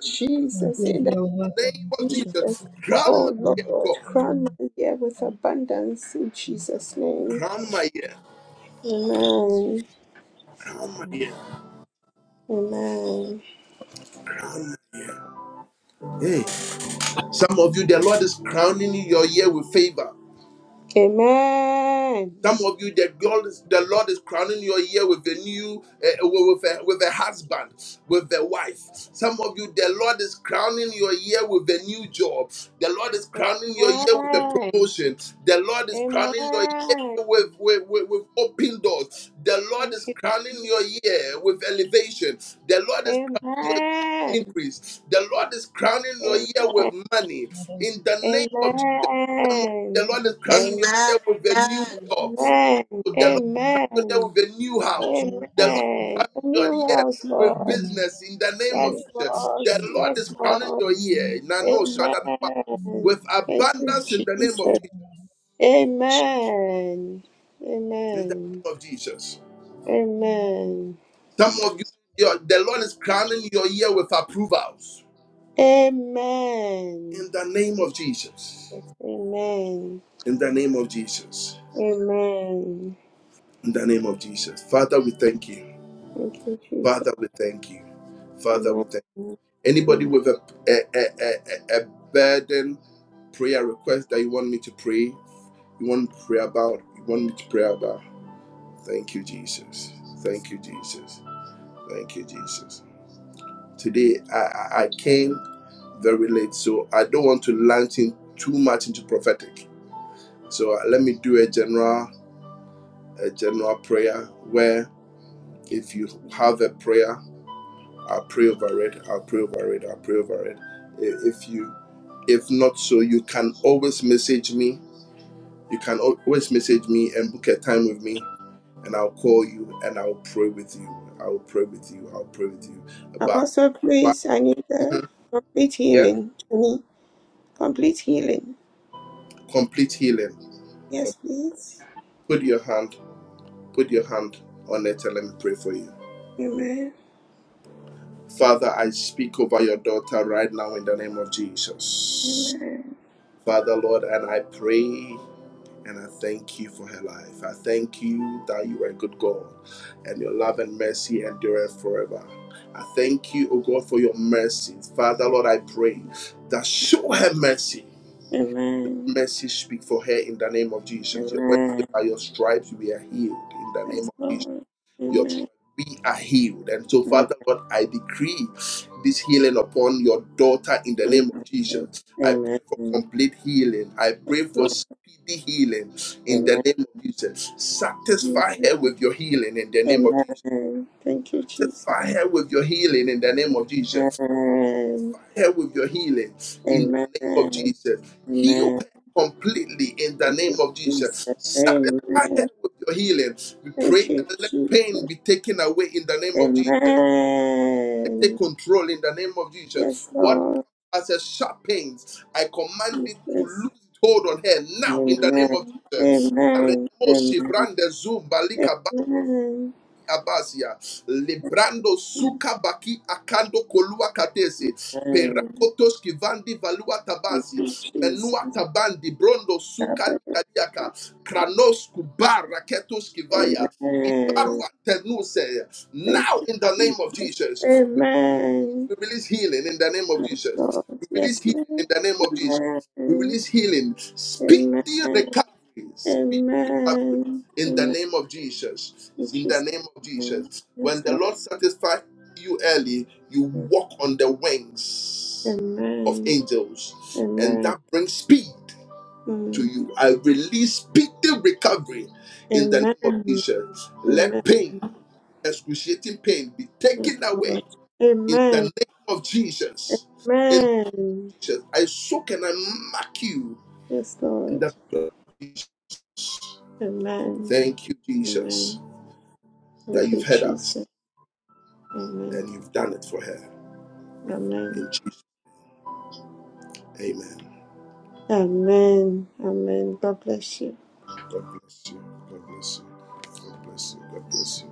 [SPEAKER 9] I
[SPEAKER 8] Jesus,
[SPEAKER 9] give
[SPEAKER 8] in the
[SPEAKER 9] your work of
[SPEAKER 1] name of
[SPEAKER 9] impression to
[SPEAKER 8] Jesus.
[SPEAKER 1] Jesus,
[SPEAKER 9] them.
[SPEAKER 1] crown my
[SPEAKER 8] Oh
[SPEAKER 1] ear,
[SPEAKER 9] Amen.
[SPEAKER 8] Lord,
[SPEAKER 1] God.
[SPEAKER 8] crown my year with abundance in Jesus' name.
[SPEAKER 1] Crown my ear.
[SPEAKER 8] Amen.
[SPEAKER 1] Crown my
[SPEAKER 9] Amen.
[SPEAKER 1] ear.
[SPEAKER 8] Amen.
[SPEAKER 1] Crown my ear. Hey, some of you, the Lord is crowning your ear with favor.
[SPEAKER 8] Amen.
[SPEAKER 1] Some of you, the God, is- the Lord is crowning your year with a new, uh, with a, with a husband, with a wife. Some of you, the Lord is crowning your year with a new job. The Lord is crowning your year with a
[SPEAKER 8] Amen.
[SPEAKER 1] promotion. The Lord is crowning your year
[SPEAKER 8] Amen.
[SPEAKER 1] with, with, with, with open doors. The Lord
[SPEAKER 8] Thank
[SPEAKER 1] is crowning
[SPEAKER 8] you,
[SPEAKER 1] your year with elevation. The Lord is crowning your year with
[SPEAKER 8] Amen.
[SPEAKER 1] increase. The Lord is crowning your year
[SPEAKER 8] Amen.
[SPEAKER 1] with money
[SPEAKER 9] I don't
[SPEAKER 1] in
[SPEAKER 9] give
[SPEAKER 1] the
[SPEAKER 9] impression
[SPEAKER 1] name
[SPEAKER 9] to
[SPEAKER 1] of
[SPEAKER 9] them.
[SPEAKER 1] Jesus. Some of you, The
[SPEAKER 8] Amen.
[SPEAKER 1] Lord is
[SPEAKER 9] Amen.
[SPEAKER 1] crowning your
[SPEAKER 4] Amen.
[SPEAKER 1] year with a new
[SPEAKER 4] Amen.
[SPEAKER 1] job. So
[SPEAKER 8] Amen.
[SPEAKER 1] The Lord
[SPEAKER 9] Amen.
[SPEAKER 1] is coming there
[SPEAKER 8] Amen.
[SPEAKER 1] with a new house. The Lord
[SPEAKER 9] Amen.
[SPEAKER 1] is
[SPEAKER 8] Amen.
[SPEAKER 1] crowning
[SPEAKER 8] A
[SPEAKER 1] your
[SPEAKER 8] new
[SPEAKER 1] year
[SPEAKER 8] house,
[SPEAKER 1] with
[SPEAKER 8] Lord.
[SPEAKER 9] Amen.
[SPEAKER 1] business in the
[SPEAKER 9] I
[SPEAKER 1] name of
[SPEAKER 9] will
[SPEAKER 8] Yes,
[SPEAKER 1] Jesus.
[SPEAKER 8] Lord.
[SPEAKER 1] The
[SPEAKER 9] exalt your
[SPEAKER 1] Lord is
[SPEAKER 8] Yes,
[SPEAKER 1] crowning
[SPEAKER 8] Lord.
[SPEAKER 1] your
[SPEAKER 9] name.
[SPEAKER 1] year
[SPEAKER 9] Amen.
[SPEAKER 1] Nano Shadadaba,
[SPEAKER 8] Amen.
[SPEAKER 1] with
[SPEAKER 8] Thank you,
[SPEAKER 1] abundance in the name
[SPEAKER 8] Jesus.
[SPEAKER 1] of Jesus.
[SPEAKER 9] Amen.
[SPEAKER 8] Amen.
[SPEAKER 1] In the
[SPEAKER 8] Amen.
[SPEAKER 1] name of Jesus.
[SPEAKER 9] Amen.
[SPEAKER 8] Amen.
[SPEAKER 1] Some of you, your, the Lord is crowning your year with approvals.
[SPEAKER 8] Amen.
[SPEAKER 1] In the name of Jesus.
[SPEAKER 8] Yes, Amen.
[SPEAKER 1] In the name of Jesus.
[SPEAKER 8] Amen.
[SPEAKER 1] In the name of Jesus. Father, we thank you.
[SPEAKER 8] Thank you, Jesus.
[SPEAKER 1] Father, we thank you. Father, we thank you.
[SPEAKER 8] Amen.
[SPEAKER 1] Anybody with a, a, a, a, a burden prayer request that you want me to pray, you want me to pray about, you want me to pray about. Thank you, Jesus. Thank you, Jesus. Thank you, Jesus. Today I, I came very late, so I don't want to launch in too much into prophetic. So uh, let me do a general a general prayer where if you have a prayer I'll pray over it. I'll pray over it. I'll pray over it. I- If you, if not so, you can always message me. You can al- always message me and book a time with me, and I'll call you and I'll pray with you. I'll pray with you. I'll pray with you. But
[SPEAKER 8] Apostle, please, I need the
[SPEAKER 1] Mhm.
[SPEAKER 8] complete
[SPEAKER 1] yeah,
[SPEAKER 8] healing. I need complete healing.
[SPEAKER 1] complete healing. Com-
[SPEAKER 8] Yes, please.
[SPEAKER 1] Put your hand, put your hand on it, and let me pray for you.
[SPEAKER 8] Amen.
[SPEAKER 1] Father, I speak over your daughter right now in the name of Jesus.
[SPEAKER 8] Amen.
[SPEAKER 1] Father, Lord, and I pray. And I thank you for her life. I thank you that you are a good God and your love and mercy endureth forever. I thank you, O God, for your mercies. Father, Lord, I pray that show her mercy.
[SPEAKER 8] Amen.
[SPEAKER 1] Mercy speak for her in the name of Jesus. Your word said,
[SPEAKER 8] Amen.
[SPEAKER 1] by your stripes we are healed in the name
[SPEAKER 8] Yes,
[SPEAKER 1] of Jesus
[SPEAKER 8] Lord.
[SPEAKER 1] your strength.
[SPEAKER 8] Amen.
[SPEAKER 1] We are healed. And so,
[SPEAKER 8] Amen.
[SPEAKER 1] Father Lord, I decree this healing upon your daughter in the name of
[SPEAKER 8] Amen.
[SPEAKER 1] Jesus. I pray for
[SPEAKER 8] Amen.
[SPEAKER 1] complete healing. I pray for
[SPEAKER 8] Lord,
[SPEAKER 1] speedy healing in the
[SPEAKER 8] Amen.
[SPEAKER 1] name of Jesus. Satisfy her
[SPEAKER 8] Amen.
[SPEAKER 1] with your healing in the name of Jesus.
[SPEAKER 8] Amen. Thank you, Jesus.
[SPEAKER 1] Satisfy her with your healing in the name of Jesus.
[SPEAKER 8] Amen.
[SPEAKER 1] Fire her with your healing in the name of
[SPEAKER 8] Amen.
[SPEAKER 1] Jesus. Heal
[SPEAKER 8] Amen.
[SPEAKER 1] her completely in the
[SPEAKER 8] Thank
[SPEAKER 1] name
[SPEAKER 8] you,
[SPEAKER 1] of
[SPEAKER 8] Jesus.
[SPEAKER 1] Jesus. Satisfy her
[SPEAKER 8] Amen.
[SPEAKER 1] with your healing. We
[SPEAKER 8] Thank
[SPEAKER 1] pray
[SPEAKER 8] you,
[SPEAKER 1] that let pain
[SPEAKER 8] Jesus.
[SPEAKER 1] be taken away in the name of Jesus. I take
[SPEAKER 8] Amen.
[SPEAKER 1] control in the name of Jesus.
[SPEAKER 8] Yes,
[SPEAKER 1] What
[SPEAKER 8] Lord
[SPEAKER 1] as a sharp pain, I command it to
[SPEAKER 8] Jesus.
[SPEAKER 1] lose hold on her now in the name of
[SPEAKER 8] Amen.
[SPEAKER 1] Jesus.
[SPEAKER 8] Amen.
[SPEAKER 1] Aremo
[SPEAKER 8] Amen.
[SPEAKER 1] shibrande zumba bando
[SPEAKER 8] Amen.
[SPEAKER 1] Abazia, Lebrando Suka Baki Akando Kolua Katese,
[SPEAKER 8] Amen.
[SPEAKER 1] Perakotos Kivandi Valua
[SPEAKER 8] Thank
[SPEAKER 1] Tabazi,
[SPEAKER 8] you, Jesus.
[SPEAKER 1] Menua Tabandi, Brondo Suka
[SPEAKER 8] Amen.
[SPEAKER 1] Kadiaka, Kranos Kubar Raketos Kivaya, Ibarua Tenuse.
[SPEAKER 8] Thank
[SPEAKER 1] Now
[SPEAKER 8] you,
[SPEAKER 1] in the name of
[SPEAKER 8] Jesus.
[SPEAKER 1] Jesus,
[SPEAKER 8] Amen.
[SPEAKER 1] we release healing in the name of
[SPEAKER 8] Yes,
[SPEAKER 1] Jesus.
[SPEAKER 8] Lord.
[SPEAKER 1] We release
[SPEAKER 8] Yes,
[SPEAKER 1] healing
[SPEAKER 8] Lord.
[SPEAKER 1] in the name of Jesus. We
[SPEAKER 8] Amen.
[SPEAKER 1] release healing.
[SPEAKER 8] Amen.
[SPEAKER 1] Speedy recovery. Speedy recovery
[SPEAKER 8] Amen.
[SPEAKER 1] in the
[SPEAKER 8] Amen.
[SPEAKER 1] name of Jesus.
[SPEAKER 8] Thank you,
[SPEAKER 1] In the
[SPEAKER 8] Jesus.
[SPEAKER 1] name of
[SPEAKER 8] Amen.
[SPEAKER 1] Jesus. When
[SPEAKER 8] Yes,
[SPEAKER 1] the
[SPEAKER 8] Lord.
[SPEAKER 1] Lord satisfies you early, you walk on the wings of
[SPEAKER 8] Amen.
[SPEAKER 1] angels, and
[SPEAKER 8] Amen.
[SPEAKER 1] that brings speed to
[SPEAKER 8] Mm.
[SPEAKER 1] you. I release speedy recovery in the name of
[SPEAKER 8] Amen.
[SPEAKER 1] Jesus. Let
[SPEAKER 8] Amen.
[SPEAKER 1] pain, excruciating pain, be
[SPEAKER 8] Yes,
[SPEAKER 1] taken away
[SPEAKER 8] Lord.
[SPEAKER 1] in the name
[SPEAKER 8] Amen.
[SPEAKER 1] of Jesus. In the name
[SPEAKER 8] Amen.
[SPEAKER 1] of Jesus, I soak and I mark you
[SPEAKER 8] Yes,
[SPEAKER 1] in
[SPEAKER 8] Lord.
[SPEAKER 1] the blood of Jesus.
[SPEAKER 8] Amen.
[SPEAKER 1] Thank you, Jesus,
[SPEAKER 8] Amen.
[SPEAKER 1] that
[SPEAKER 8] Thank you,
[SPEAKER 1] you've had us
[SPEAKER 8] Jesus. Amen.
[SPEAKER 1] and you've done it for her.
[SPEAKER 8] Amen.
[SPEAKER 1] In Jesus, Amen.
[SPEAKER 8] Amen. Amen. God bless you.
[SPEAKER 1] God bless you. God bless you. God bless you. God bless you.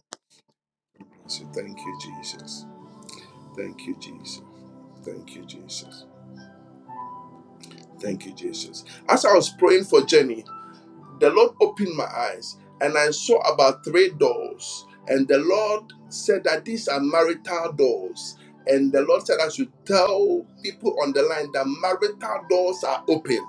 [SPEAKER 1] God bless you. Thank you, Jesus. Thank you, Jesus. Thank you, Jesus. Thank you, Jesus. As I was praying for Jenny, the Lord opened my eyes and I saw about three doors. And the Lord said that these are marital doors. And the Lord said, I should tell people on the line that marital doors are open.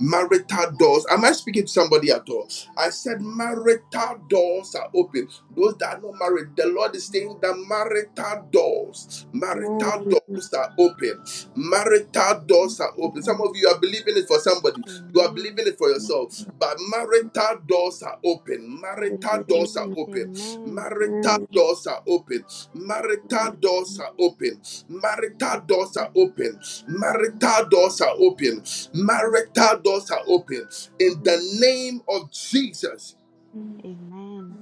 [SPEAKER 1] Marital doors. Am I speaking to somebody at all? I said, marital doors are open. Those that are not married, the Lord is saying that marital doors, marital
[SPEAKER 8] Amen.
[SPEAKER 1] doors are open. Marital doors are open. Some
[SPEAKER 8] Amen.
[SPEAKER 1] of you are believing it for somebody, you are
[SPEAKER 5] Amen.
[SPEAKER 1] believing it for yourself. But marital doors are open.
[SPEAKER 5] I
[SPEAKER 8] Amen.
[SPEAKER 1] Marital
[SPEAKER 5] receive
[SPEAKER 1] doors are
[SPEAKER 5] it.
[SPEAKER 8] Amen. Amen.
[SPEAKER 1] open.
[SPEAKER 5] Amen.
[SPEAKER 1] Marital doors are open. Marital doors are open. Marital doors are open. Marital doors are open. Marital doors are open. In
[SPEAKER 8] Amen.
[SPEAKER 1] the name of Jesus.
[SPEAKER 5] Amen.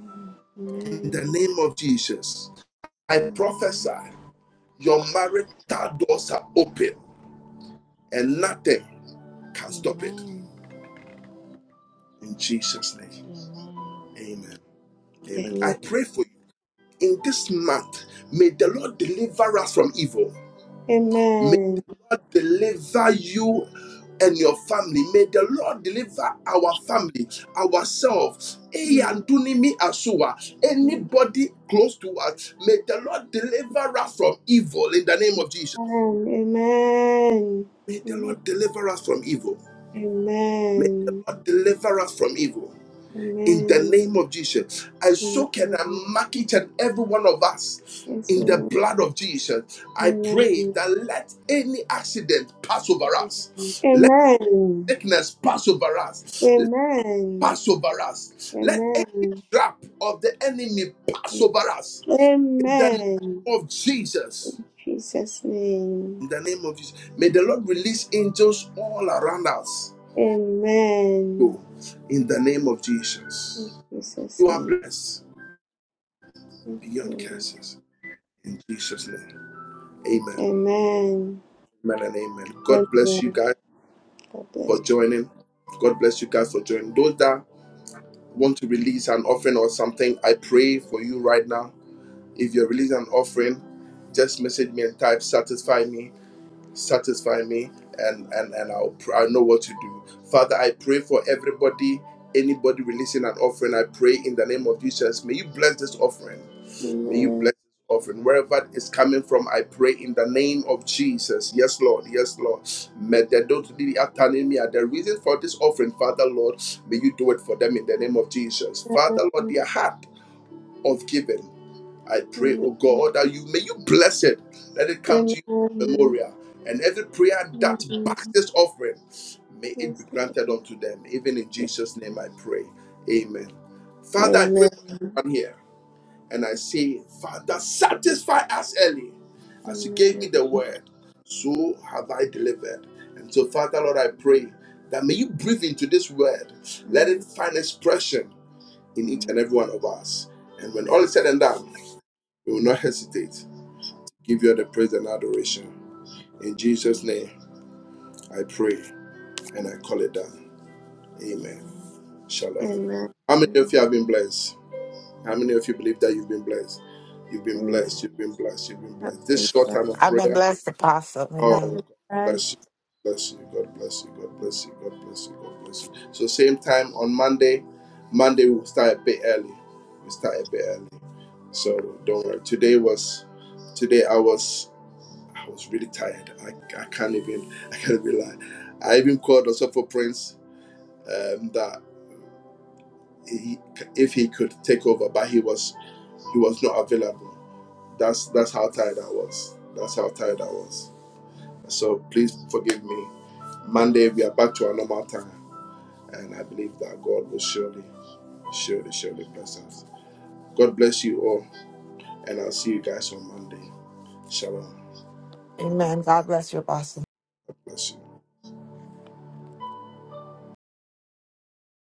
[SPEAKER 1] In
[SPEAKER 8] Amen.
[SPEAKER 1] the name of Jesus. I prophesy your marital doors are open and nothing can stop it.
[SPEAKER 5] Amen.
[SPEAKER 1] In Jesus' name.
[SPEAKER 5] Amen.
[SPEAKER 1] Amen. Amen. I pray for you. in this month, may the Lord deliver us from evil. May the
[SPEAKER 8] Amen.
[SPEAKER 1] Lord deliver you and your family. May the Lord deliver our family, ourselves. Anybody close to us, may the Lord deliver us from evil in the name of Jesus.
[SPEAKER 8] Amen. Amen.
[SPEAKER 1] May the
[SPEAKER 8] Amen.
[SPEAKER 1] Lord deliver us from evil. May the
[SPEAKER 8] Amen.
[SPEAKER 1] Lord deliver us from evil. in the
[SPEAKER 8] Amen.
[SPEAKER 1] name of Jesus. I soak and I
[SPEAKER 8] Amen.
[SPEAKER 1] mark each and every one of us
[SPEAKER 8] Yes,
[SPEAKER 1] in the
[SPEAKER 8] Lord.
[SPEAKER 1] blood of Jesus. I pray
[SPEAKER 8] Amen.
[SPEAKER 1] that let any accident pass over us. Let
[SPEAKER 8] Amen.
[SPEAKER 1] sickness pass over us. Let
[SPEAKER 8] Amen.
[SPEAKER 1] pass over us. Let any
[SPEAKER 8] Amen.
[SPEAKER 1] trap of the enemy pass over us. In the name
[SPEAKER 8] Amen.
[SPEAKER 1] of Jesus.
[SPEAKER 8] Jesus' name.
[SPEAKER 1] In the name of Jesus. May the Lord release angels all around us.
[SPEAKER 8] Amen.
[SPEAKER 1] Go. In the name of
[SPEAKER 8] In
[SPEAKER 1] Jesus.
[SPEAKER 8] Jesus'
[SPEAKER 1] You are
[SPEAKER 8] name.
[SPEAKER 1] blessed
[SPEAKER 8] Yes,
[SPEAKER 1] beyond
[SPEAKER 8] Lord.
[SPEAKER 1] curses. In Jesus' name. Amen.
[SPEAKER 8] Amen.
[SPEAKER 1] Amen and amen. God bless you
[SPEAKER 8] Amen.
[SPEAKER 1] guys
[SPEAKER 8] God
[SPEAKER 1] for
[SPEAKER 8] bless
[SPEAKER 1] joining. God bless you guys for joining. Those that want to release an offering or something, I pray for you right now. If you're releasing an offering, just message me and type satisfy me, satisfy me, and and, and I'll I'll know what to do. Father, I pray for everybody, anybody releasing an offering. I pray in the name of Jesus. May you bless this offering.
[SPEAKER 8] you.
[SPEAKER 1] May you
[SPEAKER 8] Amen.
[SPEAKER 1] bless this offering. Wherever it's coming from, I pray in the name of Jesus. Yes, Lord. Yes, Lord. May don't really attending me the reason for this offering, Father Lord. May you do it for them in the name of Jesus. Father Lord, their heart of giving. I pray, oh
[SPEAKER 8] Amen.
[SPEAKER 1] God, that you may you bless it. Let it come to you as a
[SPEAKER 8] Amen.
[SPEAKER 1] memorial. And every prayer that
[SPEAKER 8] Amen.
[SPEAKER 1] backs this offering, may it be
[SPEAKER 8] Yes,
[SPEAKER 1] granted
[SPEAKER 8] Lord.
[SPEAKER 1] unto them. Even in Jesus' name I pray. Amen. Father, I pray
[SPEAKER 8] Amen.
[SPEAKER 1] for everyone here. And I say, Father, satisfy us early. As you gave me
[SPEAKER 8] Amen.
[SPEAKER 1] the word, so have I delivered. And so, Father, Lord, I pray that may you breathe into this word. Let it find expression in each and every one of us. And when all is said and done, we will not hesitate. Give you all the praise and adoration. In Jesus'
[SPEAKER 5] Amen.
[SPEAKER 1] name, I pray and I call it done. Amen.
[SPEAKER 5] Amen.
[SPEAKER 1] Shalom.
[SPEAKER 8] Amen.
[SPEAKER 1] How many
[SPEAKER 8] Amen.
[SPEAKER 1] of you have been blessed? How many of you believe that you've been blessed? You've been blessed.
[SPEAKER 8] Yes,
[SPEAKER 1] You've
[SPEAKER 5] amen.
[SPEAKER 1] been blessed. You've been
[SPEAKER 8] have
[SPEAKER 1] blessed.
[SPEAKER 8] we
[SPEAKER 1] This short time of
[SPEAKER 4] I've been
[SPEAKER 1] prayer.
[SPEAKER 4] blessed, Apostle.
[SPEAKER 1] Oh,
[SPEAKER 8] have
[SPEAKER 4] Amen.
[SPEAKER 8] we
[SPEAKER 1] God bless
[SPEAKER 8] pressed.
[SPEAKER 1] you. Bless you. God bless you. God bless you. God bless you. God bless you. So same time on Monday. Monday we'll start a bit early. We start a bit early. So don't worry. Today was today I was I was really tired. I, I can't even <laughs> I can't even lie. I even called also for Prince um, that he, if he could take over, but he was he was not available. That's that's how tired I was. That's how tired I was. So please forgive me. Monday we are back to our normal time, and I believe that God will surely, surely, surely bless us. God bless you all, and I'll see you guys on Monday. Shalom. Bye bye.
[SPEAKER 4] Amen. God bless your boss
[SPEAKER 1] God bless you.